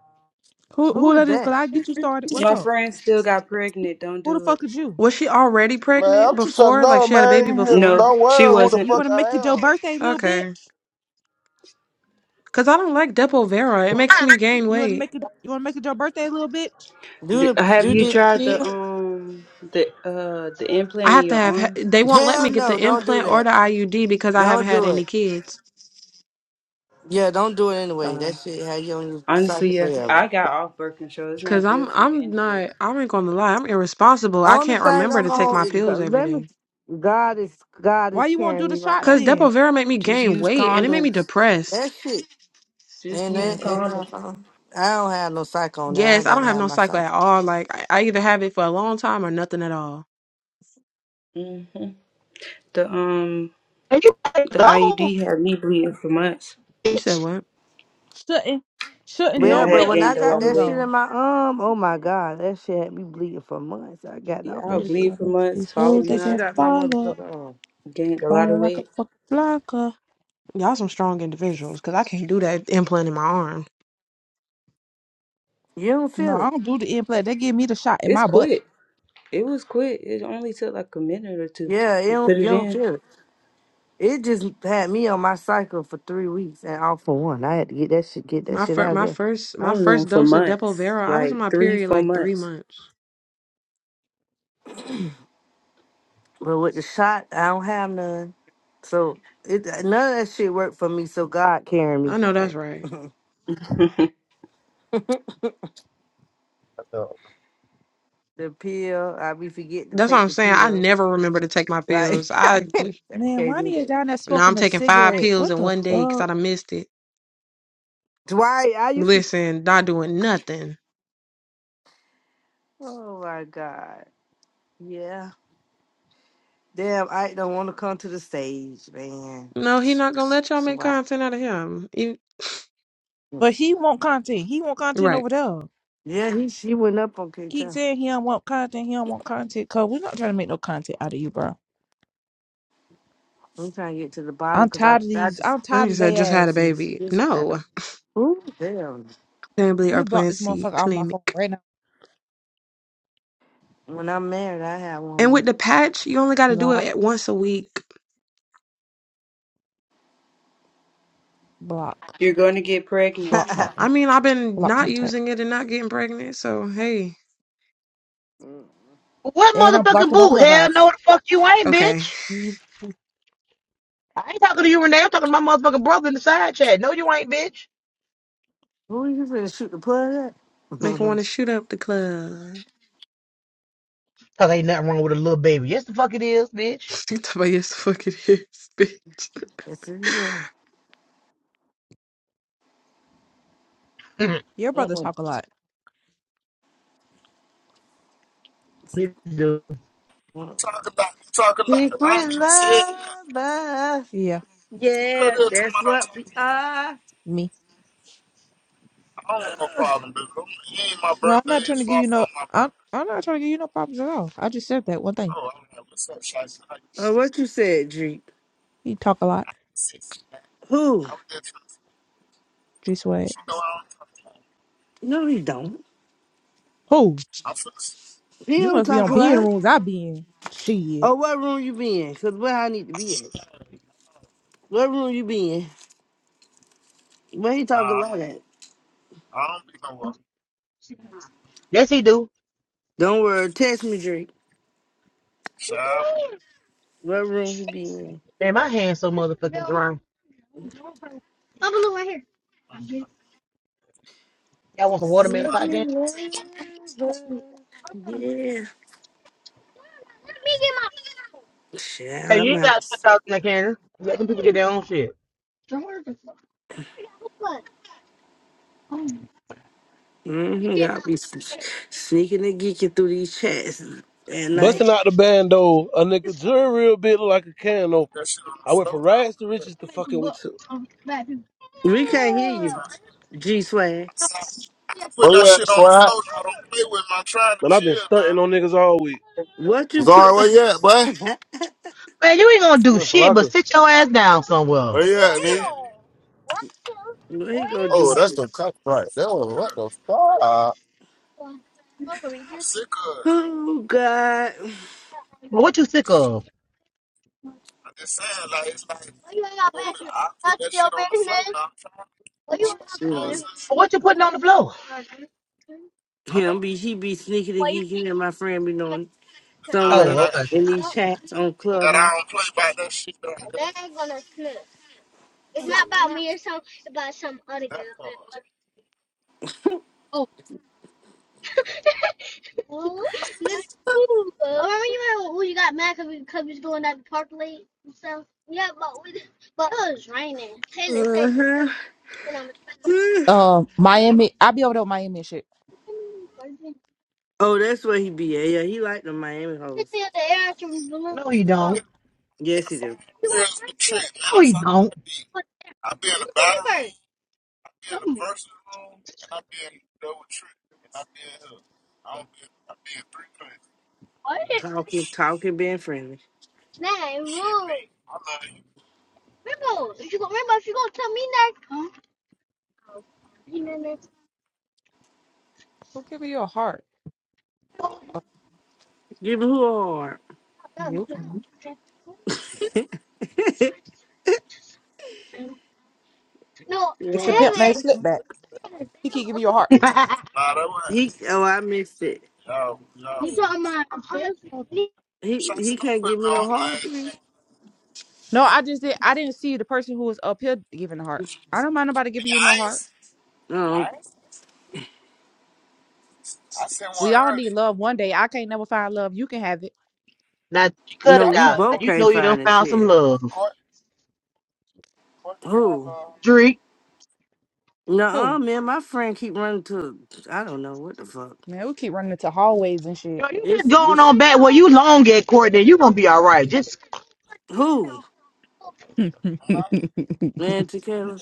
Speaker 17: Who
Speaker 6: Who
Speaker 17: who
Speaker 6: is
Speaker 17: that is?
Speaker 6: that?
Speaker 17: Cause I get you started. What's
Speaker 20: My
Speaker 17: up?
Speaker 20: friend still got pregnant. Don't
Speaker 17: Who the
Speaker 20: do it.
Speaker 17: fuck is you?
Speaker 18: Was she already
Speaker 19: Man,
Speaker 18: pregnant
Speaker 19: I'm just trying to
Speaker 18: before? Like
Speaker 19: know,
Speaker 18: she had a baby
Speaker 19: man. You
Speaker 18: before?
Speaker 20: No,
Speaker 19: Don't
Speaker 20: she
Speaker 19: worry who the
Speaker 20: wasn't.
Speaker 17: You
Speaker 19: fuck
Speaker 17: wanna
Speaker 19: I
Speaker 17: make it your
Speaker 19: am.
Speaker 17: birthday, little
Speaker 18: Okay.
Speaker 17: bitch?
Speaker 18: Cause I don't like Depo-Vera. It
Speaker 19: Fuck,
Speaker 18: makes
Speaker 19: uh,
Speaker 18: me gain
Speaker 17: You wanna
Speaker 18: weight.
Speaker 17: make it? You wanna make it your birthday, little bitch?
Speaker 20: D-
Speaker 6: Do the
Speaker 20: Have
Speaker 6: do
Speaker 20: you
Speaker 6: the
Speaker 20: tried the
Speaker 6: peel?
Speaker 20: um the uh the
Speaker 18: I
Speaker 20: implant in
Speaker 18: have to
Speaker 20: your
Speaker 18: have. ha-
Speaker 20: arm?
Speaker 18: They won't let me
Speaker 6: Hell
Speaker 18: get
Speaker 6: no!
Speaker 18: the
Speaker 6: Don't do
Speaker 18: implant or
Speaker 6: that.
Speaker 18: the IUD because I haven't
Speaker 6: Don't
Speaker 18: had
Speaker 6: do it.
Speaker 18: any kids.
Speaker 6: Yeah, don't do it anyway. That
Speaker 20: Uh,
Speaker 6: shit had you on your psyche
Speaker 20: honestly, yeah,
Speaker 6: forever.
Speaker 20: I got off birth control. It's
Speaker 18: Cause
Speaker 20: not
Speaker 18: I'm
Speaker 20: good for you
Speaker 18: I'm
Speaker 20: anyway.
Speaker 18: not. I ain't gonna lie. I'm irresponsible. I
Speaker 6: Only
Speaker 18: can't
Speaker 6: thing
Speaker 18: remember
Speaker 6: I'm
Speaker 18: to take
Speaker 6: on
Speaker 18: my
Speaker 6: is
Speaker 18: pills
Speaker 6: God.
Speaker 18: every
Speaker 6: Let me.
Speaker 18: day.
Speaker 6: God is God
Speaker 17: Why
Speaker 6: is
Speaker 17: you wanna do
Speaker 6: carrying
Speaker 17: the
Speaker 6: me right
Speaker 17: shots
Speaker 18: Cause
Speaker 6: now.
Speaker 17: then?
Speaker 18: Depo-Vera made me
Speaker 20: Just
Speaker 18: gain
Speaker 20: use
Speaker 18: weight and it made me
Speaker 20: condoms.
Speaker 6: That
Speaker 18: depressed.
Speaker 6: shit
Speaker 20: Just
Speaker 6: and
Speaker 20: use
Speaker 17: Oh,
Speaker 6: that
Speaker 17: okay.
Speaker 6: and uh,
Speaker 20: condoms.
Speaker 6: uh, I don't have no psycho on there. I
Speaker 18: Yes, I
Speaker 6: got
Speaker 18: don't
Speaker 6: to
Speaker 18: have
Speaker 6: have
Speaker 18: no
Speaker 6: my
Speaker 18: cycle at
Speaker 6: psycho.
Speaker 18: all. Like I, I either have it for a long time or nothing at all.
Speaker 20: hmm The um
Speaker 1: And you better
Speaker 20: the
Speaker 1: go,
Speaker 20: IUD had me bleeding for months,
Speaker 18: You said
Speaker 1: bitch.
Speaker 18: what?
Speaker 17: Shouldn't shouldn't
Speaker 20: and
Speaker 17: no
Speaker 6: Well,
Speaker 20: I
Speaker 6: but
Speaker 20: had
Speaker 6: when I
Speaker 20: gained
Speaker 17: Mexican?
Speaker 20: a
Speaker 6: got
Speaker 17: Oh,
Speaker 20: lot
Speaker 17: he
Speaker 20: of
Speaker 6: that shit
Speaker 20: weight.
Speaker 17: gone.
Speaker 6: in my arm, oh my god, that shit had me bleeding for months. I got
Speaker 20: Yeah,
Speaker 6: off
Speaker 20: I
Speaker 17: And
Speaker 20: was
Speaker 6: that
Speaker 17: be
Speaker 6: shit.
Speaker 20: bleeding for
Speaker 17: covering
Speaker 20: months,
Speaker 17: these hoes
Speaker 6: Get
Speaker 20: falling
Speaker 17: that
Speaker 6: this
Speaker 20: out,
Speaker 6: shit
Speaker 17: get
Speaker 6: out my
Speaker 17: follow,
Speaker 6: motherfucking
Speaker 17: up.
Speaker 6: arm.
Speaker 20: gained a lot
Speaker 17: falling
Speaker 20: of
Speaker 17: like a
Speaker 20: weight.
Speaker 17: fucking blocker.
Speaker 18: Y'all some strong individuals. Cause I can't do that implant in my arm.
Speaker 6: You don't
Speaker 17: No,
Speaker 6: feel
Speaker 17: I
Speaker 6: it.
Speaker 17: don't do the end play. They give me the shot in
Speaker 20: It's
Speaker 17: my butt.
Speaker 20: quick. It was quick. It only took like a minute or two.
Speaker 6: Yeah, you
Speaker 20: You Put
Speaker 6: don't, you
Speaker 20: it
Speaker 6: don't
Speaker 20: in.
Speaker 6: feel it. It just had me on my cycle for three weeks and all for one. I had to get that shit get that
Speaker 18: My
Speaker 6: shit
Speaker 18: first
Speaker 6: out of
Speaker 18: my
Speaker 6: there.
Speaker 18: first
Speaker 20: I
Speaker 18: my
Speaker 20: was on
Speaker 18: first
Speaker 20: for
Speaker 18: dose of
Speaker 20: months,
Speaker 18: Depo-Vera. I was in
Speaker 20: like
Speaker 18: my
Speaker 20: three,
Speaker 18: period
Speaker 20: four
Speaker 18: like three
Speaker 20: months.
Speaker 18: months.
Speaker 6: But with the shot, I don't have none. So it none of that shit worked for me. So God carrying me.
Speaker 18: I know
Speaker 6: Okay.
Speaker 18: that's right.
Speaker 7: right now.
Speaker 6: the pill, I be forget to
Speaker 18: That's what
Speaker 6: take
Speaker 18: I'm
Speaker 6: the
Speaker 18: saying. I
Speaker 6: pill.
Speaker 18: never remember to take my
Speaker 6: Like
Speaker 18: pills.
Speaker 6: I
Speaker 18: I
Speaker 17: Man,
Speaker 6: can't do
Speaker 17: Ronnie is
Speaker 6: that.
Speaker 17: down there
Speaker 18: now I'm
Speaker 17: smoking a
Speaker 18: taking five
Speaker 17: cigarette.
Speaker 18: pills
Speaker 17: What
Speaker 18: in
Speaker 17: the
Speaker 18: one day because I
Speaker 17: fuck?
Speaker 18: done missed it.
Speaker 6: Dwight, I used to.
Speaker 18: Listen, not doing nothing.
Speaker 6: Oh my God. Yeah. Damn, I don't want to come to the stage, man.
Speaker 18: No, he not gonna let y'all
Speaker 6: So
Speaker 18: make
Speaker 6: why?
Speaker 18: content out of him. You-
Speaker 17: But he want content. He want content
Speaker 18: right.
Speaker 17: over there.
Speaker 6: Yeah, he she went up on
Speaker 17: keep
Speaker 6: KJ.
Speaker 17: saying he don't want content, he don't want content, cause we're not trying to make no content out of you, bro.
Speaker 6: I'm trying to get to the bottom
Speaker 17: I'm
Speaker 6: because I
Speaker 17: tired of
Speaker 6: I
Speaker 17: these.
Speaker 6: just
Speaker 17: I'm
Speaker 18: Like
Speaker 17: tired
Speaker 18: you
Speaker 17: of
Speaker 18: said, just
Speaker 17: their
Speaker 18: had a
Speaker 17: asses.
Speaker 18: baby.
Speaker 6: just had to.
Speaker 18: No,
Speaker 6: Ooh, damn.
Speaker 18: family
Speaker 17: Let
Speaker 18: or
Speaker 17: me block
Speaker 18: Plan
Speaker 17: this
Speaker 18: C
Speaker 17: motherfucker off my phone
Speaker 18: clinic.
Speaker 17: right now.
Speaker 6: When I'm married, I have one
Speaker 18: And
Speaker 6: more.
Speaker 18: with the patch, you only got to do it
Speaker 17: Block,
Speaker 18: at once a week.
Speaker 17: block,
Speaker 20: You're going to get pregnant.
Speaker 17: block
Speaker 18: I
Speaker 17: contact,
Speaker 18: mean, I've been
Speaker 17: block
Speaker 18: not
Speaker 17: contact.
Speaker 18: using it and not getting pregnant, so hey,
Speaker 17: And
Speaker 1: What
Speaker 17: I'm
Speaker 1: motherfucking
Speaker 17: blocking no
Speaker 1: boo? Hell
Speaker 17: clubhouse.
Speaker 1: no the fuck you ain't,
Speaker 18: okay,
Speaker 1: bitch. I ain't talking to you, Renee. I'm talking to my motherfucking brother in the side chat. No, you ain't, bitch.
Speaker 6: Who you finna shoot the plug at?
Speaker 18: make her want to shoot up the club.
Speaker 1: Cause ain't nothing wrong with a little baby. Yes, the fuck it is, bitch.
Speaker 18: Talk about yes, fuck it is, bitch.
Speaker 6: it's in
Speaker 18: you
Speaker 6: here.
Speaker 17: Your brother
Speaker 6: Mm-mm.
Speaker 17: talk a lot.
Speaker 1: he do.
Speaker 6: Mm-mm. Secret lover.
Speaker 17: Yeah,
Speaker 6: Yeah, that's what we are.
Speaker 17: me. No, I'm not trying to give you no. I'm I'm not trying to give you no problems at all. I just said that one thing.
Speaker 6: Oh, what you said, Drake?
Speaker 17: He talk a lot.
Speaker 6: Who?
Speaker 17: Just wait.
Speaker 6: No, he don't.
Speaker 17: Who?
Speaker 6: He
Speaker 17: You
Speaker 6: don't
Speaker 17: must be
Speaker 6: talk
Speaker 17: on
Speaker 6: a
Speaker 17: being
Speaker 6: lot.
Speaker 17: rooms I be in. Shit.
Speaker 6: Oh, what room you be in? Cause where I need to be at. What room you be in? Where he talk a lot at?
Speaker 1: Yes, he do.
Speaker 6: Don't worry. Text me, Drake. What room he be in?
Speaker 1: Man, my hand's so motherfucking dry. Y'all want some watermelon pie
Speaker 6: Secret
Speaker 1: game?
Speaker 6: lover. Yeah. Shit,
Speaker 1: Hey, you
Speaker 6: I'm
Speaker 1: ain't
Speaker 6: out.
Speaker 1: got to talk in the cannon. Let them people get their own shit.
Speaker 6: Mm-hmm. Y'all be s- sneaking and geeking through these chats at
Speaker 8: Busting
Speaker 6: night.
Speaker 8: out the band a nigga drew real bit look like a can opener. I went from rags to riches to fucking with two.
Speaker 6: We can't hear you, G Swag.
Speaker 7: Where you at, Swag?
Speaker 8: Man, I've been stunting on niggas all week.
Speaker 6: What you
Speaker 7: Zara,
Speaker 6: put?
Speaker 7: where you at, boy?
Speaker 1: Man, you ain't gonna
Speaker 8: I'm
Speaker 1: do
Speaker 8: in
Speaker 1: shit but
Speaker 8: Palaka.
Speaker 1: sit your ass down somewhere.
Speaker 7: Where you at, nigga?
Speaker 6: what he gonna
Speaker 7: Oh,
Speaker 6: do?
Speaker 7: that's some cut right was What the fuck? Uh,
Speaker 6: Oh God.
Speaker 1: Well, what you sick of?
Speaker 6: Shoot.
Speaker 1: Well, What you putting on the floor?
Speaker 6: Him be he be sneaking and geeking, and my friend be knowing somewhere
Speaker 1: Oh, okay.
Speaker 6: in these chats on Clubhouse. Uh-huh.
Speaker 17: Um, Miami. I be over there with Miami and shit.
Speaker 6: Oh, that's where he be at. Yeah, he like the Miami hoes.
Speaker 1: No, you don't.
Speaker 6: Yes, he do.
Speaker 1: No, you don't.
Speaker 6: Talking, talking, being friendly.
Speaker 17: Who giving you a heart?
Speaker 6: Give me who a hard.
Speaker 17: You. It's a
Speaker 6: yeah.
Speaker 17: pimp named Slipback. He keep giving you a heart.
Speaker 1: now
Speaker 6: He. Oh, I missed it. He he can't give me no hard friend.
Speaker 17: No, I just did. I didn't see the person who was up here giving the heart. I don't mind nobody giving you no heart.
Speaker 6: No,
Speaker 17: We all need love one day. I can't never find love. You can have it.
Speaker 1: you cut
Speaker 6: no,
Speaker 1: it
Speaker 6: we
Speaker 1: out. Now
Speaker 6: both
Speaker 1: you
Speaker 6: can't
Speaker 1: know you done
Speaker 6: find his
Speaker 1: found some
Speaker 6: head.
Speaker 1: love.
Speaker 6: Who?
Speaker 1: Drink.
Speaker 6: Nuh-uh,
Speaker 17: Who?
Speaker 6: man. My friend keep running to. I don't know what the fuck.
Speaker 17: Man, we keep running into hallways and shit.
Speaker 1: Yo, you just
Speaker 6: It's
Speaker 1: going
Speaker 6: it's
Speaker 1: on back where you long at, Courtney. You gonna be all right. Just
Speaker 6: who
Speaker 17: Got
Speaker 6: man, Tequila.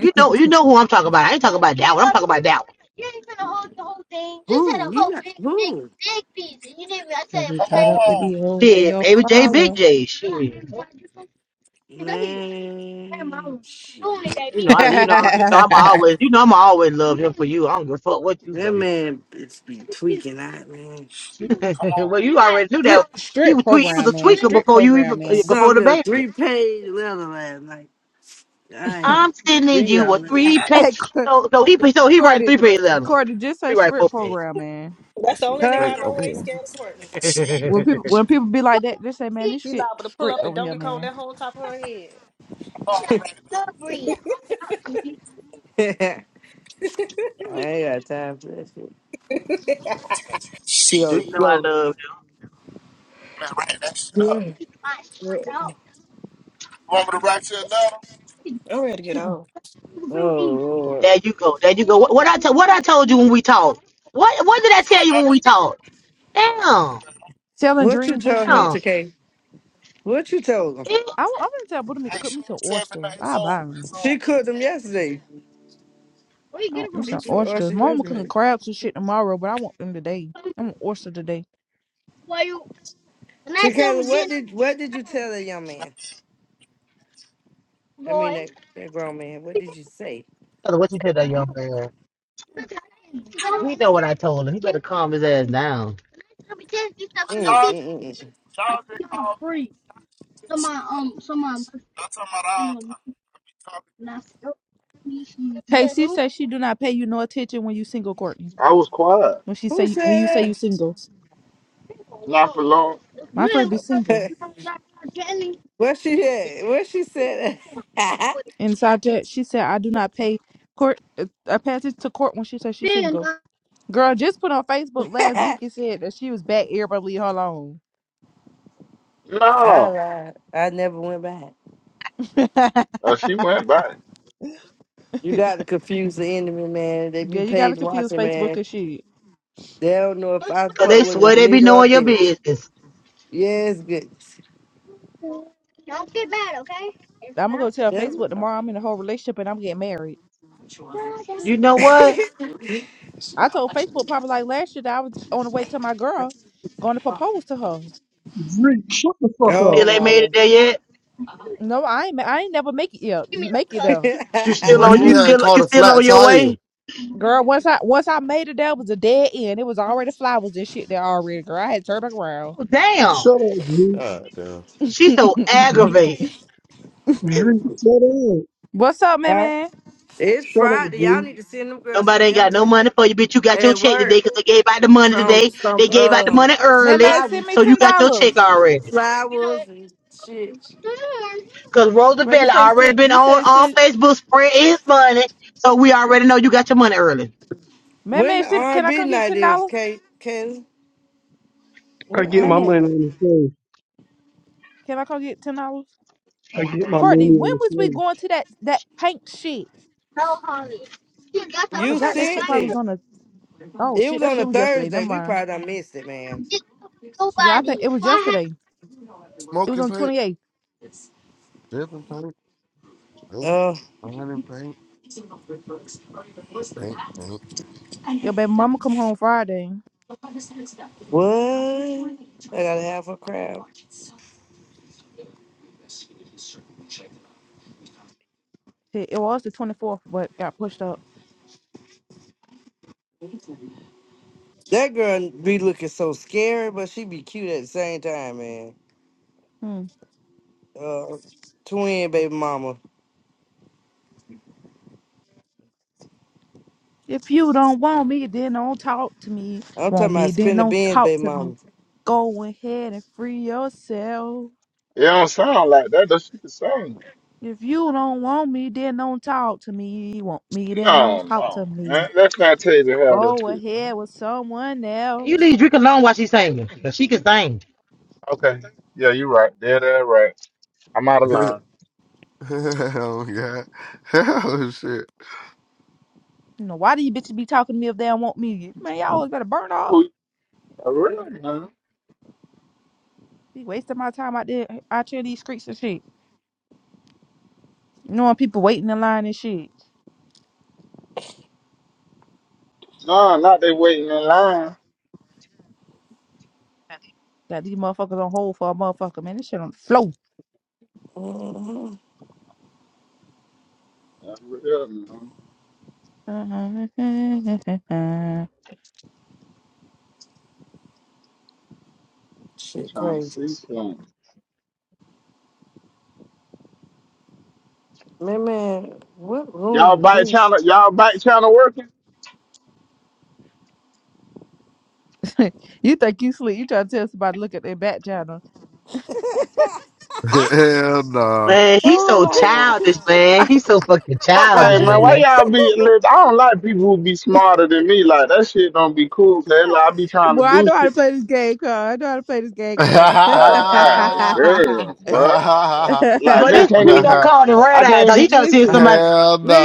Speaker 1: you know, you know who I'm talking about. I ain't talking about that one. I'm talking about that one.
Speaker 6: Who you got? Who
Speaker 17: me caught up with the old they
Speaker 1: Shit,
Speaker 17: go
Speaker 1: baby J, Big
Speaker 17: follow.
Speaker 1: J, shit.
Speaker 6: man? Shit.
Speaker 1: You know, I you know you know I'm always you know I'm always love him for you. I don't give a fuck what you
Speaker 6: That
Speaker 1: say.
Speaker 6: man it's be tweaking out, man.
Speaker 1: well, you right already knew that
Speaker 17: strip,
Speaker 1: so he
Speaker 17: strip
Speaker 1: was tweet, he was
Speaker 17: program,
Speaker 1: a
Speaker 17: man.
Speaker 1: tweaker
Speaker 17: Strip
Speaker 1: before you
Speaker 17: program,
Speaker 1: even
Speaker 17: man.
Speaker 1: before
Speaker 6: Some
Speaker 1: the
Speaker 6: a
Speaker 1: baby.
Speaker 6: three page letter last night. I ain't
Speaker 1: I'm sending
Speaker 6: read
Speaker 1: you
Speaker 6: all
Speaker 1: a
Speaker 6: that
Speaker 1: three
Speaker 6: shit.
Speaker 17: Hey,
Speaker 1: page.
Speaker 17: Cor-
Speaker 1: So so he so he write
Speaker 17: Cordy,
Speaker 1: three page letter.
Speaker 17: Cordy, just
Speaker 1: He
Speaker 17: say
Speaker 1: write
Speaker 17: script
Speaker 1: four page.
Speaker 17: program, man.
Speaker 21: That's
Speaker 17: This
Speaker 21: the
Speaker 17: shit
Speaker 21: only nigga
Speaker 6: Huh?
Speaker 21: I
Speaker 17: script
Speaker 21: know who
Speaker 17: over
Speaker 21: ain't
Speaker 17: here.
Speaker 21: scared of Courtney.
Speaker 1: you
Speaker 17: When people when people be like that, just say, man, this
Speaker 21: He
Speaker 17: shit
Speaker 21: liable to pull
Speaker 17: script
Speaker 21: up and
Speaker 17: over
Speaker 21: don't
Speaker 17: here,
Speaker 21: get cold
Speaker 17: man.
Speaker 21: that whole top of her head.
Speaker 6: I ain't got time for that shit. She on the
Speaker 1: know I
Speaker 6: flow.
Speaker 1: love. you.
Speaker 6: Yeah.
Speaker 21: I'm ready to get
Speaker 17: Mm-mm.
Speaker 21: off.
Speaker 6: Oh Lord.
Speaker 1: There you go. There you go. What, what I t- what I told you when we talked. What what did I tell you when we talked? Damn.
Speaker 17: Selling
Speaker 6: What you
Speaker 17: dreams and
Speaker 6: told him,
Speaker 17: shit.
Speaker 1: Damn.
Speaker 6: TK? What you told him?
Speaker 17: I, am gonna tell Buddha Meat to cook me some oysters. I'll buy them.
Speaker 6: She cooked him yesterday.
Speaker 17: I want me
Speaker 6: She
Speaker 17: some
Speaker 6: cooked or
Speaker 17: oysters.
Speaker 6: she
Speaker 17: Mama cooking
Speaker 6: yesterday.
Speaker 17: crabs and shit tomorrow, but I want them today. I want oyster today.
Speaker 6: TK, what did what did you tell that young man? I mean that, that grown man. What did you say?
Speaker 1: What you tell that young man? He know what I told him. He better calm his ass down.
Speaker 6: Mm, mm, mm, mm. mm.
Speaker 17: Hey, she says she do not pay you no attention when you single, Courtney. When she
Speaker 6: Who
Speaker 17: say when you say
Speaker 6: said
Speaker 17: you single, my friend be
Speaker 6: that?
Speaker 17: single.
Speaker 6: What she did? What she said? that?
Speaker 17: And Sajat, she said, I do not pay court. uh, I pass it to court when she says she's single. Girl, just put on Facebook last week and said that she was back. Everybody leave her alone.
Speaker 6: I lied. I never went back.
Speaker 17: yeah,
Speaker 6: You got to confuse the enemy, man. They be
Speaker 17: you gotta
Speaker 6: page
Speaker 17: confuse
Speaker 6: watching,
Speaker 17: Facebook
Speaker 6: man.
Speaker 17: and shit.
Speaker 6: They don't know if I
Speaker 1: Cause
Speaker 6: fuck
Speaker 1: they
Speaker 6: with a
Speaker 1: swear they be
Speaker 6: nigga or a
Speaker 1: knowing your
Speaker 6: bitch.
Speaker 1: business.
Speaker 6: Yes, good.
Speaker 17: I'm gonna go tell
Speaker 6: Damn
Speaker 17: Facebook tomorrow I'm in a whole relationship and I'm getting married.
Speaker 1: You know what?
Speaker 6: it.
Speaker 17: I told Facebook probably like last year that I was on the way to my girl, going to propose to her.
Speaker 22: Dree, shut the fuck up.
Speaker 6: oh
Speaker 1: Still ain't made
Speaker 6: my
Speaker 1: it there yet.
Speaker 17: No, I ain't. ma- I ain't never make it yet. Make it though,
Speaker 1: You
Speaker 7: You
Speaker 1: still
Speaker 7: wish
Speaker 1: on
Speaker 7: we
Speaker 1: you
Speaker 6: god.
Speaker 22: Dree,
Speaker 7: had
Speaker 1: still
Speaker 7: called
Speaker 1: you
Speaker 7: a
Speaker 1: still
Speaker 7: flat
Speaker 1: on your
Speaker 7: tire.
Speaker 1: way?
Speaker 17: girl. Once I once I made it, that was a dead end. It was already flowers and shit there already. Girl, I had to turn back around.
Speaker 1: Oh, damn.
Speaker 22: shut up, Dree.
Speaker 7: God damn.
Speaker 1: She so aggravated.
Speaker 22: Dree, shut up.
Speaker 17: What's up, man?
Speaker 6: Alright.
Speaker 17: Man,
Speaker 6: it's
Speaker 22: Shut up,
Speaker 6: Friday. Y'all
Speaker 22: Dree.
Speaker 6: need to send them girls some
Speaker 1: Nobody ain't got no
Speaker 6: edibles
Speaker 1: money for you, bitch. You got your
Speaker 6: at
Speaker 1: check today
Speaker 6: work
Speaker 1: because they gave out the money
Speaker 6: from
Speaker 1: today.
Speaker 6: some
Speaker 1: They gave out the
Speaker 6: um
Speaker 1: money early.
Speaker 17: send
Speaker 6: flowers,
Speaker 17: me
Speaker 1: So you
Speaker 17: ten
Speaker 1: got your
Speaker 17: dollars.
Speaker 1: check already.
Speaker 6: flowers and shit.
Speaker 1: Cause
Speaker 17: Well, you
Speaker 1: Roosevelt
Speaker 17: say
Speaker 1: already
Speaker 17: send,
Speaker 1: been
Speaker 17: you
Speaker 1: on
Speaker 17: said
Speaker 1: on
Speaker 17: send.
Speaker 1: Facebook spreading his money. So we already know you got your money early.
Speaker 17: Man,
Speaker 6: When the
Speaker 17: send, can I
Speaker 6: R&B
Speaker 17: come get
Speaker 6: night
Speaker 17: ten
Speaker 6: is,
Speaker 17: dollars?
Speaker 6: Kate?
Speaker 22: I
Speaker 6: What
Speaker 22: get
Speaker 6: I
Speaker 17: Man,
Speaker 22: my
Speaker 6: be?
Speaker 22: money on the face.
Speaker 17: can I come get ten dollars?
Speaker 22: I get
Speaker 23: What
Speaker 22: my
Speaker 23: you
Speaker 17: Courtney,
Speaker 23: say?
Speaker 22: money
Speaker 17: when
Speaker 22: on
Speaker 17: was
Speaker 22: the
Speaker 17: we
Speaker 22: face.
Speaker 17: going to that that paint shit? I
Speaker 6: You
Speaker 17: forgot that
Speaker 6: said
Speaker 17: shit probably was
Speaker 6: it.
Speaker 17: on the. Oh
Speaker 6: It
Speaker 17: shit,
Speaker 6: was
Speaker 17: that
Speaker 6: on a
Speaker 17: shit was yesterday. Never
Speaker 6: Thursday. We
Speaker 17: mind.
Speaker 6: probably done missed it, man.
Speaker 17: Yeah, I think it was yesterday. It was
Speaker 7: Smoking
Speaker 17: on
Speaker 7: paint,
Speaker 17: twenty eighth.
Speaker 7: dripping paint, paint,
Speaker 6: Uh,
Speaker 7: running paint, paint, paint.
Speaker 17: Your baby mama come home Friday.
Speaker 6: what? I gotta have her crowd.
Speaker 17: Shit, It was the twenty fourth, but got pushed up.
Speaker 6: That girl be looking so scary, but she be cute at the same time, man.
Speaker 17: Hmm.
Speaker 6: Uh, twin baby mama.
Speaker 17: If you don't want me, then don't talk to me.
Speaker 6: I'm
Speaker 17: Want
Speaker 6: talking about
Speaker 17: me, then
Speaker 6: spin the
Speaker 17: don't
Speaker 6: beans,
Speaker 17: talk
Speaker 6: baby
Speaker 17: to me.
Speaker 6: mama.
Speaker 17: Go ahead and free yourself.
Speaker 24: Like, that that shit is song.
Speaker 17: If you don't want me, then don't talk to me. Want me, then
Speaker 24: No,
Speaker 17: don't talk
Speaker 24: no,
Speaker 17: to
Speaker 24: man.
Speaker 17: me.
Speaker 24: Let's not tell you how that
Speaker 17: Go
Speaker 24: shit.
Speaker 17: ahead
Speaker 24: Man.
Speaker 17: with someone
Speaker 1: You
Speaker 17: else.
Speaker 1: leave Drake alone while she's singing. Cause she can sing.
Speaker 24: Okay. Yeah, you're right. Yeah, that right. I'm out of line.
Speaker 7: Hell yeah. Hell shit.
Speaker 17: You know, why do you bitches be talking to me if they don't want me? Man, y'all always better burn up.
Speaker 24: For real, man.
Speaker 17: Be wasting my time out there out here in these streets and shit. You know, people waiting in line and shit. Got these motherfuckers on hold for a motherfucker, man. This shit on
Speaker 6: Mhm.
Speaker 17: the flow.
Speaker 6: Shit, crazy. Man, man, what room you change?
Speaker 17: you think you sleep. You try to tell somebody to look at their back channel.
Speaker 7: Hell no.
Speaker 1: Man, he's so
Speaker 6: Oh, my
Speaker 1: childish,
Speaker 6: God.
Speaker 1: man.
Speaker 17: well,
Speaker 1: He's so fucking childish, man.
Speaker 17: I know how to play this game, car. I know how to play this game, car.
Speaker 7: Hell
Speaker 1: But this street don't call the red eye though. He trying to see if
Speaker 17: listen,
Speaker 1: somebody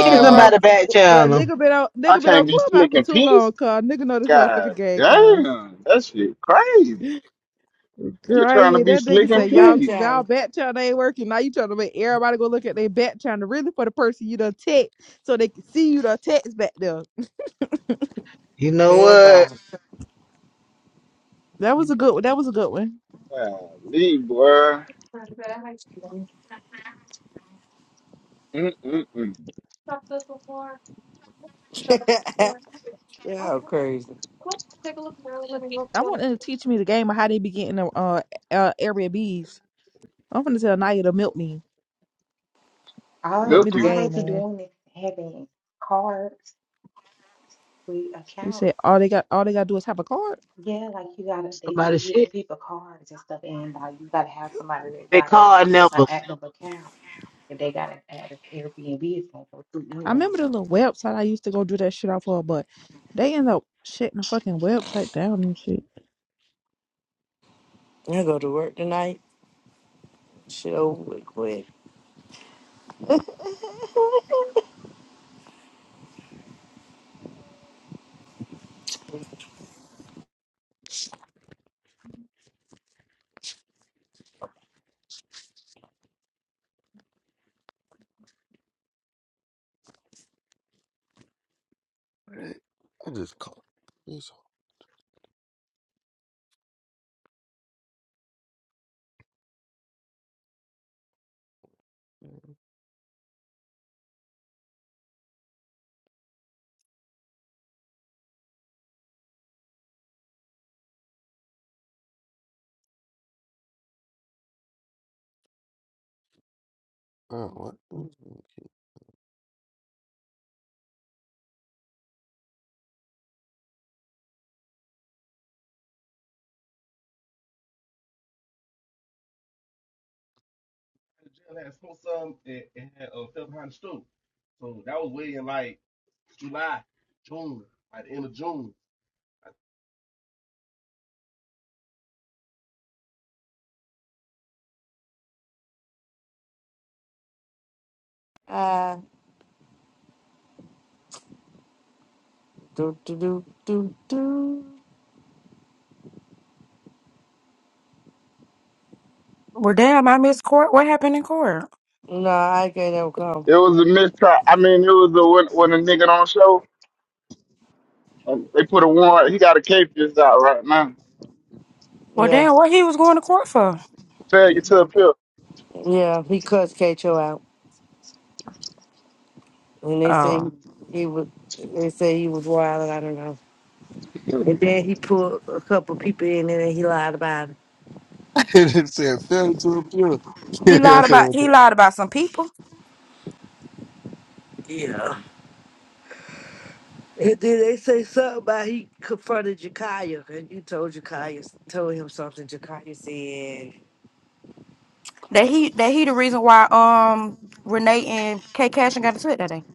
Speaker 1: see if
Speaker 17: bro,
Speaker 1: somebody back
Speaker 17: bro.
Speaker 1: channel.
Speaker 17: Nigga been on
Speaker 24: I
Speaker 17: nigga been on
Speaker 24: can't be
Speaker 17: clubhouse
Speaker 24: slick
Speaker 17: for
Speaker 24: in
Speaker 17: too
Speaker 24: peace.
Speaker 17: long, car. Nigga know this motherfucker game, car. Great, that nigga say
Speaker 6: Who
Speaker 17: y'all
Speaker 6: back,
Speaker 17: y'all
Speaker 6: Johnny?
Speaker 17: back channel ain't working. Now you trying to make everybody go look at their back channel, really for the person you done text, so they can see you done text back there.
Speaker 1: You know
Speaker 6: Hell,
Speaker 1: what?
Speaker 6: God.
Speaker 17: That was a good. That was a good one.
Speaker 24: Leave, boy. Mm-mm-mm.
Speaker 6: Y'all crazy.
Speaker 17: I want them to teach me the game of how they be getting the uh, uh area B's. I'm gonna tell Naya to milk me,
Speaker 23: All
Speaker 17: milk me
Speaker 24: Look
Speaker 17: the
Speaker 23: all
Speaker 24: you.
Speaker 23: they
Speaker 17: game,
Speaker 23: be
Speaker 17: man.
Speaker 23: doing is having cards with
Speaker 17: You
Speaker 23: accounts.
Speaker 17: said all they got, all they gotta do is have a card.
Speaker 23: Yeah, like you gotta they
Speaker 1: Somebody
Speaker 23: be getting
Speaker 1: shit.
Speaker 23: people cards and stuff and like you gotta have somebody that
Speaker 1: They
Speaker 23: got a
Speaker 1: call
Speaker 23: an
Speaker 1: numbers.
Speaker 23: active account. If they got an active Airbnb it's gonna go through
Speaker 17: I
Speaker 23: anyway.
Speaker 17: remember the little website I used to go do that shit off of, but they end up shutting the fucking website down and shit.
Speaker 6: I go to work tonight. Chill real quick.
Speaker 7: I just called. this. Uh, what?
Speaker 6: Ah, do do do do do.
Speaker 25: Well, damn, I missed court. What happened in court?
Speaker 6: No, I can't ever come.
Speaker 24: It was a mistrial. I mean, it was a when, when a nigga don't show. Um, they put a warrant. He got a case just out right now.
Speaker 25: Well,
Speaker 6: Yeah,
Speaker 25: damn, what he was going to court for?
Speaker 24: Failure to appeal.
Speaker 6: yeah. He cussed Kato out, and they say
Speaker 25: Oh,
Speaker 6: he, he was. They say he was wild. I don't know. And then he pulled a couple people in, and then he lied about it.
Speaker 7: it said, fell to
Speaker 25: he lied
Speaker 7: a
Speaker 25: about he
Speaker 7: pure.
Speaker 25: lied about some people
Speaker 6: Yeah. And then they say something about he confronted Jakaya, and you told Jakaya, told him something. Jakaya said,
Speaker 25: that he that he the reason why um Renee and K Cashin got into it that day.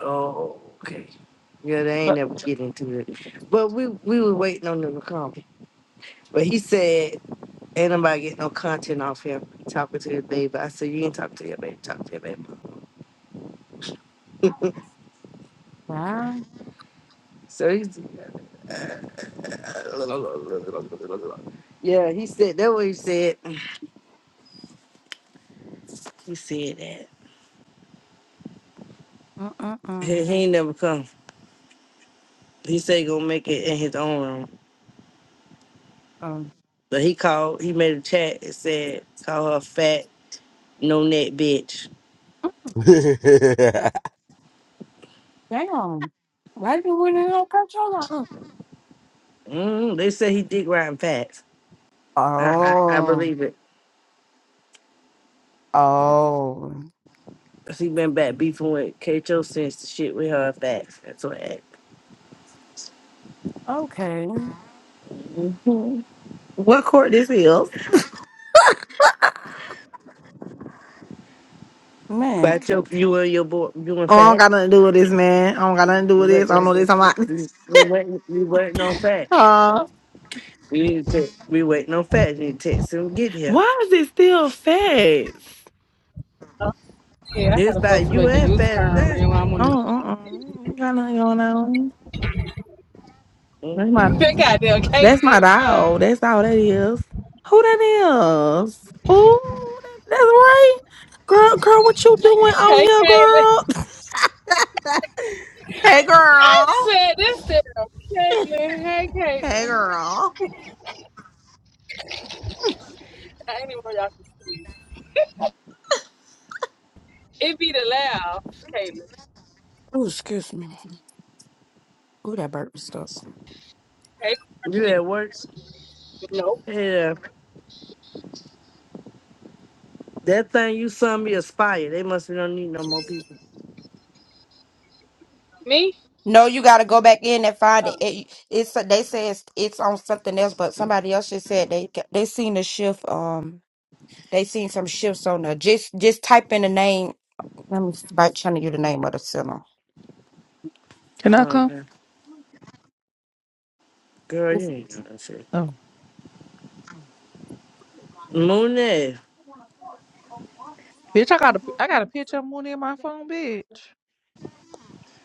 Speaker 6: "Oh, okay." Yeah, they ain't
Speaker 25: But
Speaker 6: never get into it. But we we were waiting on them to come. But he said, ain't nobody getting no content off him talking to his baby. I said, you ain't talking to your baby, talk to your baby.
Speaker 25: wow,
Speaker 6: So he's, yeah, he said, that what he said. He said that.
Speaker 25: uh uh uh,
Speaker 6: He, he ain't never come. He said he gonna make it in his own room.
Speaker 25: um,
Speaker 6: But he called, he made a chat and said, call her fat, no neck bitch.
Speaker 25: damn, why did we not catch all that?
Speaker 6: Mm, they said he dick riding facts. I, I, I
Speaker 25: Oh,
Speaker 6: believe it.
Speaker 25: oh,
Speaker 6: 'Cause he been back beefing with Kato since the shit with her facts. That's what happened.
Speaker 25: okay,
Speaker 26: What court this is? Oh,
Speaker 25: man.
Speaker 6: But your, you and your boy, you and
Speaker 26: I don't
Speaker 6: Fat,
Speaker 26: got nothing to do with this, man. I don't got nothing to do
Speaker 6: we
Speaker 26: with this. I
Speaker 6: waiting, on-
Speaker 26: don't know this. I'm like,
Speaker 6: we, we waiting, we waiting on Fat.
Speaker 26: uh,
Speaker 6: We need to, we waiting on Fat. need to text him get here.
Speaker 26: why is it still fast?
Speaker 27: Yeah, I
Speaker 6: It's
Speaker 27: gotta
Speaker 6: about
Speaker 27: supposed to
Speaker 6: you
Speaker 27: make a
Speaker 6: and Fat.
Speaker 27: U-turn,
Speaker 6: That
Speaker 27: man, while I'm on this.
Speaker 26: Oh, uh-uh. ain't got nothing going on. That's my,
Speaker 6: mm
Speaker 27: That goddamn
Speaker 26: that's
Speaker 27: Caitlin,
Speaker 26: my
Speaker 27: bro.
Speaker 26: dog. That's all that is. Who that is? Ooh, that, that's right. Girl, girl, what you doing on
Speaker 27: Hey,
Speaker 26: here,
Speaker 27: Caitlin.
Speaker 26: girl? Hey,
Speaker 27: I
Speaker 26: girl.
Speaker 27: said this to them. Caitlin, hey,
Speaker 26: Hey,
Speaker 27: Caitlin.
Speaker 26: girl.
Speaker 27: I ain't even know y'all. can- It be the loud, Caitlin.
Speaker 25: Ooh, excuse me. Ooh, that burp was stuck.
Speaker 27: Hey,
Speaker 6: you at work.
Speaker 27: no.
Speaker 6: Yeah, that thing you sent me aspire. They must be don't need no more people.
Speaker 27: Me?
Speaker 25: No, you got to go back in and find
Speaker 27: Uh-uh.
Speaker 25: it. it it's they say it's, it's on something else, but somebody else just said they they seen a shift. Um, they seen some shifts on there. Just just type in the name. Let me s- by telling you the name of the center.
Speaker 17: Can I
Speaker 6: Oh,
Speaker 17: come?
Speaker 6: okay, girl, you
Speaker 25: It's-
Speaker 6: ain't doing that shit.
Speaker 17: Oh,
Speaker 6: Mooney,
Speaker 17: bitch, I got a, I got a picture of Mooney in my phone, bitch.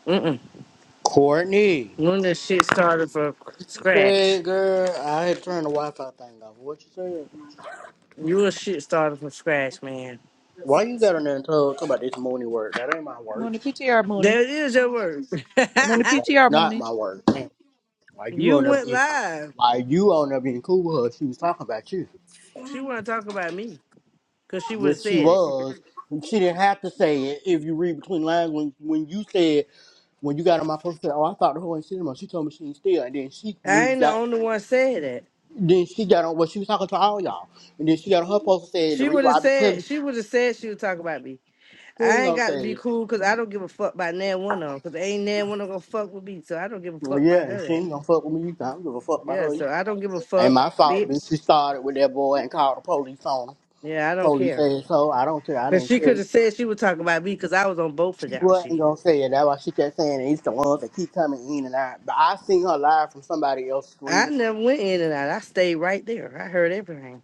Speaker 6: mm
Speaker 28: Courtney,
Speaker 6: mm. that shit started from
Speaker 28: what you
Speaker 6: scratch.
Speaker 28: said, girl? I had turned the Wi-Fi thing off. What you said?
Speaker 6: You a shit started from scratch, man.
Speaker 28: Why you got on there and told talk about this morning work? That ain't my work.
Speaker 17: Moni PTR
Speaker 6: That
Speaker 17: Moni.
Speaker 6: is your word.
Speaker 28: No,
Speaker 17: Moni
Speaker 28: that was
Speaker 17: PTR
Speaker 28: not
Speaker 17: Moni.
Speaker 28: my work. Why you
Speaker 6: you
Speaker 28: on there
Speaker 6: went
Speaker 28: being?
Speaker 6: live.
Speaker 28: Why you on there being cool with her? She was talking about you.
Speaker 6: She want to talk about me because she would have
Speaker 28: Yes, she
Speaker 6: said it.
Speaker 28: was. She didn't have to say it. If you read between lines, when when you said when you got on my post, said, "Oh, I thought the whole ain't cinema." She told me she ain't still, and then she
Speaker 6: I
Speaker 28: re-
Speaker 6: ain't the
Speaker 28: got
Speaker 6: only one said that.
Speaker 28: then she got on. Well, she was talking to all y'all, and then she got on her post and said, "The
Speaker 6: She
Speaker 28: reason
Speaker 6: would
Speaker 28: why
Speaker 6: have
Speaker 28: I be telling
Speaker 6: said
Speaker 28: you,
Speaker 6: she would have said she would talk about me.
Speaker 28: she ain't
Speaker 6: I ain't
Speaker 28: gonna
Speaker 6: got to
Speaker 28: say
Speaker 6: be
Speaker 28: it."
Speaker 6: cool because I don't give a fuck about nan one of them because ain't nan one of them gonna fuck with me. So I don't give a
Speaker 28: Well,
Speaker 6: fuck
Speaker 28: yeah,
Speaker 6: about none
Speaker 28: and
Speaker 6: of
Speaker 28: she
Speaker 6: that.
Speaker 28: ain't gonna fuck with me either. I don't give a fuck about
Speaker 6: Yeah,
Speaker 28: her. either.
Speaker 6: so I don't give a
Speaker 28: Ain't
Speaker 6: fuck,
Speaker 28: my fault, bitch.
Speaker 6: bitch.
Speaker 28: She started with that boy and called the police on him.
Speaker 6: Yeah, I don't
Speaker 28: Police
Speaker 6: care.
Speaker 28: asshole. I don't care. I
Speaker 6: Cause
Speaker 28: didn't
Speaker 6: she could
Speaker 28: care.
Speaker 6: have said she would talk about me because I was on both of
Speaker 28: She
Speaker 6: y'all
Speaker 28: wasn't
Speaker 6: shit.
Speaker 28: gonna say it. That's why she kept saying it. It's the ones that keep coming in and out. But I seen her live from somebody else's
Speaker 6: I
Speaker 28: screen share.
Speaker 6: never went in and out. I stayed right there. I heard everything.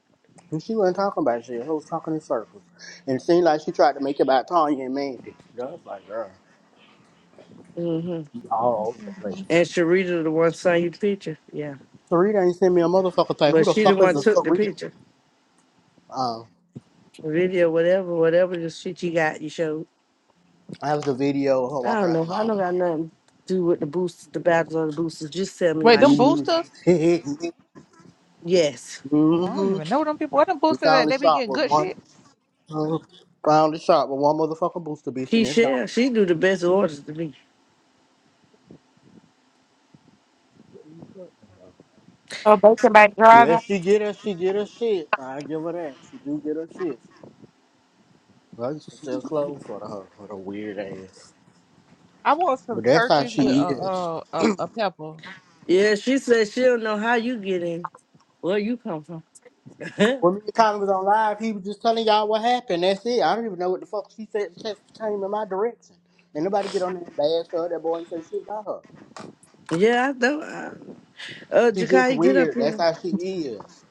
Speaker 28: And she wasn't talking about shit. She was talking in circles. And it seemed like she tried to make it about Tanya and Mandy. That's like, girl,
Speaker 6: hmm
Speaker 28: you all over the place.
Speaker 6: And Sharita the one sent you the picture. Yeah,
Speaker 28: Sarita ain't sent me a motherfucker thing. Who
Speaker 6: but
Speaker 28: the
Speaker 6: she the
Speaker 28: fuck is
Speaker 6: one
Speaker 28: a
Speaker 6: took the
Speaker 28: Sarita?
Speaker 6: picture.
Speaker 28: Um,
Speaker 6: video, whatever, whatever the shit you got, you show.
Speaker 28: I have the video of her
Speaker 6: I
Speaker 28: walking
Speaker 6: don't
Speaker 28: out the
Speaker 6: know. I don't
Speaker 28: mall.
Speaker 6: got nothing to do with the boosters, the battles or the boosters. Just sell me
Speaker 17: Wait,
Speaker 6: my
Speaker 17: them
Speaker 6: shit.
Speaker 28: Leaning.
Speaker 17: boosters?
Speaker 6: Yes.
Speaker 17: Oh, I don't
Speaker 28: mm-hmm.
Speaker 17: even know them people. What them
Speaker 28: We
Speaker 17: boosters that
Speaker 28: finally
Speaker 17: they be
Speaker 28: shot
Speaker 17: getting
Speaker 28: with
Speaker 17: good
Speaker 28: one.
Speaker 17: shit?
Speaker 28: Uh, finally shot with one motherfucking booster bitch, and
Speaker 6: She
Speaker 28: it's down.
Speaker 6: She do the best orders to me.
Speaker 25: Oh, they came back
Speaker 28: Yeah,
Speaker 25: driving.
Speaker 28: she get her, she get her shit. I give her that. She do get her shit. I used to sell clothes for her, for the weird ass.
Speaker 17: I want some
Speaker 28: But that's how
Speaker 17: churches with a
Speaker 28: she is.
Speaker 17: uh a, a pepper.
Speaker 6: Yeah, she said she don't know how you get in. Where you come from?
Speaker 28: When me and Tommy was on live, he was just telling y'all what happened. That's it. I don't even know what the fuck she said. Just came in my direction. And nobody get on there and bash her. That boy ain't say shit about her.
Speaker 6: yeah, I know. Uh, uh
Speaker 28: She just
Speaker 6: Jakai, get up
Speaker 28: weird. That's
Speaker 6: here.
Speaker 28: how she is.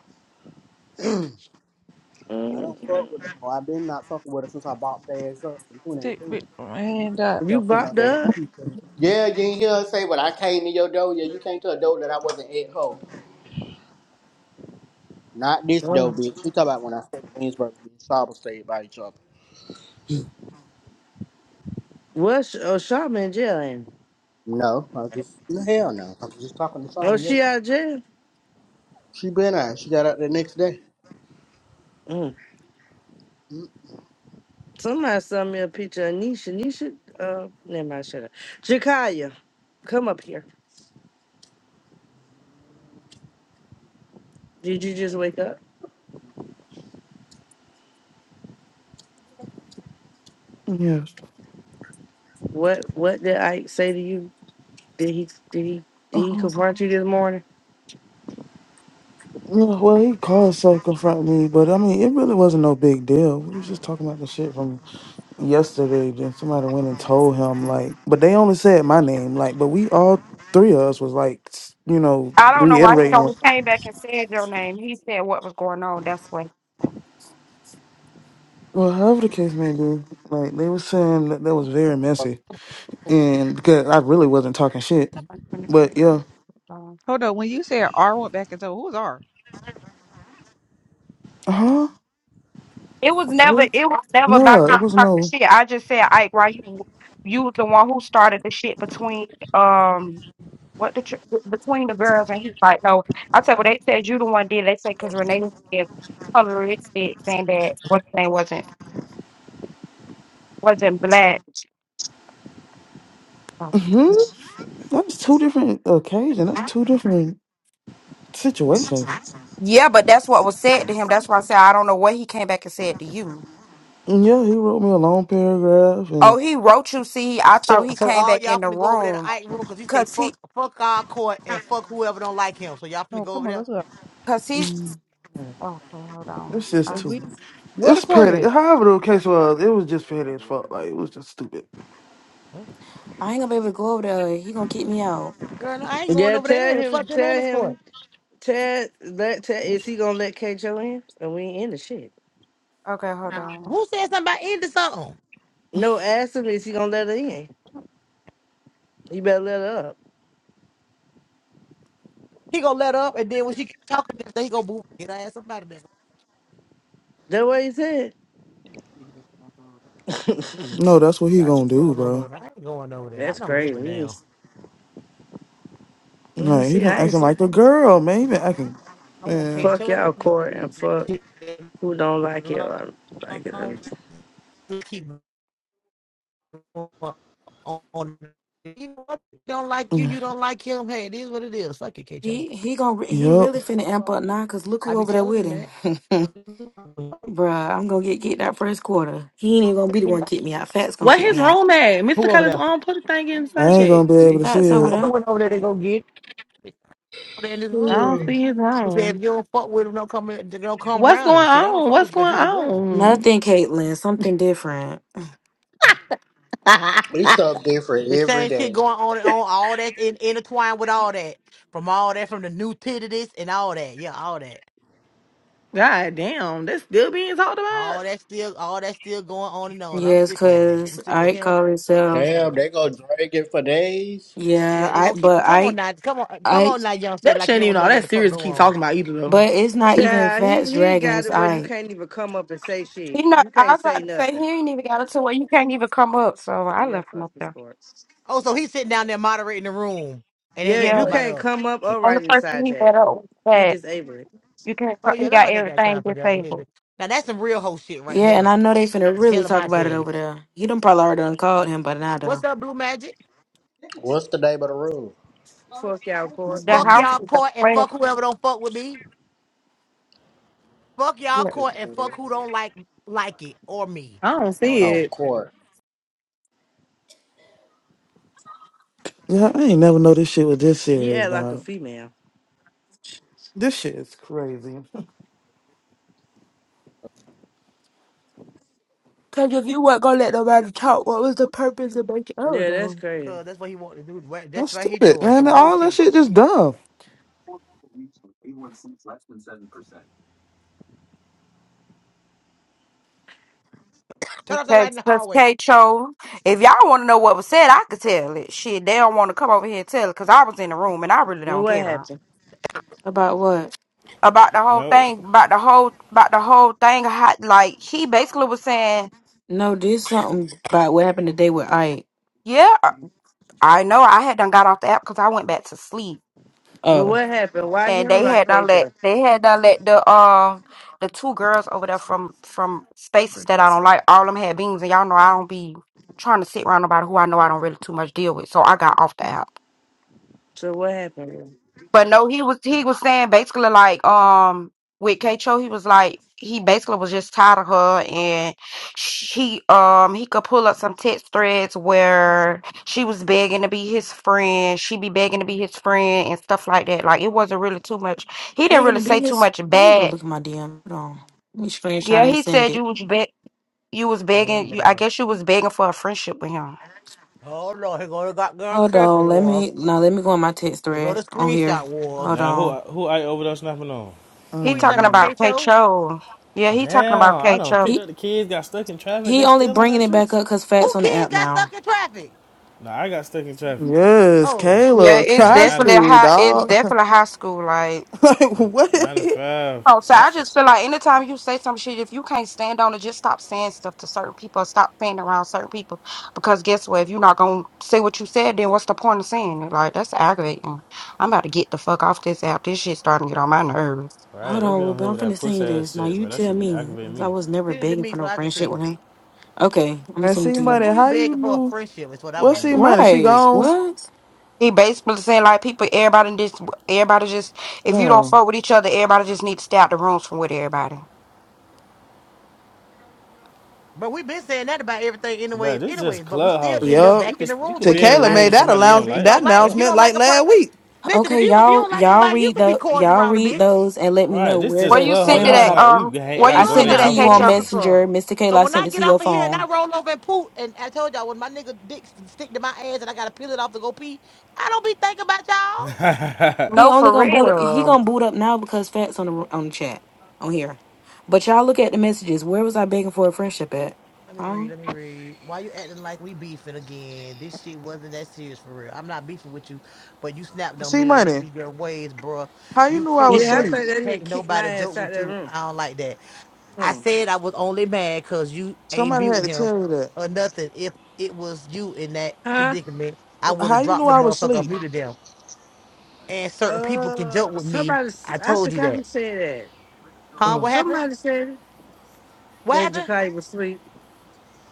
Speaker 28: I
Speaker 6: Mm,
Speaker 28: don't fuck with the hoe. I've been not fucking with her since I bought the ass up in
Speaker 17: Tick,
Speaker 28: 2018.
Speaker 17: bit, hand up.
Speaker 6: you
Speaker 28: Yo, for no
Speaker 6: bopped
Speaker 28: damn
Speaker 6: up?
Speaker 28: toothpaste. Yeah, you ain't hear her say, but I came to your door. Yeah, you came to a door that I wasn't at hoe. Not this door,
Speaker 6: Oh.
Speaker 28: bitch. You talking about when I stayed in Winsburg me and Saba stayed by each other.
Speaker 6: What's oh Shaman in jail in?
Speaker 28: No, I just, no, hell no. I was just talking to
Speaker 6: Oh,
Speaker 28: Saba
Speaker 6: she
Speaker 28: yesterday.
Speaker 6: out of jail?
Speaker 28: She been out. She got out the next day.
Speaker 6: Somebody sent me a picture of Nisha. Nisha, uh, never mind, shut up. Jakaya, come up here. Did you just wake up?
Speaker 29: Yes.
Speaker 6: What What did I say to you? Did he Did he Did he
Speaker 29: Oh,
Speaker 6: confront you this morning?
Speaker 29: yeah, well, he called so confront me, but I mean, it really wasn't no big deal. We was just talking about the shit from yesterday. Then somebody went and told him, like, but they only said my name, like, but we all three of us was like, s- you know,
Speaker 25: I don't know why he
Speaker 29: reiterating
Speaker 25: only
Speaker 29: what.
Speaker 25: came back and said your name. He said what was going on. That's why.
Speaker 29: Well, however the case may be, like they were saying that that was very messy, and because I really wasn't talking shit,
Speaker 25: When it comes
Speaker 29: but yeah,
Speaker 25: to um,
Speaker 17: Hold on. When you said R went back into told who's R?
Speaker 29: uh huh,
Speaker 25: it was never.
Speaker 6: Who?
Speaker 25: It was never about
Speaker 29: no, it
Speaker 25: not
Speaker 29: was
Speaker 25: talking
Speaker 29: no.
Speaker 25: shit. I just said, Ike, why you? You was the one who started the shit between um what the tr- between the girls, and he's like, no. I said, well, they said you the one did. They said because Renee said coloristic, saying that what thing wasn't wasn't black.
Speaker 29: hmm That's two different occasions. That's two different situations.
Speaker 25: Yeah, but that's what was said to him. That's why I said I don't know what he came back and said to you.
Speaker 29: Yeah, he wrote me a long paragraph,
Speaker 25: Oh,
Speaker 29: and
Speaker 25: he wrote you. See, I thought
Speaker 1: So,
Speaker 25: he
Speaker 1: so
Speaker 25: came
Speaker 1: all
Speaker 25: back
Speaker 1: y'all
Speaker 25: in the
Speaker 1: finna go over there to
Speaker 25: room
Speaker 1: Ike room because he say
Speaker 25: because
Speaker 1: fuck,
Speaker 25: he,
Speaker 1: fuck our court and fuck whoever don't like him. So y'all finna
Speaker 17: Oh,
Speaker 1: go
Speaker 17: come
Speaker 1: over
Speaker 17: on.
Speaker 1: there.
Speaker 17: Let's go.
Speaker 25: because he.
Speaker 29: Mm.
Speaker 25: Oh, hold on.
Speaker 29: it's just
Speaker 25: Uh,
Speaker 17: Cause we
Speaker 29: too.
Speaker 17: what
Speaker 29: It's petty.
Speaker 17: recorded.
Speaker 29: However, the case was, it was just petty as fuck. Like it was just stupid.
Speaker 1: What?
Speaker 4: I ain't gonna be able to go over there. He gonna kick me out.
Speaker 1: Girl, no, I ain't going
Speaker 6: Yeah,
Speaker 1: over there.
Speaker 6: tell
Speaker 1: No.
Speaker 6: him,
Speaker 1: Fuck him and
Speaker 6: tell
Speaker 1: his court.
Speaker 6: him, tell that. Tell, is he gonna let KJO in? And we ain't in the shit.
Speaker 25: Okay, hold on.
Speaker 1: Who said something about ending something?
Speaker 6: No, ask him is he gonna let her in. You better let her up.
Speaker 1: He gonna let up, and then when she talking, he gonna boo. Get her ass somebody there.
Speaker 6: That what he said.
Speaker 29: No, that's what he
Speaker 1: Y'all
Speaker 29: gonna
Speaker 1: just
Speaker 29: do,
Speaker 1: going on
Speaker 29: bro.
Speaker 1: over there. I ain't going over there. I
Speaker 6: That's
Speaker 1: don't give a
Speaker 6: crazy. He
Speaker 1: damn.
Speaker 6: was, well,
Speaker 29: Like he
Speaker 6: see,
Speaker 29: been
Speaker 6: I ain't
Speaker 29: acting
Speaker 6: see-
Speaker 29: like a girl, man. He been acting,
Speaker 1: I want
Speaker 29: man.
Speaker 1: K.
Speaker 6: fuck
Speaker 1: Cho.
Speaker 6: y'all court and fuck. Who don't like it?
Speaker 1: allow
Speaker 6: I like it. I'm-
Speaker 1: to keep going on. You know what? If Don't like you.
Speaker 29: Mm,
Speaker 1: You don't like him. Hey, it is what it is. Fuck it, KJ.
Speaker 4: He he gonna re- he
Speaker 29: Yup.
Speaker 4: really finna amp up now, cause look
Speaker 1: I
Speaker 4: who
Speaker 1: be
Speaker 4: over there
Speaker 1: telling
Speaker 4: with
Speaker 1: him
Speaker 4: him.
Speaker 1: that.
Speaker 4: Bruh, I'm gonna get kicked out first quarter. He ain't even gonna be the one to kick me out. Fat's gonna
Speaker 26: What
Speaker 4: kick
Speaker 26: his
Speaker 4: me out.
Speaker 26: room at? Mr.
Speaker 1: Who over
Speaker 26: Collins
Speaker 1: there?
Speaker 26: on put a thing in the
Speaker 29: I
Speaker 26: side
Speaker 29: ain't
Speaker 26: check.
Speaker 29: gonna be able to see
Speaker 4: Fat's
Speaker 1: I
Speaker 4: over
Speaker 29: it.
Speaker 4: there.
Speaker 1: went over there. to go get it. over there in this
Speaker 26: I
Speaker 1: room.
Speaker 26: don't see his
Speaker 1: He said,
Speaker 26: room.
Speaker 1: if you don't fuck with him, don't come. in- Don't come
Speaker 26: What's
Speaker 1: around
Speaker 26: going
Speaker 1: him. Shit, I don't
Speaker 26: on?
Speaker 1: fuck
Speaker 26: What's
Speaker 1: with you because
Speaker 26: going
Speaker 1: you the girl.
Speaker 26: on?
Speaker 4: Nothing, Caitlin. Something different.
Speaker 28: It's something different
Speaker 1: The
Speaker 28: every
Speaker 1: same shit
Speaker 28: day.
Speaker 1: going on and on. All that in, intertwined with all that. From all that, from the new titties and all that. Yeah, all that.
Speaker 26: God damn, that's still being talked about.
Speaker 1: All that still, all that still going on and on. I'm
Speaker 4: Yes,
Speaker 1: sick of 'em.
Speaker 4: cause
Speaker 1: I'm sick of
Speaker 4: Ike
Speaker 1: him.
Speaker 4: called himself.
Speaker 1: Yeah,
Speaker 28: Damn, they go drag it for days.
Speaker 4: Yeah,
Speaker 1: yeah. They
Speaker 4: I
Speaker 1: gonna keep.
Speaker 4: but
Speaker 1: Come on
Speaker 4: Ike.
Speaker 1: now, come on, come
Speaker 4: Ike
Speaker 1: on now, young. Say
Speaker 26: That
Speaker 1: like
Speaker 26: shouldn't
Speaker 1: you
Speaker 26: even
Speaker 1: don't know
Speaker 26: all
Speaker 1: what
Speaker 26: that
Speaker 1: the fuck
Speaker 26: serious to
Speaker 1: go
Speaker 26: keep
Speaker 1: on.
Speaker 26: talking about either though.
Speaker 4: But it's not even
Speaker 6: Yeah, he
Speaker 4: Fats
Speaker 6: he
Speaker 4: dragging
Speaker 6: got
Speaker 4: his
Speaker 6: it where you
Speaker 4: eye.
Speaker 6: can't even come up and say shit.
Speaker 25: He not.
Speaker 6: You
Speaker 25: I
Speaker 6: can't
Speaker 25: was
Speaker 6: say
Speaker 25: about to say
Speaker 6: nothing.
Speaker 25: he ain't even got it to where you can't even come up. So I
Speaker 6: Yeah,
Speaker 25: left him
Speaker 6: fuck
Speaker 25: up
Speaker 6: his
Speaker 25: there.
Speaker 6: courts.
Speaker 1: Oh, so he's sitting down there moderating the room and ain't
Speaker 6: Yeah,
Speaker 1: letting
Speaker 25: Yeah,
Speaker 6: you
Speaker 1: nobody
Speaker 6: can't
Speaker 1: up.
Speaker 6: come up
Speaker 25: the
Speaker 6: or
Speaker 25: only
Speaker 6: right
Speaker 25: person
Speaker 6: inside
Speaker 25: he
Speaker 6: Jack.
Speaker 25: got up was
Speaker 6: He
Speaker 25: that
Speaker 6: disabled it.
Speaker 25: you can't.
Speaker 1: Oh
Speaker 25: co- He
Speaker 1: yeah,
Speaker 25: got
Speaker 1: nobody got
Speaker 25: everything
Speaker 1: time for that. Well, here
Speaker 25: disabled.
Speaker 1: they- Now that's some real whole shit right
Speaker 4: Yeah, and
Speaker 1: there.
Speaker 4: I know they finna
Speaker 1: And
Speaker 4: really
Speaker 1: tell him
Speaker 4: talk
Speaker 1: I
Speaker 4: about it
Speaker 1: said it.
Speaker 4: over there. He done probably already done called him, but now done.
Speaker 1: What's up, Blue Magic?
Speaker 28: What's the day but a rule?
Speaker 6: Fuck y'all court.
Speaker 25: The
Speaker 1: Fuck
Speaker 4: Mhm.
Speaker 25: house
Speaker 1: y'all
Speaker 25: is a
Speaker 1: court and
Speaker 25: friend.
Speaker 1: fuck whoever don't fuck with me. Fuck y'all court and fuck who don't like like it or me.
Speaker 26: I don't
Speaker 1: That what
Speaker 26: see
Speaker 1: it
Speaker 28: Oh,
Speaker 26: it.
Speaker 1: say.
Speaker 28: court.
Speaker 29: Yeah, I ain't never know this shit was this
Speaker 6: He
Speaker 29: serious,
Speaker 6: act like a
Speaker 29: dog.
Speaker 6: female.
Speaker 29: This shit is crazy.
Speaker 25: Because if you weren't gonna let nobody talk, what was the purpose of making? I don't
Speaker 6: Yeah,
Speaker 25: know.
Speaker 6: that's crazy.
Speaker 1: Cause that's what he want to do. What-
Speaker 29: That's
Speaker 1: That's what he
Speaker 29: stupid,
Speaker 1: doing.
Speaker 29: man.
Speaker 1: Some whole
Speaker 29: All that
Speaker 1: shit.
Speaker 29: shit just dumb.
Speaker 1: Turn off the light
Speaker 25: Okay,
Speaker 1: in the
Speaker 25: because
Speaker 1: hallway.
Speaker 25: K Cho, if y'all want to know what was said, I could tell it. Shit, they don't want to come over here and tell it because I was in the room and I really don't
Speaker 6: Well, what
Speaker 25: care
Speaker 6: happened?
Speaker 4: About what?
Speaker 25: about the whole
Speaker 30: Now,
Speaker 25: thing. About the whole, about the whole thing. How, like he basically was saying,
Speaker 4: No, this something about what happened today with Ike.
Speaker 25: "Yeah, I know. I had done got off the app because I went back to sleep,
Speaker 6: Well,
Speaker 4: Oh.
Speaker 6: what happened? Why he
Speaker 25: and
Speaker 6: don't
Speaker 25: they
Speaker 6: like
Speaker 25: had done let
Speaker 6: KJ?
Speaker 25: they had done let the um the two girls over there from from spaces that I don't like. All them had beans, and y'all know I don't be trying to sit around nobody who I know I don't really too much deal with. So I got off the app."
Speaker 6: So what happened?
Speaker 25: But no, he was he was saying basically like um with K Cho, he was like he basically was just tired of her and she um he could pull up some text threads where she was begging to be his friend, she be begging to be his friend and stuff like that. Like it wasn't really too much. He didn't
Speaker 4: They're
Speaker 25: really
Speaker 4: gonna
Speaker 25: say
Speaker 4: be
Speaker 25: too
Speaker 4: his
Speaker 25: much
Speaker 4: let me go
Speaker 25: bad.
Speaker 4: look at my DM. Hold on. Let me
Speaker 25: Yeah,
Speaker 4: screenshot and
Speaker 25: he
Speaker 4: send
Speaker 25: said
Speaker 4: it.
Speaker 25: you was be- you was
Speaker 1: Oh
Speaker 25: begging you I
Speaker 1: lord.
Speaker 25: guess you was begging for a friendship with him.
Speaker 1: Oh lord. Here go the goddamn
Speaker 4: Hold
Speaker 1: crick
Speaker 4: on, let
Speaker 1: war.
Speaker 4: me now let me go on my text
Speaker 1: Here go the
Speaker 4: thread on here.
Speaker 1: screenshot war.
Speaker 4: Hold
Speaker 30: now who
Speaker 4: on.
Speaker 30: who I overdose snapping on?
Speaker 1: Who
Speaker 25: He
Speaker 1: you
Speaker 25: talking
Speaker 1: slapping on
Speaker 29: Mm.
Speaker 25: about K
Speaker 1: K-Cho?
Speaker 25: Cho. Yeah, he talking about
Speaker 30: Damn, I
Speaker 25: K
Speaker 30: done
Speaker 25: Cho.
Speaker 30: picked
Speaker 4: He
Speaker 30: up the kids, got stuck in traffic.
Speaker 4: he
Speaker 30: They
Speaker 4: only
Speaker 30: still on that
Speaker 4: bringing it
Speaker 30: shit?
Speaker 4: back up because
Speaker 1: Who
Speaker 4: Fats on the
Speaker 1: kids
Speaker 4: app
Speaker 1: got stuck
Speaker 4: now.
Speaker 1: in traffic?
Speaker 30: Nah, I got stuck in traffic.
Speaker 29: Yes,
Speaker 1: Oh,
Speaker 25: Yeah,
Speaker 29: Caleb,
Speaker 25: it's
Speaker 30: Man,
Speaker 29: high
Speaker 30: nine to,
Speaker 25: definitely
Speaker 29: school,
Speaker 25: high. It's
Speaker 29: dog.
Speaker 25: definitely high school. like.
Speaker 29: like
Speaker 30: nine to
Speaker 29: what?
Speaker 30: five.
Speaker 25: Oh, so
Speaker 30: That
Speaker 25: I
Speaker 30: shit.
Speaker 25: just feel like anytime you say some shit, if you can't stand on it, just stop saying stuff to certain people or stop being around certain people. Because guess what? If you're not gonna say what you said, then what's the point of saying it? Like that's aggravating. I'm about to get the fuck off this app. This shit starting to get on my nerves.
Speaker 30: Right,
Speaker 4: Hold
Speaker 30: they
Speaker 4: on,
Speaker 30: be on here
Speaker 4: Ruben.
Speaker 30: with
Speaker 4: I'm
Speaker 30: that
Speaker 4: finna send
Speaker 30: puss
Speaker 4: you
Speaker 30: ass
Speaker 4: this. Now
Speaker 30: shit,
Speaker 4: you
Speaker 30: bro. That
Speaker 4: tell
Speaker 30: should be
Speaker 4: me,
Speaker 30: aggravating
Speaker 4: 'cause I
Speaker 30: me.
Speaker 4: was never
Speaker 1: send it to
Speaker 4: begging
Speaker 1: me
Speaker 4: for
Speaker 1: so
Speaker 4: no
Speaker 1: I can
Speaker 4: friendship
Speaker 1: see.
Speaker 4: with him. Okay, I'm
Speaker 29: And
Speaker 4: sending
Speaker 29: see
Speaker 4: to
Speaker 1: Cause
Speaker 4: you.
Speaker 29: money,
Speaker 1: who you
Speaker 29: how you
Speaker 1: begging for a
Speaker 29: knew?
Speaker 1: friendship is what I
Speaker 29: What's
Speaker 1: want to
Speaker 29: see
Speaker 1: know.
Speaker 29: money, she
Speaker 4: Right.
Speaker 29: gone.
Speaker 4: What?
Speaker 25: He basically saying like people, everybody just, everybody just, if you don't
Speaker 29: Damn.
Speaker 25: fuck with each other, everybody just need to stay out the rooms from with everybody.
Speaker 1: But we've been saying that about everything,
Speaker 30: Bro,
Speaker 1: anyways.
Speaker 30: this
Speaker 1: Anyways,
Speaker 30: just
Speaker 1: but we still
Speaker 30: clubhouse.
Speaker 1: end
Speaker 30: You
Speaker 1: up
Speaker 29: Yup.
Speaker 1: back
Speaker 30: you
Speaker 1: in
Speaker 30: could
Speaker 1: the
Speaker 30: you
Speaker 1: rooms
Speaker 30: could
Speaker 1: with
Speaker 30: be in a
Speaker 29: Tequila
Speaker 1: everybody
Speaker 30: room
Speaker 29: made
Speaker 30: with
Speaker 29: that
Speaker 30: somebody you
Speaker 1: that
Speaker 29: allow
Speaker 1: a
Speaker 30: don't
Speaker 1: bitch
Speaker 30: like. What
Speaker 29: that
Speaker 1: don't
Speaker 30: the
Speaker 1: like. If
Speaker 30: fuck?
Speaker 1: you
Speaker 29: announcement
Speaker 1: don't
Speaker 29: like
Speaker 1: like a
Speaker 29: last
Speaker 1: person,
Speaker 29: week.
Speaker 1: listen. If
Speaker 4: Okay,
Speaker 1: you if you
Speaker 4: y'all
Speaker 1: don't like
Speaker 4: y'all
Speaker 1: somebody, you
Speaker 4: read
Speaker 1: can be
Speaker 4: the
Speaker 1: cordial
Speaker 4: y'all
Speaker 1: around a
Speaker 4: read
Speaker 1: bitch.
Speaker 4: those and let me
Speaker 30: Right,
Speaker 4: know
Speaker 30: this
Speaker 4: where
Speaker 25: Where
Speaker 30: just
Speaker 4: the
Speaker 25: you sent
Speaker 30: clubhouse.
Speaker 4: when
Speaker 25: to
Speaker 30: Y'all
Speaker 4: was
Speaker 25: that?
Speaker 30: acting
Speaker 4: I
Speaker 30: like
Speaker 25: Um,
Speaker 30: we ain't
Speaker 25: where
Speaker 1: It's
Speaker 25: you
Speaker 30: gotta
Speaker 4: I
Speaker 30: go to
Speaker 4: sent
Speaker 25: sent to
Speaker 4: it
Speaker 30: their
Speaker 4: to
Speaker 25: that,
Speaker 1: clubhouse.
Speaker 30: house or
Speaker 4: you
Speaker 1: Who
Speaker 30: some
Speaker 4: on
Speaker 1: gives
Speaker 25: Keisha?
Speaker 1: a
Speaker 30: shit.
Speaker 1: fuck?
Speaker 4: Messenger. Mr. Kayla
Speaker 1: But
Speaker 4: I
Speaker 1: when
Speaker 4: sent
Speaker 1: I
Speaker 4: it
Speaker 1: get
Speaker 4: to
Speaker 1: off
Speaker 4: your
Speaker 1: of here and I
Speaker 4: phone.
Speaker 1: roll over and poop, and I told y'all when my nigga dick st- stick to my ass and I gotta peel it off to go pee, I don't be thinking about y'all.
Speaker 4: He
Speaker 25: No,
Speaker 4: only
Speaker 25: for
Speaker 4: gonna boot up he
Speaker 25: real.
Speaker 4: gonna boot up now because Fat's on the on the chat. On here. But y'all look at the messages. Where was I begging for a friendship at?
Speaker 1: Let me
Speaker 4: Huh?
Speaker 1: read. Let me read. Why you acting like we beefing again? This shit wasn't that serious for real. I'm not beefing with you, but you snapped on
Speaker 29: See
Speaker 1: me and it
Speaker 29: money,
Speaker 1: be your ways, bruh.
Speaker 29: how you
Speaker 1: You
Speaker 29: knew I was
Speaker 1: cool,
Speaker 6: Yeah, I
Speaker 1: but
Speaker 29: asleep?
Speaker 6: think that
Speaker 1: can't
Speaker 6: nigga kicked my
Speaker 1: nobody
Speaker 6: ass
Speaker 1: joke
Speaker 6: out
Speaker 1: with
Speaker 6: that
Speaker 1: you.
Speaker 6: room.
Speaker 1: I don't like that.
Speaker 6: Hmm.
Speaker 1: I said I was only mad because you ain't
Speaker 29: Somebody had
Speaker 1: mute
Speaker 29: to
Speaker 1: him
Speaker 29: tell you that.
Speaker 1: or nothing. If it was you in that
Speaker 6: Huh?
Speaker 1: predicament, I would
Speaker 29: How
Speaker 1: have
Speaker 29: you
Speaker 1: dropped
Speaker 29: knew
Speaker 1: the
Speaker 29: I was
Speaker 1: motherfucker or
Speaker 29: asleep?
Speaker 1: muted them. And certain people can joke
Speaker 6: Uh,
Speaker 1: with me.
Speaker 6: somebody.
Speaker 1: I
Speaker 6: I
Speaker 1: told you
Speaker 6: forgot who
Speaker 1: that.
Speaker 6: said that.
Speaker 1: Huh?
Speaker 29: Oh,
Speaker 1: What happened?
Speaker 6: Somebody said it.
Speaker 1: What
Speaker 6: that
Speaker 1: happened?
Speaker 6: Jakai was asleep.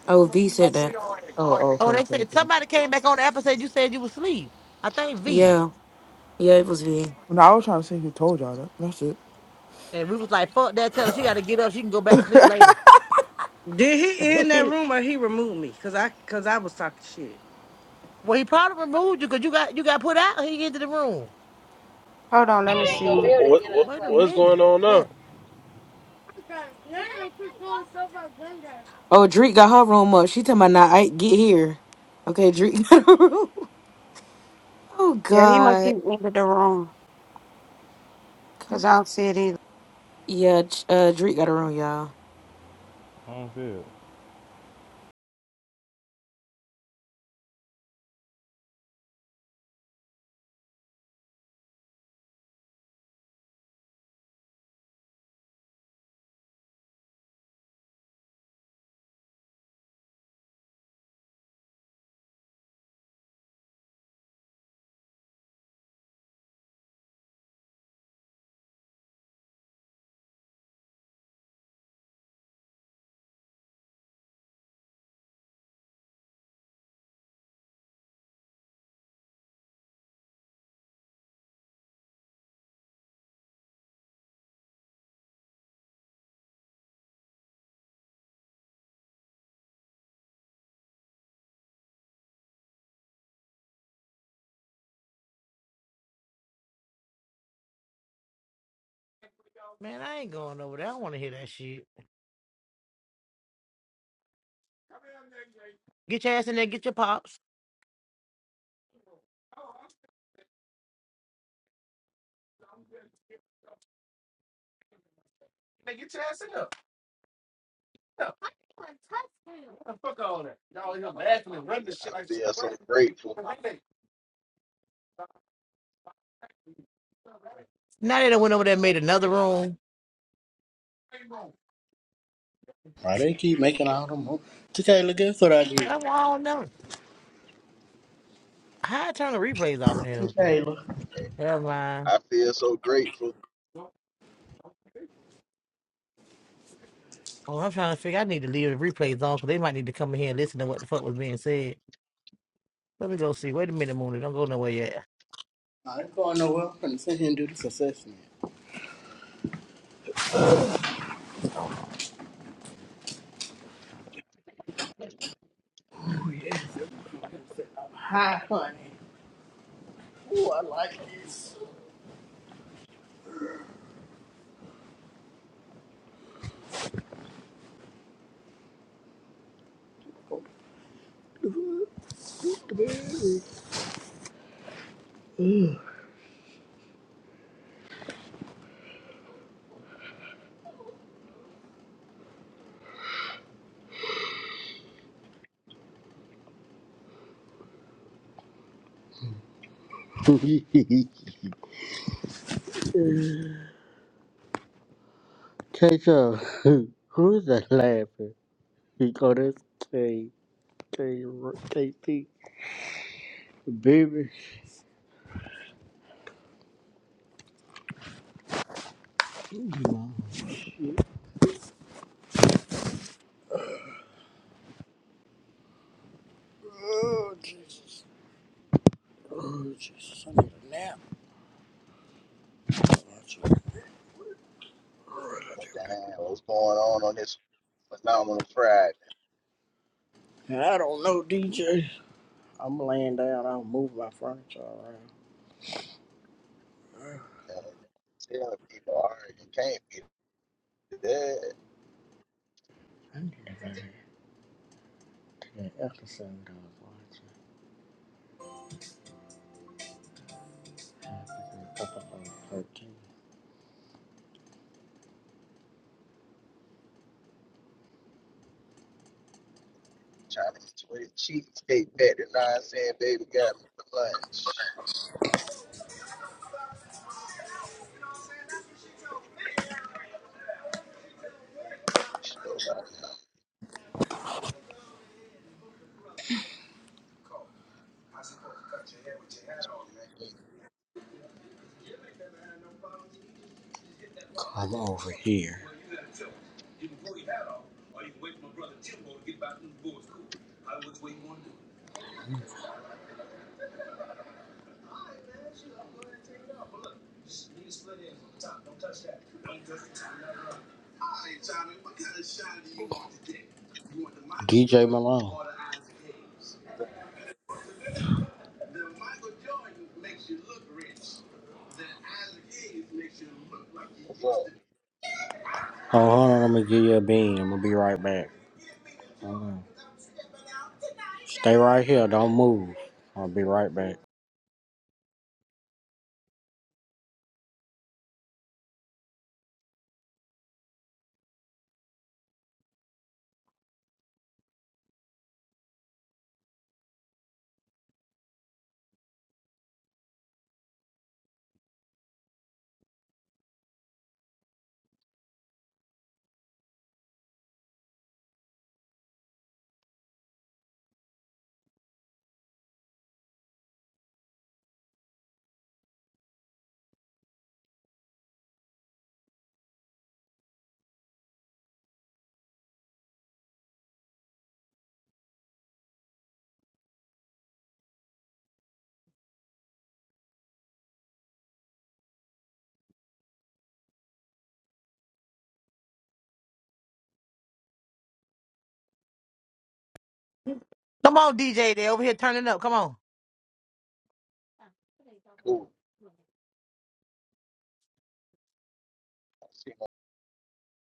Speaker 4: Oh V said that.
Speaker 29: oh, okay,
Speaker 1: Oh, they
Speaker 29: okay,
Speaker 1: said
Speaker 29: okay.
Speaker 1: somebody came back on the app and said you said you was asleep. I think V.
Speaker 4: Yeah. Yeah, it was V.
Speaker 29: No, I was trying to see who told y'all that. That's
Speaker 1: And we was like, fuck that. Tell her she got to get up. She can go back to
Speaker 29: it.
Speaker 1: sleep later.
Speaker 6: Did he end that room or he removed me? Cause I cause I was talking shit.
Speaker 1: well, he probably removed you because you got you got put out. He get to the room.
Speaker 25: Hold on, let me see.
Speaker 8: What, what,
Speaker 1: Wait a
Speaker 8: what's going
Speaker 1: minute.
Speaker 8: on now?
Speaker 1: What?
Speaker 4: Oh Drake got her room up. She talking about now I get here. Okay, Drake got her room. Oh
Speaker 25: Yeah, he must be
Speaker 4: God.
Speaker 25: in the room because I don't see it either.
Speaker 4: Yeah, Ch- uh, Drake got a room, y'all.
Speaker 30: I don't feel. it.
Speaker 1: Man, I ain't going over there. I don't want to hear that shit. Get your ass in there. Get your pops.
Speaker 31: I feel so grateful.
Speaker 1: Now they done went over there and made another room.
Speaker 28: Why they keep making all them moves? TK, look, that's what I did.
Speaker 1: I don't know. How I turn the replays off in here?
Speaker 28: Michaela.
Speaker 1: Never mind.
Speaker 31: I feel so grateful.
Speaker 1: Oh, I'm trying to figure. I need to leave the replays on because they might need to come in here and listen to what the fuck was being said. Let me go see. Wait a minute, Mooney. Don't go nowhere yet.
Speaker 28: I ain't going nowhere. I'm gonna sit here and do this assessment. Oh, yes. that motherfucker said I'm high, honey. Ooh, I like this. Catch up. Who's that laughing? He called us K K KT baby. Oh, Jesus. Oh, Jesus. I need a nap.
Speaker 31: But damn, what's going on on this phenomenal Friday?
Speaker 28: And I don't know, DJ. I'm laying down. I'll move my furniture around.
Speaker 31: Uh, telling people, all right, you can't be dead.
Speaker 28: I need to go into that episode I was watching. It's Episode 13.
Speaker 31: Trying to get you with a cheesecake factory nonsense, baby, got me for lunch. So, uh,
Speaker 28: Come over here. DJ Malone.
Speaker 31: What's up? What's up?
Speaker 28: Oh, hold on. I'm going to give you a bean. I'm going to be right back. Stay right here. Don't move. I'll be right back.
Speaker 1: Come on, DJ. They over here turning up. Come on.
Speaker 31: Cool.